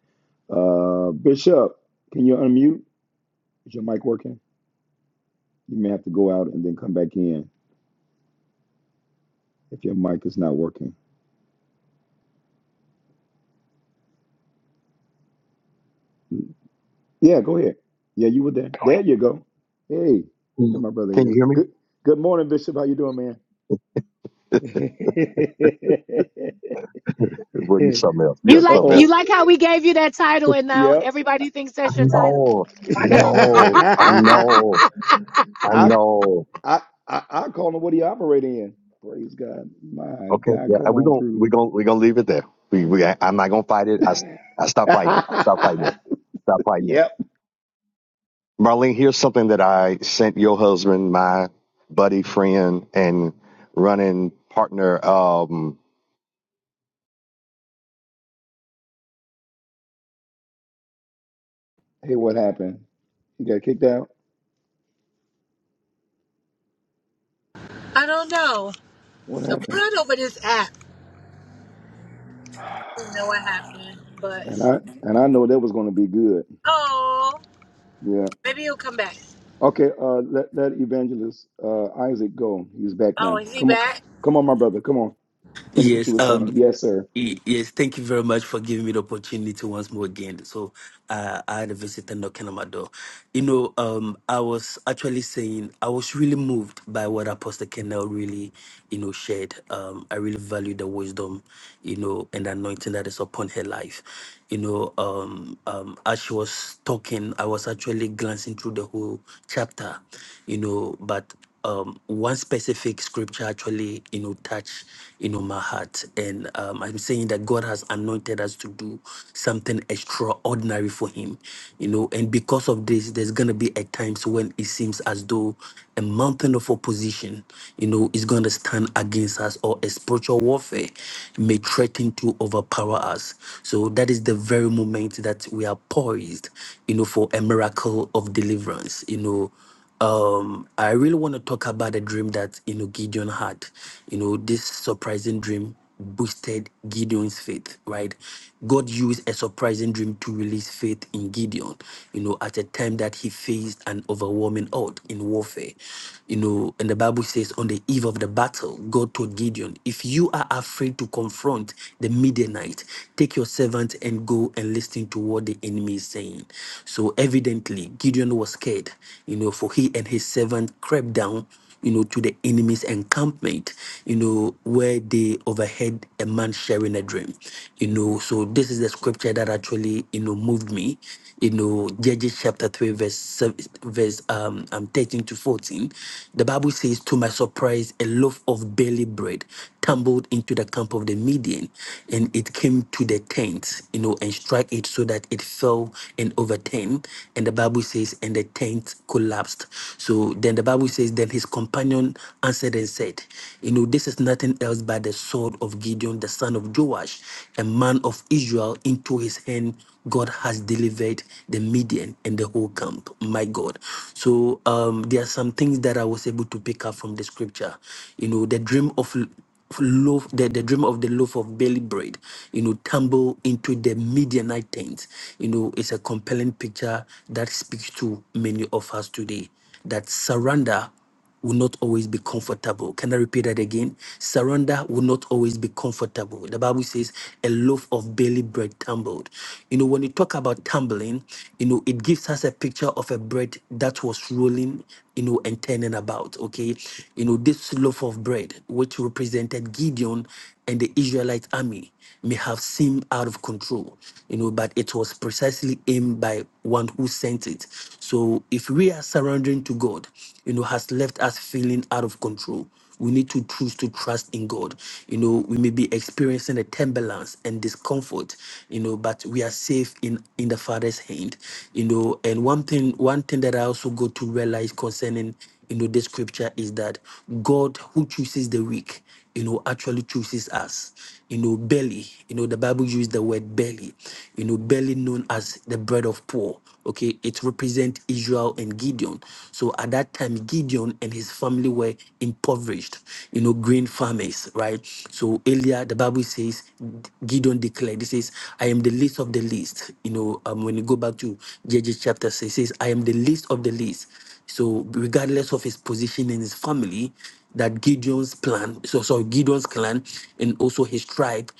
[SPEAKER 2] Uh, Bishop, can you unmute? Is your mic working? You may have to go out and then come back in if your mic is not working. Yeah, go ahead. Yeah, you were there. There you go. Hey, there
[SPEAKER 15] Mm.
[SPEAKER 2] my brother
[SPEAKER 15] Can you
[SPEAKER 2] is.
[SPEAKER 15] hear me?
[SPEAKER 2] Good good morning, Bishop. How you doing, man?
[SPEAKER 15] Well, you something else.
[SPEAKER 1] You
[SPEAKER 15] You are
[SPEAKER 2] uh
[SPEAKER 1] like
[SPEAKER 15] something
[SPEAKER 1] you
[SPEAKER 2] oh.
[SPEAKER 1] like how we gave you that title
[SPEAKER 15] else.
[SPEAKER 1] and now
[SPEAKER 2] Yep.
[SPEAKER 1] everybody thinks that's
[SPEAKER 15] I
[SPEAKER 1] your title.
[SPEAKER 15] know. I know. I know. I
[SPEAKER 2] I
[SPEAKER 15] know.
[SPEAKER 2] I, I I call him what he operate in. Praise God. My
[SPEAKER 15] Okay.
[SPEAKER 2] God,
[SPEAKER 15] Yeah.
[SPEAKER 2] come
[SPEAKER 15] We're
[SPEAKER 2] on
[SPEAKER 15] going,
[SPEAKER 2] through.
[SPEAKER 15] we're going, we're going to leave it there. We, we, I- I'm not going to fight it. I, s- I stop fighting it. I stop fighting it. Stop fighting it.
[SPEAKER 2] yep.
[SPEAKER 15] Marlene, here's something that I sent your husband, my buddy, friend, and running partner. Um,
[SPEAKER 2] Hey, what happened? He got kicked out. What happened? And I and I know that was going to be good. Yeah. Okay. Uh, let let evangelist uh Isaac go. He's back now. Come on, come on, my brother. Come on. Finish what you
[SPEAKER 14] Yes.
[SPEAKER 2] were saying.
[SPEAKER 14] Um.
[SPEAKER 2] Yes, sir.
[SPEAKER 14] y- Yes. Thank you very much for giving me the opportunity once more again. So uh, I had a visitor knocking on my door. You know, um, I was actually saying I was really moved by what Apostle Kendall really, you know, shared. Um, I really value the wisdom, you know, and anointing that is upon her life. You know, um, um, as she was talking, I was actually glancing through the whole chapter, you know, but um, one specific scripture actually, you know, touch, you know, my heart. And um, I'm saying that God has anointed us to do something extraordinary for Him, you know. And because of this, there's gonna be at times when it seems as though a mountain of opposition, you know, is gonna stand against us, or a spiritual warfare may threaten to overpower us. So that is the very moment that we are poised, you know, for a miracle of deliverance, you know um, I really want to talk about a dream that you know Gideon had. You know, this surprising dream boosted Gideon's faith, right? God used a surprising dream to release faith in Gideon, you know, at a time that he faced an overwhelming odds in warfare. You know, and the Bible says on the eve of the battle, God told Gideon, if you are afraid to confront the Midianite, take your servant and go and listen to what the enemy is saying. So evidently, Gideon was scared, you know, for he and his servant crept down, you know, to the enemy's encampment, you know, where they overheard a man sharing a dream. You know, so this is the scripture that actually, you know, moved me. You know, Judges chapter 3, verse sev- verse um, um 13 to 14. The Bible says, To my surprise, a loaf of barley bread tumbled into the camp of the Midian, and it came to the tent, you know, and struck it so that it fell and overturned. And the Bible says, and the tent collapsed collapsed. So then the Bible says, Then his companion answered and said, You know, this is nothing else but the sword of Gideon, the son of Joash, a man of Israel, into his hand. God has delivered the Midian and the whole camp. My God. So um, there are some things that I was able to pick up from the scripture. You know, the dream of loaf, the, the dream of the loaf of barley bread, you know, tumble into the Midianite tent. You know, it's a compelling picture that speaks to many of us today. That surrender will not always be comfortable. Can I repeat that again? Surrender will not always be comfortable. The Bible says a loaf of barley bread tumbled. You know, when you talk about tumbling, you know, it gives us a picture of a bread that was rolling, you know, and turning about. Okay you know, this loaf of bread, which represented Gideon and the Israelite army, may have seemed out of control, you know, but it was precisely aimed by one who sent it. So if we are surrendering to God, you know, has left us feeling out of control, we need to choose to trust in God. You know, we may be experiencing a turbulence and discomfort, you know, but we are safe in in the Father's hand. You know, and one thing one thing that I also got to realize concerning you know this scripture is that God who chooses the weak you know, actually chooses us. You know, belly, you know, the Bible used the word belly, you know, belly known as the bread of poor. Okay, it represents Israel and Gideon. So at that time, Gideon and his family were impoverished, you know, grain farmers, right? So earlier, the Bible says, Gideon declared, he says, I am the least of the least. You know, um, when you go back to Judges chapter 6, it says, I am the least of the least. So, regardless of his position in his family, that Gideon's plan, so sorry, Gideon's clan, and also his tribe,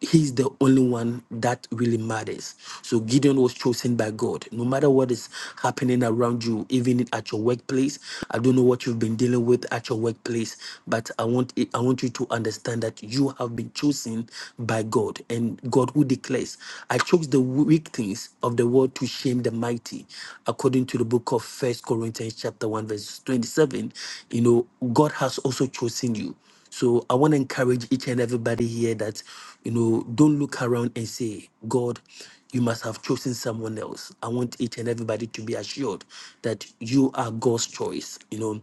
[SPEAKER 14] he's the only one that really matters. So Gideon was chosen by God. No matter what is happening around you, even at your workplace, I don't know what you've been dealing with at your workplace, but I want it- I want you to understand that you have been chosen by God, and God who declares, "I chose the weak things of the world to shame." the mighty, according to the book of First Corinthians chapter 1, verse 27, you know, God has also chosen you. So I want to encourage each and everybody here that, you know, don't look around and say, God, you must have chosen someone else. I want each and everybody to be assured that you are God's choice. You know,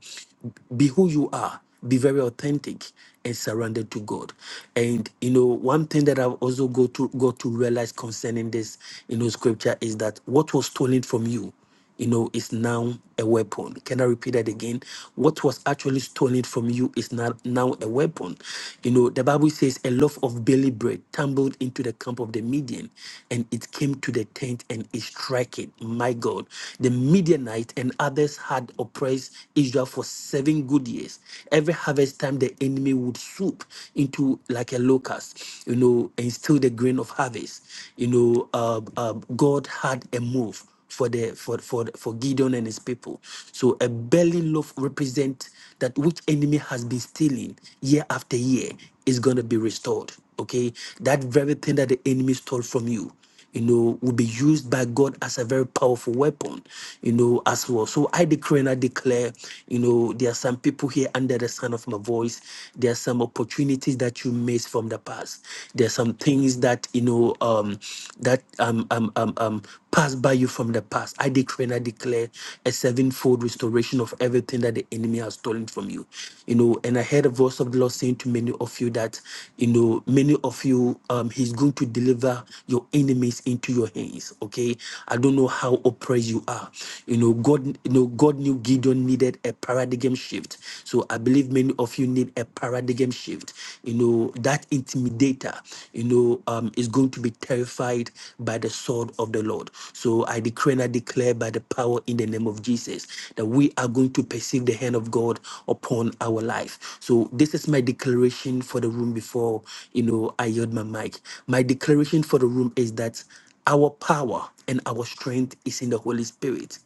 [SPEAKER 14] be who you are be very authentic and surrendered to God. And you know, one thing that I've also got to got to realize concerning this, you know, scripture is that what was stolen from you, you know, is now a weapon. Can I repeat that again? What was actually stolen from you is not now a weapon. You know, the Bible says a loaf of barley bread tumbled into the camp of the Midian, and it came to the tent and it struck it. My God, the Midianite and others had oppressed Israel for seven seven good years. Every harvest time, the enemy would swoop into like a locust, you know, and steal the grain of harvest. You know, uh, uh, God had a move for the for for for Gideon and his people. So a belly loaf represent that which enemy has been stealing year after year is gonna be restored. Okay, that very thing that the enemy stole from you you know, will be used by God as a very powerful weapon, you know, as well. So I decree and I declare, you know, there are some people here under the sound of my voice. There are some opportunities that you missed from the past. There are some things that, you know, um, that um, um, um, um, pass by you from the past. I decree and I declare a sevenfold restoration of everything that the enemy has stolen from you. You know, and I heard a voice of the Lord saying to many of you that, you know, many of you, um, He's going to deliver your enemies into your hands. Okay. I don't know how oppressed you are. You know, God, you know, God knew Gideon needed a paradigm shift. So I believe many of you need a paradigm shift shift, you know, that intimidator, you know, um, is going to be terrified by the sword of the Lord. So I decree and I declare by the power in the name of Jesus that we are going to perceive the hand of God upon our life. So this is my declaration for the room before, you know, I yield my mic. My declaration for the room is that our power and our strength is in the Holy Spirit.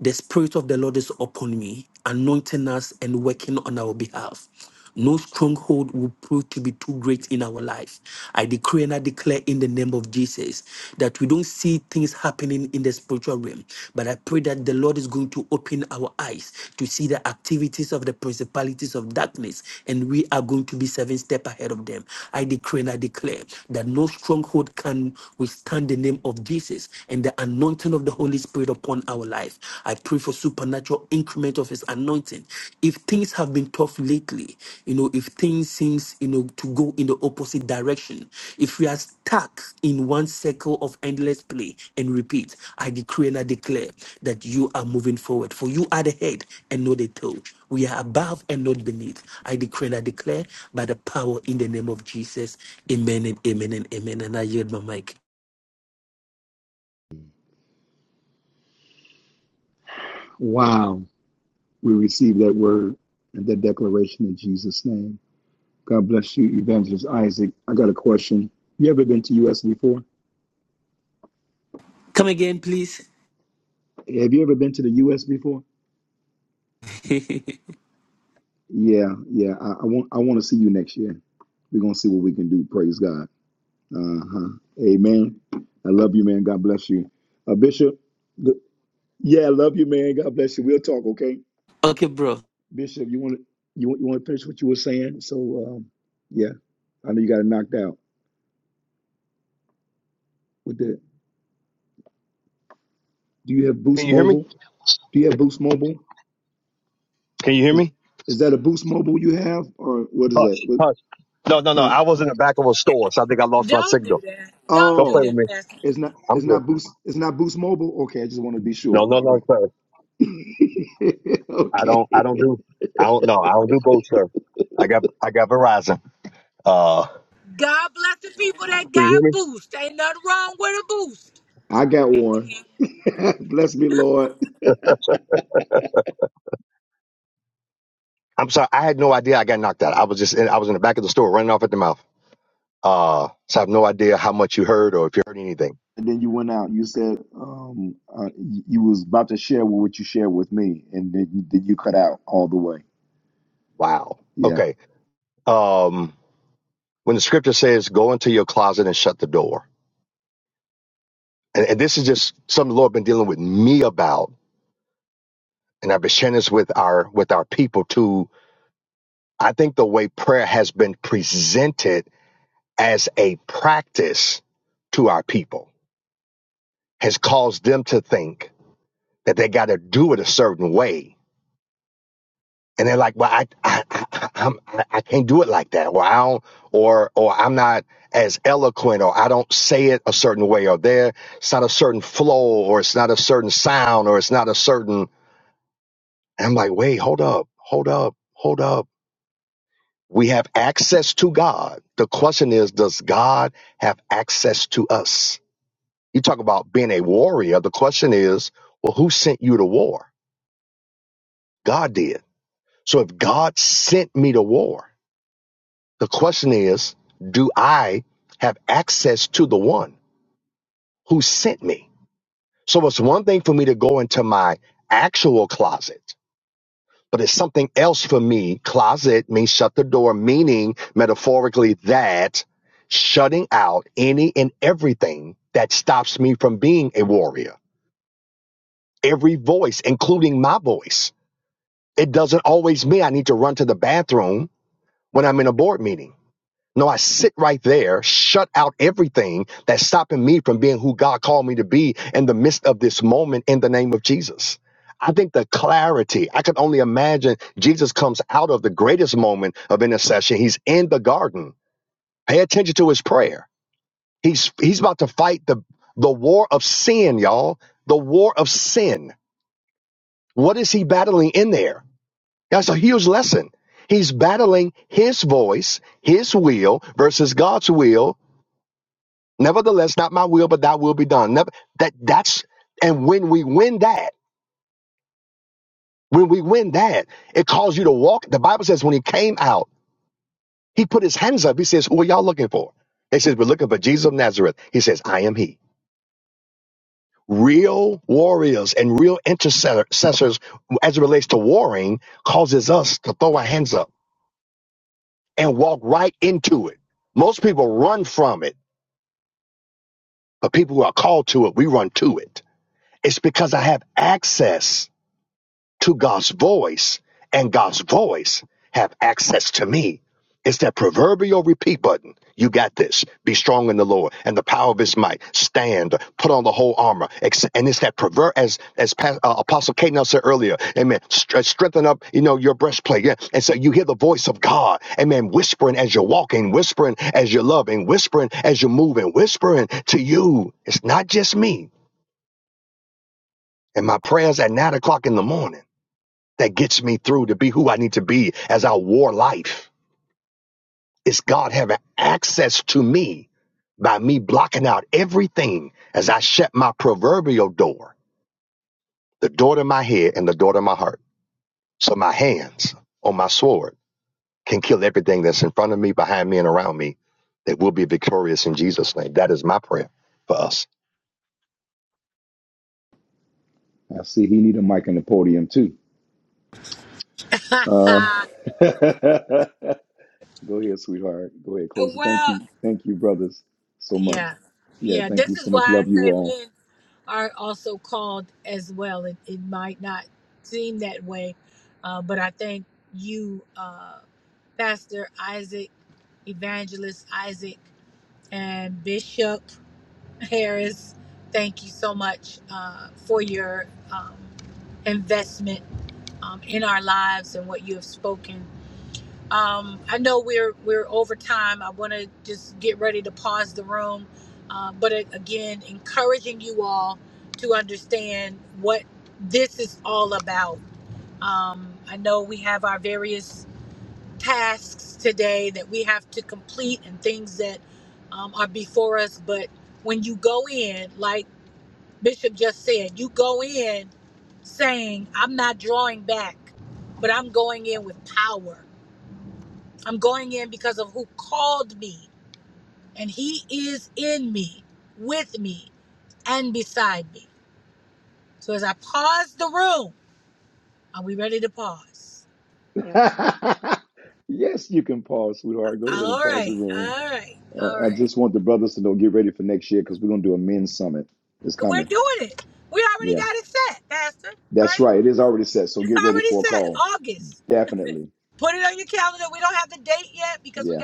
[SPEAKER 14] The Spirit of the Lord is upon me, anointing us and working on our behalf. No stronghold will prove to be too great in our life. I decree and I declare in the name of Jesus that we don't see things happening in the spiritual realm, but I pray that the Lord is going to open our eyes to see the activities of the principalities of darkness, and we are going to be seven steps ahead of them. I decree and I declare that no stronghold can withstand the name of Jesus and the anointing anointing of the Holy Spirit upon our life. I pray for supernatural increment of his anointing. If things have been tough lately, you know, if things seems, you know, to go in the opposite direction, if we are stuck in one circle of endless play and repeat, I decree and I declare that you are moving forward. For you are the head and not the tail. We are above and not beneath. I decree and I declare by the power in the name of Jesus. Amen and amen and amen. And I yield my mic.
[SPEAKER 2] Wow. We receive that word and that declaration in Jesus' name. God bless you, Evangelist Isaac. I got a question. You ever been to US before?
[SPEAKER 14] Come again, please.
[SPEAKER 2] Have you ever been to the US before? Yeah, yeah. I, I want I want to see you next year. We're gonna see what we can do. Praise God. Uh-huh. Amen. I love you, man. God bless you. Uh, Bishop, th- yeah, I love you, man. God bless you. We'll talk, okay?
[SPEAKER 14] Okay, bro.
[SPEAKER 2] Bishop, you want to you want you want to finish what you were saying? So um, yeah, I know you got it knocked out with that. Do you have
[SPEAKER 15] can
[SPEAKER 2] Boost
[SPEAKER 15] you hear me?
[SPEAKER 2] Mobile? Do you have Boost Mobile?
[SPEAKER 15] Can you hear
[SPEAKER 2] Is
[SPEAKER 15] me?
[SPEAKER 2] is that a Boost Mobile you have, or what is that?
[SPEAKER 15] Hush,
[SPEAKER 2] What,
[SPEAKER 15] hush. No, no, no.
[SPEAKER 2] huh?
[SPEAKER 15] I was in the back of a store, so I think I lost my signal. Don't play
[SPEAKER 2] Oh,
[SPEAKER 15] with me.
[SPEAKER 2] it's not.
[SPEAKER 15] I'm
[SPEAKER 2] It's
[SPEAKER 15] good.
[SPEAKER 2] not Boost. It's not Boost Mobile. Okay, I just want to be
[SPEAKER 15] No,
[SPEAKER 2] sure.
[SPEAKER 15] no,
[SPEAKER 2] All
[SPEAKER 15] no,
[SPEAKER 2] right.
[SPEAKER 15] sir. I don't
[SPEAKER 2] okay,
[SPEAKER 15] I don't do I don't know. I don't do Gold sir. I got I got Verizon. Uh can you hear me?
[SPEAKER 2] I got one. Bless me, Lord.
[SPEAKER 15] I'm sorry, I had no idea I got knocked out. I was just in, I was in the back of the store running off at the mouth. Uh so I have no idea how much you heard or if you heard anything.
[SPEAKER 2] And then you went out. You said um, uh, you you was about to share with what you shared with me, and then you, then you cut out all the way.
[SPEAKER 15] Wow.
[SPEAKER 2] Yeah,
[SPEAKER 15] Okay. Um when the scripture says go into your closet and shut the door. And, and this is just something the Lord been dealing with me about and I've been sharing this with our with our people too. I think the way prayer has been presented as a practice to our people has caused them to think that they got to do it a certain way. And they're like, well, I, I, I, I'm, I can't do it like that. Or I don't, or, or I'm not as eloquent or I don't say it a certain way or there, it's not a certain flow or it's not a certain sound or it's not a certain. And I'm like, wait, hold up, hold up, hold up. We have access to God. The question is, does God have access to us? You talk about being a warrior. The question is, well, who sent you to war? God did. So if God sent me to war, the question is, do I have access to the one who sent me? So it's one thing for me to go into my actual closet, but it's something else for me. Closet means shut the door, meaning metaphorically that shutting out any and everything that stops me from being a warrior. Every voice, including my voice It doesn't always mean I need to run to the bathroom when I'm in a board meeting. No, I sit right there, shut out everything that's stopping me from being who God called me to be in the midst of this moment in the name of Jesus. I think the clarity, I could only imagine Jesus comes out of the greatest moment of intercession. He's in the garden. Pay attention to his prayer. He's he's about to fight the the war of sin, y'all. The war of sin. What is he battling in there? That's a huge lesson. He's battling his voice, his will versus God's will. Nevertheless, not my will, but thy will be done. Never, that that's and when we win that, when we win that, it calls you to walk. The Bible says when he came out, he put his hands up. He says, Who are y'all looking for? They says, We're looking for Jesus of Nazareth. He says, I am he. Real warriors and real intercessors as it relates to warring causes us to throw our hands up and walk right into it. Most people run from it, but people who are called to it, we run to it. It's because I have access to God's voice and God's voice have access to me. It's that proverbial repeat button. You got this. Be strong in the Lord and the power of his might. Stand, put on the whole armor. And it's that pervert, as as Pa- uh, Apostle Kate Nelson said earlier, amen. Stre- strengthen up, you know, your breastplate. Yeah. And so you hear the voice of God, amen, whispering as you're walking, whispering as you're loving, whispering as you're moving, whispering to you. It's not just me and my prayers at nine o'clock in the morning that gets me through to be who I need to be as I war life. It's God having access to me by me blocking out everything as I shut my proverbial door, the door to my head and the door to my heart. So my hands on my sword can kill everything that's in front of me, behind me, and around me that will be victorious in Jesus' name. That is my prayer for us.
[SPEAKER 2] I see. He need a mic in the podium too. Uh, Go ahead, sweetheart. Go ahead, close it. Thank
[SPEAKER 1] Well.
[SPEAKER 2] you. Thank you, brothers, so
[SPEAKER 1] Yeah.
[SPEAKER 2] much. Yeah,
[SPEAKER 1] Yeah.
[SPEAKER 2] thank you
[SPEAKER 1] This is
[SPEAKER 2] so
[SPEAKER 1] why
[SPEAKER 2] much.
[SPEAKER 1] I
[SPEAKER 2] Love you
[SPEAKER 1] say
[SPEAKER 2] all.
[SPEAKER 1] men are also called as well. It, it might not seem that way, uh, but I think you, uh, Pastor Isaac, Evangelist Isaac, and Bishop Harris, thank you so much uh, for your um, investment um, in our lives and what you have spoken. Um, I know we're we're over time. I want to just get ready to pause the room, uh, but a- again, encouraging you all to understand what this is all about. Um, I know we have our various tasks today that we have to complete and things that um, are before us, but when you go in, like Bishop just said, you go in saying, "I'm not drawing back, but I'm going in with power." I'm going in because of who called me, and He is in me, with me, and beside me. So as I pause the room, are we ready to pause?
[SPEAKER 2] yes, you can pause, sweetheart. Go ahead and
[SPEAKER 1] All
[SPEAKER 2] pause the
[SPEAKER 1] right,
[SPEAKER 2] room.
[SPEAKER 1] all right, all right.
[SPEAKER 2] Uh, I just want the brothers to know get ready for next year because we're going to do a men's summit. It's coming. Yeah, that's right. It is already set. So get ready for a call. Definitely. Yeah,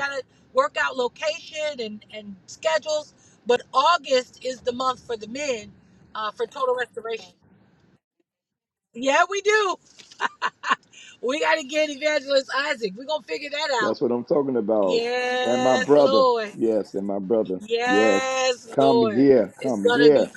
[SPEAKER 2] that's what I'm talking about. And my brother. Yes, and my brother. Yes. Come here. Come here.